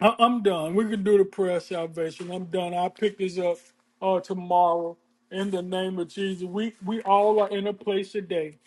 Speaker 1: I, I'm done. We can do the prayer of salvation. I'm done. I'll pick this up uh, tomorrow in the name of Jesus. We we all are in a place today.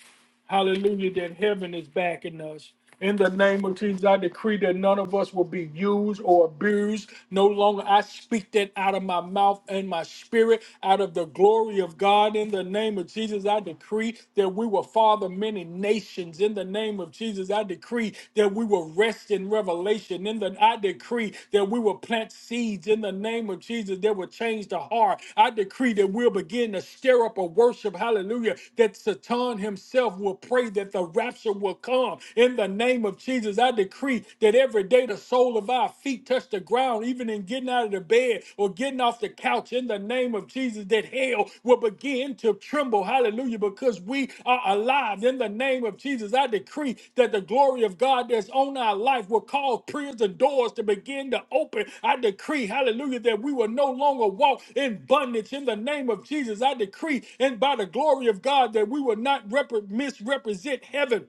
Speaker 1: Hallelujah, that heaven is backing us. In the name of Jesus, I decree that none of us will be used or abused. No longer I speak that out of my mouth and my spirit, out of the glory of God. In the name of Jesus, I decree that we will father many nations. In the name of Jesus, I decree that we will rest in revelation. In the I I decree that we will plant seeds in the name of Jesus that will change the heart. I decree that we'll begin to stir up a worship, hallelujah, that Satan himself will pray that the rapture will come in the name of Jesus. I decree that every day the sole of our feet touch the ground, even in getting out of the bed or getting off the couch in the name of Jesus, That that hell will begin to tremble. Hallelujah. Because we are alive in the name of Jesus. I decree that the glory of God that's on our life will cause prison doors to begin to open. I decree, hallelujah, that we will no longer walk in bondage in the name of Jesus. I decree, and by the glory of God, that we will not repre- misrepresent heaven.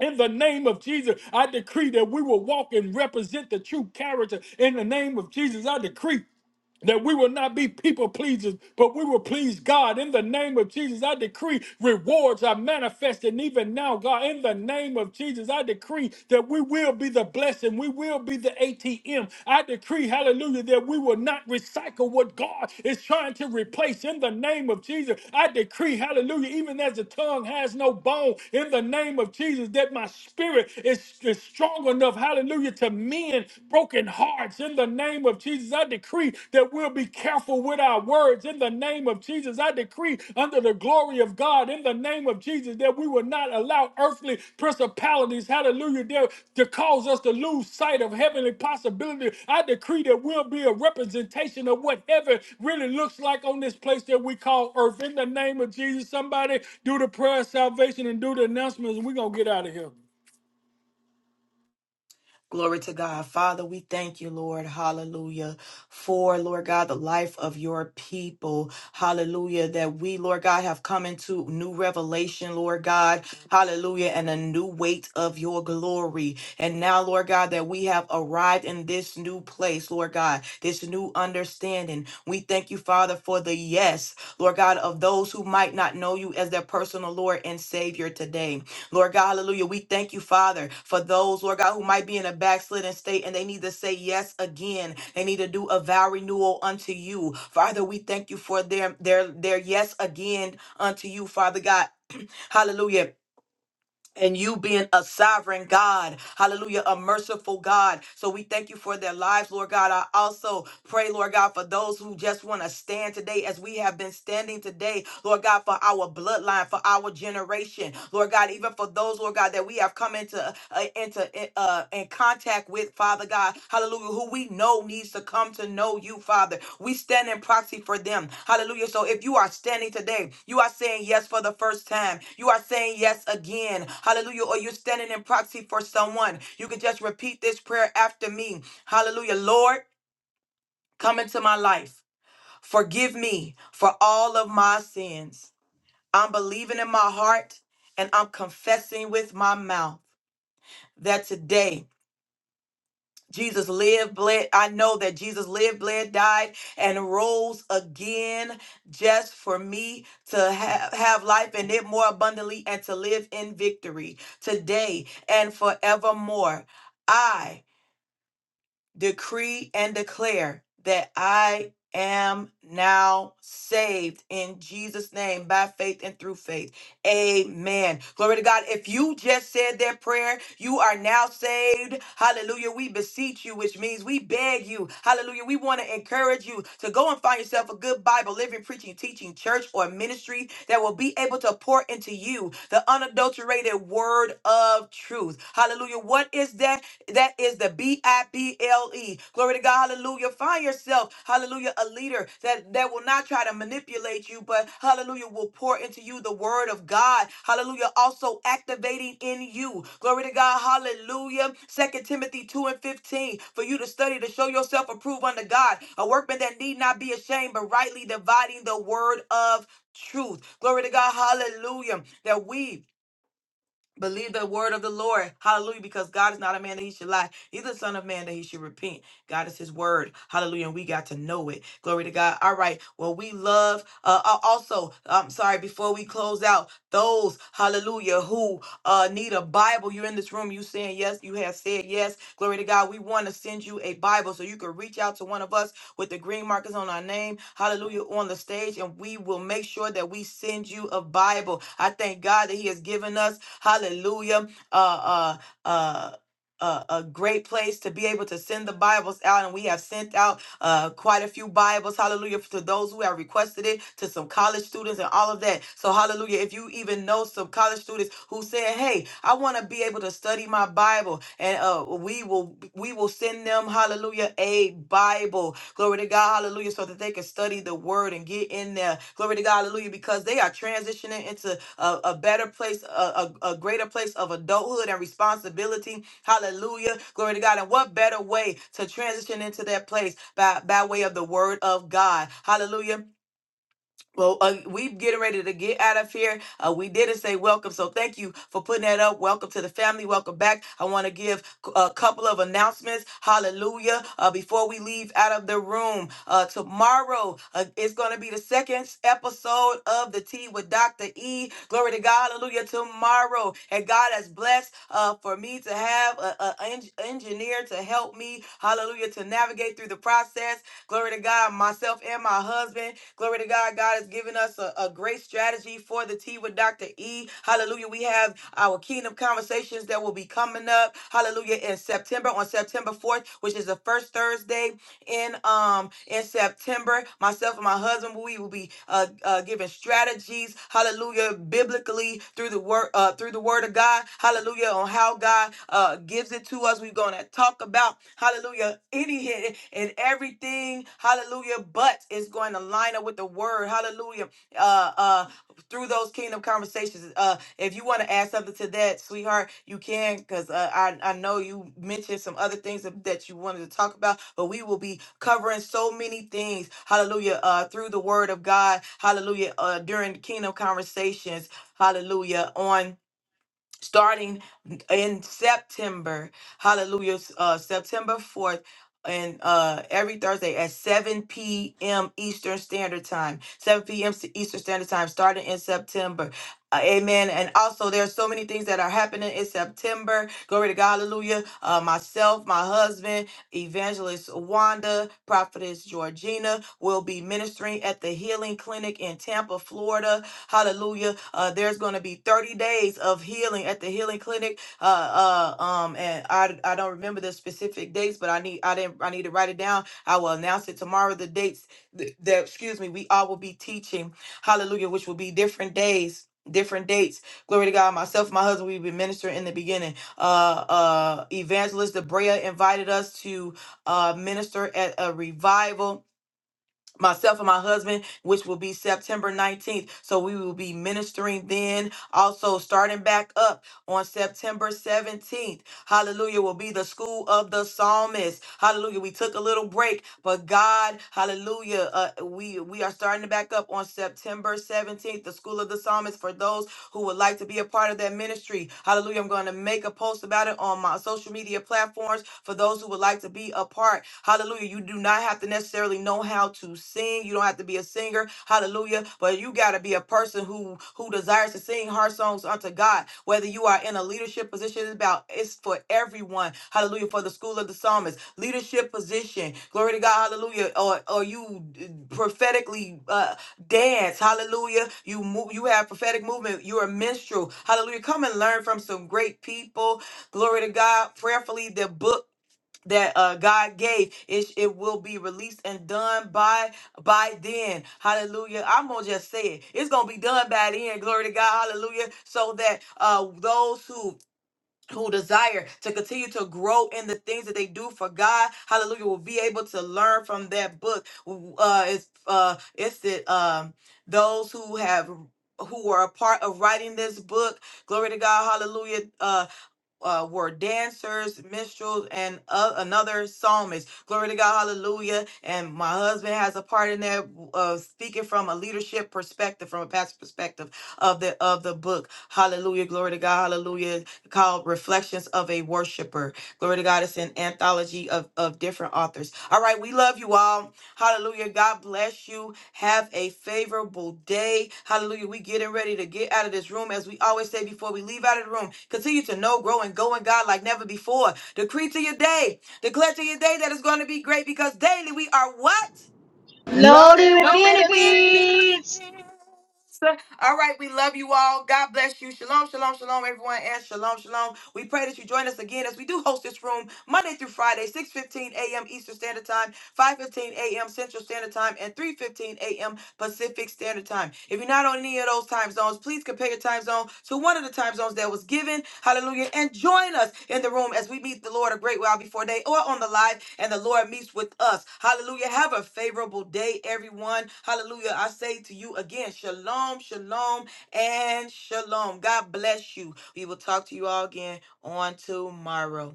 Speaker 1: In the name of Jesus, I decree that we will walk and represent the true character. In the name of Jesus, I decree that we will not be people pleasers, but we will please God. In the name of Jesus, I decree rewards are manifesting even now, God. In the name of Jesus, I decree that we will be the blessing. We will be the ATM. I decree, hallelujah, that we will not recycle what God is trying to replace. In the name of Jesus, I decree, hallelujah, even as the tongue has no bone, in the name of Jesus, that my spirit is, is strong enough, hallelujah, to mend in broken hearts. In the name of Jesus, I decree that we'll be careful with our words. In the name of Jesus, I decree under the glory of God, in the name of Jesus, that we will not allow earthly principalities, hallelujah, there to cause us to lose sight of heavenly possibility. I decree that we'll be a representation of what heaven really looks like on this place that we call earth. In the name of Jesus, somebody do the prayer of salvation and do the announcements, and we're going to get out of here.
Speaker 2: Glory to God. Father, we thank you, Lord. Hallelujah. For, Lord God, the life of your people. Hallelujah. That we, Lord God, have come into new revelation, Lord God. Hallelujah. And a new weight of your glory. And now, Lord God, that we have arrived in this new place, Lord God, this new understanding. We thank you, Father, for the yes, Lord God, of those who might not know you as their personal Lord and Savior today. Lord God, hallelujah. We thank you, Father, for those, Lord God, who might be in a backslidden state and they need to say yes again. They need to do a vow renewal unto you. Father, we thank you for their their their yes again unto you, Father God. Hallelujah and you being a sovereign God, hallelujah, a merciful God. So we thank you for their lives, Lord God. I also pray, Lord God, for those who just want to stand today as we have been standing today, Lord God, for our bloodline, for our generation, Lord God, even for those, Lord God, that we have come into uh, into uh, in contact with, Father God. Hallelujah. Who we know needs to come to know you, Father. We stand in proxy for them. Hallelujah. So if you are standing today, you are saying yes for the first time. You are saying yes again. Hallelujah. Or you're standing in proxy for someone. You can just repeat this prayer after me. Hallelujah. Lord, come into my life. Forgive me for all of my sins. I'm believing in my heart and I'm confessing with my mouth that today Jesus lived, bled. I know that Jesus lived, bled, died, and rose again just for me to have, have life and it more abundantly and to live in victory today and forevermore decree and declare that I am now saved in Jesus' name by faith and through faith. Amen. Glory to God. If you just said that prayer, you are now saved. Hallelujah. We beseech you, which means we beg you. Hallelujah. We want to encourage you to go and find yourself a good Bible, living, preaching, teaching church or ministry that will be able to pour into you the unadulterated word of truth. Hallelujah. What is that? That is the B I B L E. Glory to God. Hallelujah. Find yourself, hallelujah, a leader that, that will not try to manipulate you, but hallelujah, will pour into you the word of God. Hallelujah. Also activating in you. Glory to God. Hallelujah. Second Timothy 2 and 15. For you to study to show yourself approved unto God, a workman that need not be ashamed, but rightly dividing the word of truth. Glory to God. Hallelujah. That we Believe the word of the Lord. Hallelujah. Because God is not a man that he should lie. He's the son of man that he should repent. God is his word. Hallelujah. And we got to know it. Glory to God. All right. Well, we love uh uh, also, I'm sorry, before we close out, those, hallelujah, who uh need a Bible. You're in this room, you saying yes, you have said yes. Glory to God. We want to send you a Bible so you can reach out to one of us with the green markers on our name. Hallelujah. On the stage, and we will make sure that we send you a Bible. I thank God that He has given us. Hallelujah. Uh, uh, uh, a, a great place to be able to send the Bibles out. And we have sent out uh, quite a few Bibles, hallelujah, to those who have requested it, to some college students and all of that. So, hallelujah, if you even know some college students who said, hey, I want to be able to study my Bible, and uh, we will we will send them, hallelujah, a Bible. Glory to God, hallelujah so that they can study the word and get in there. Glory to God, hallelujah, because they are transitioning into a, a better place, a, a, a greater place of adulthood and responsibility. Hallelujah, glory to God. And what better way to transition into that place by, by way of the word of God? Hallelujah well, uh, we getting ready to get out of here. Uh, we didn't say welcome, so thank you for putting that up. Welcome to the family. Welcome back. I want to give c- a couple of announcements. Hallelujah! Uh, before we leave out of the room, uh, tomorrow uh, it's going to be the second s- episode of the Tea with Doctor E. Glory to God. Hallelujah! Tomorrow, and God has blessed uh, for me to have an engineer to help me. Hallelujah! To navigate through the process. Glory to God. Myself and my husband. Glory to God. God has given us a, a great strategy for the tea with Dr. E. Hallelujah. We have our kingdom conversations that will be coming up. Hallelujah. In September, on September 4th, which is the first Thursday in um in September. Myself and my husband, we will be uh, uh giving strategies, hallelujah, biblically through the word uh through the word of God, hallelujah, on how God uh gives it to us. We're gonna talk about hallelujah, any hit and everything, hallelujah, but it's going to line up with the word, hallelujah, uh uh through those kingdom conversations. Uh if you want to add something to that, sweetheart, you can, because uh, I I know you mentioned some other things that that you wanted to talk about, but we will be covering so many things. Hallelujah! Uh, through the Word of God, Hallelujah! Uh, during Kingdom conversations, Hallelujah! On starting in September. Hallelujah. Uh, September 4th. And uh, every Thursday at 7 p.m. Eastern Standard Time, 7 p.m. s- Eastern Standard Time, starting in September. Uh, amen. And also, there are so many things that are happening in September. Glory to God. Hallelujah. Uh, myself, my husband, Evangelist Wanda, Prophetess Georgina will be ministering at the Healing Clinic in Tampa, Florida Hallelujah. Uh, there's going to be 30 days of healing at the healing clinic. Uh, uh, um, and I, I don't remember the specific dates, but I need, I didn't, I need to write it down. I will announce it tomorrow. The dates th- that, excuse me, we all will be teaching. Hallelujah. Which will be different days. Different dates. Glory to God. Myself, my husband, we've been ministering in the beginning. Uh, uh, Evangelist Debrea invited us to uh, minister at a revival myself and my husband, which will be September 19th. So we will be ministering then. Also, starting back up on September 17th. Hallelujah will be the school of the psalmist. Hallelujah. We took a little break, but God, hallelujah, uh, we we are starting to back up on September 17th. The school of the psalmist for those who would like to be a part of that ministry. Hallelujah. I'm going to make a post about it on my social media platforms for those who would like to be a part. Hallelujah. You do not have to necessarily know how to sing. You don't have to be a singer. Hallelujah. But you got to be a person who who desires to sing heart songs unto God. Whether you are in a leadership position, it's about it's for everyone. Hallelujah. For the school of the psalmist, leadership position. Glory to God. Hallelujah. Or or you uh, prophetically uh, dance hallelujah you move you have prophetic movement you're a minstrel hallelujah come and learn from some great people glory to god prayerfully the book that uh god gave it, it will be released and done by by then hallelujah i'm gonna just say it it's gonna be done by then glory to god hallelujah so that uh those who who desire to continue to grow in the things that they do for God, hallelujah, will be able to learn from that book. W- Uh, it's uh, it's it um those who have who were a part of writing this book. Glory to God, hallelujah. Uh, uh, were dancers, minstrels, and uh, another psalmist. Glory to God, hallelujah. And my husband has a part in that, uh, speaking from a leadership perspective, from a pastor perspective of the of the book. Hallelujah, glory to God, hallelujah. Called Reflections of a Worshipper. Glory to God, it's an anthology of, of different authors. All right, we love you all. Hallelujah. God bless you. Have a favorable day. Hallelujah. We getting ready to get out of this room. As we always say before we leave out of the room, continue to know, grow, and go in God like never before. Decree to your day. Declare to your day that it's going to be great because daily we are what?
Speaker 7: Loaded
Speaker 6: Loaded
Speaker 7: with
Speaker 6: with
Speaker 2: Loaded with
Speaker 6: benefits.
Speaker 7: benefits.
Speaker 2: benefits. All right, we love you all. God bless you. Shalom, shalom, shalom, everyone, and shalom, shalom. We pray that you join us again as we do host this room Monday through Friday, 6:15 a.m. Eastern Standard Time, 5:15 a.m. Central Standard Time, and 3:15 a.m. Pacific Standard Time. If you're not on any of those time zones. Please compare your time zone to one of the time zones that was given. Hallelujah. And join us in the room as we meet the Lord a great while before day or on the live and the Lord meets with us. Hallelujah. Have a favorable day, everyone. Hallelujah. I say to you again, shalom, shalom, and shalom. God bless you. We will talk to you all again on tomorrow.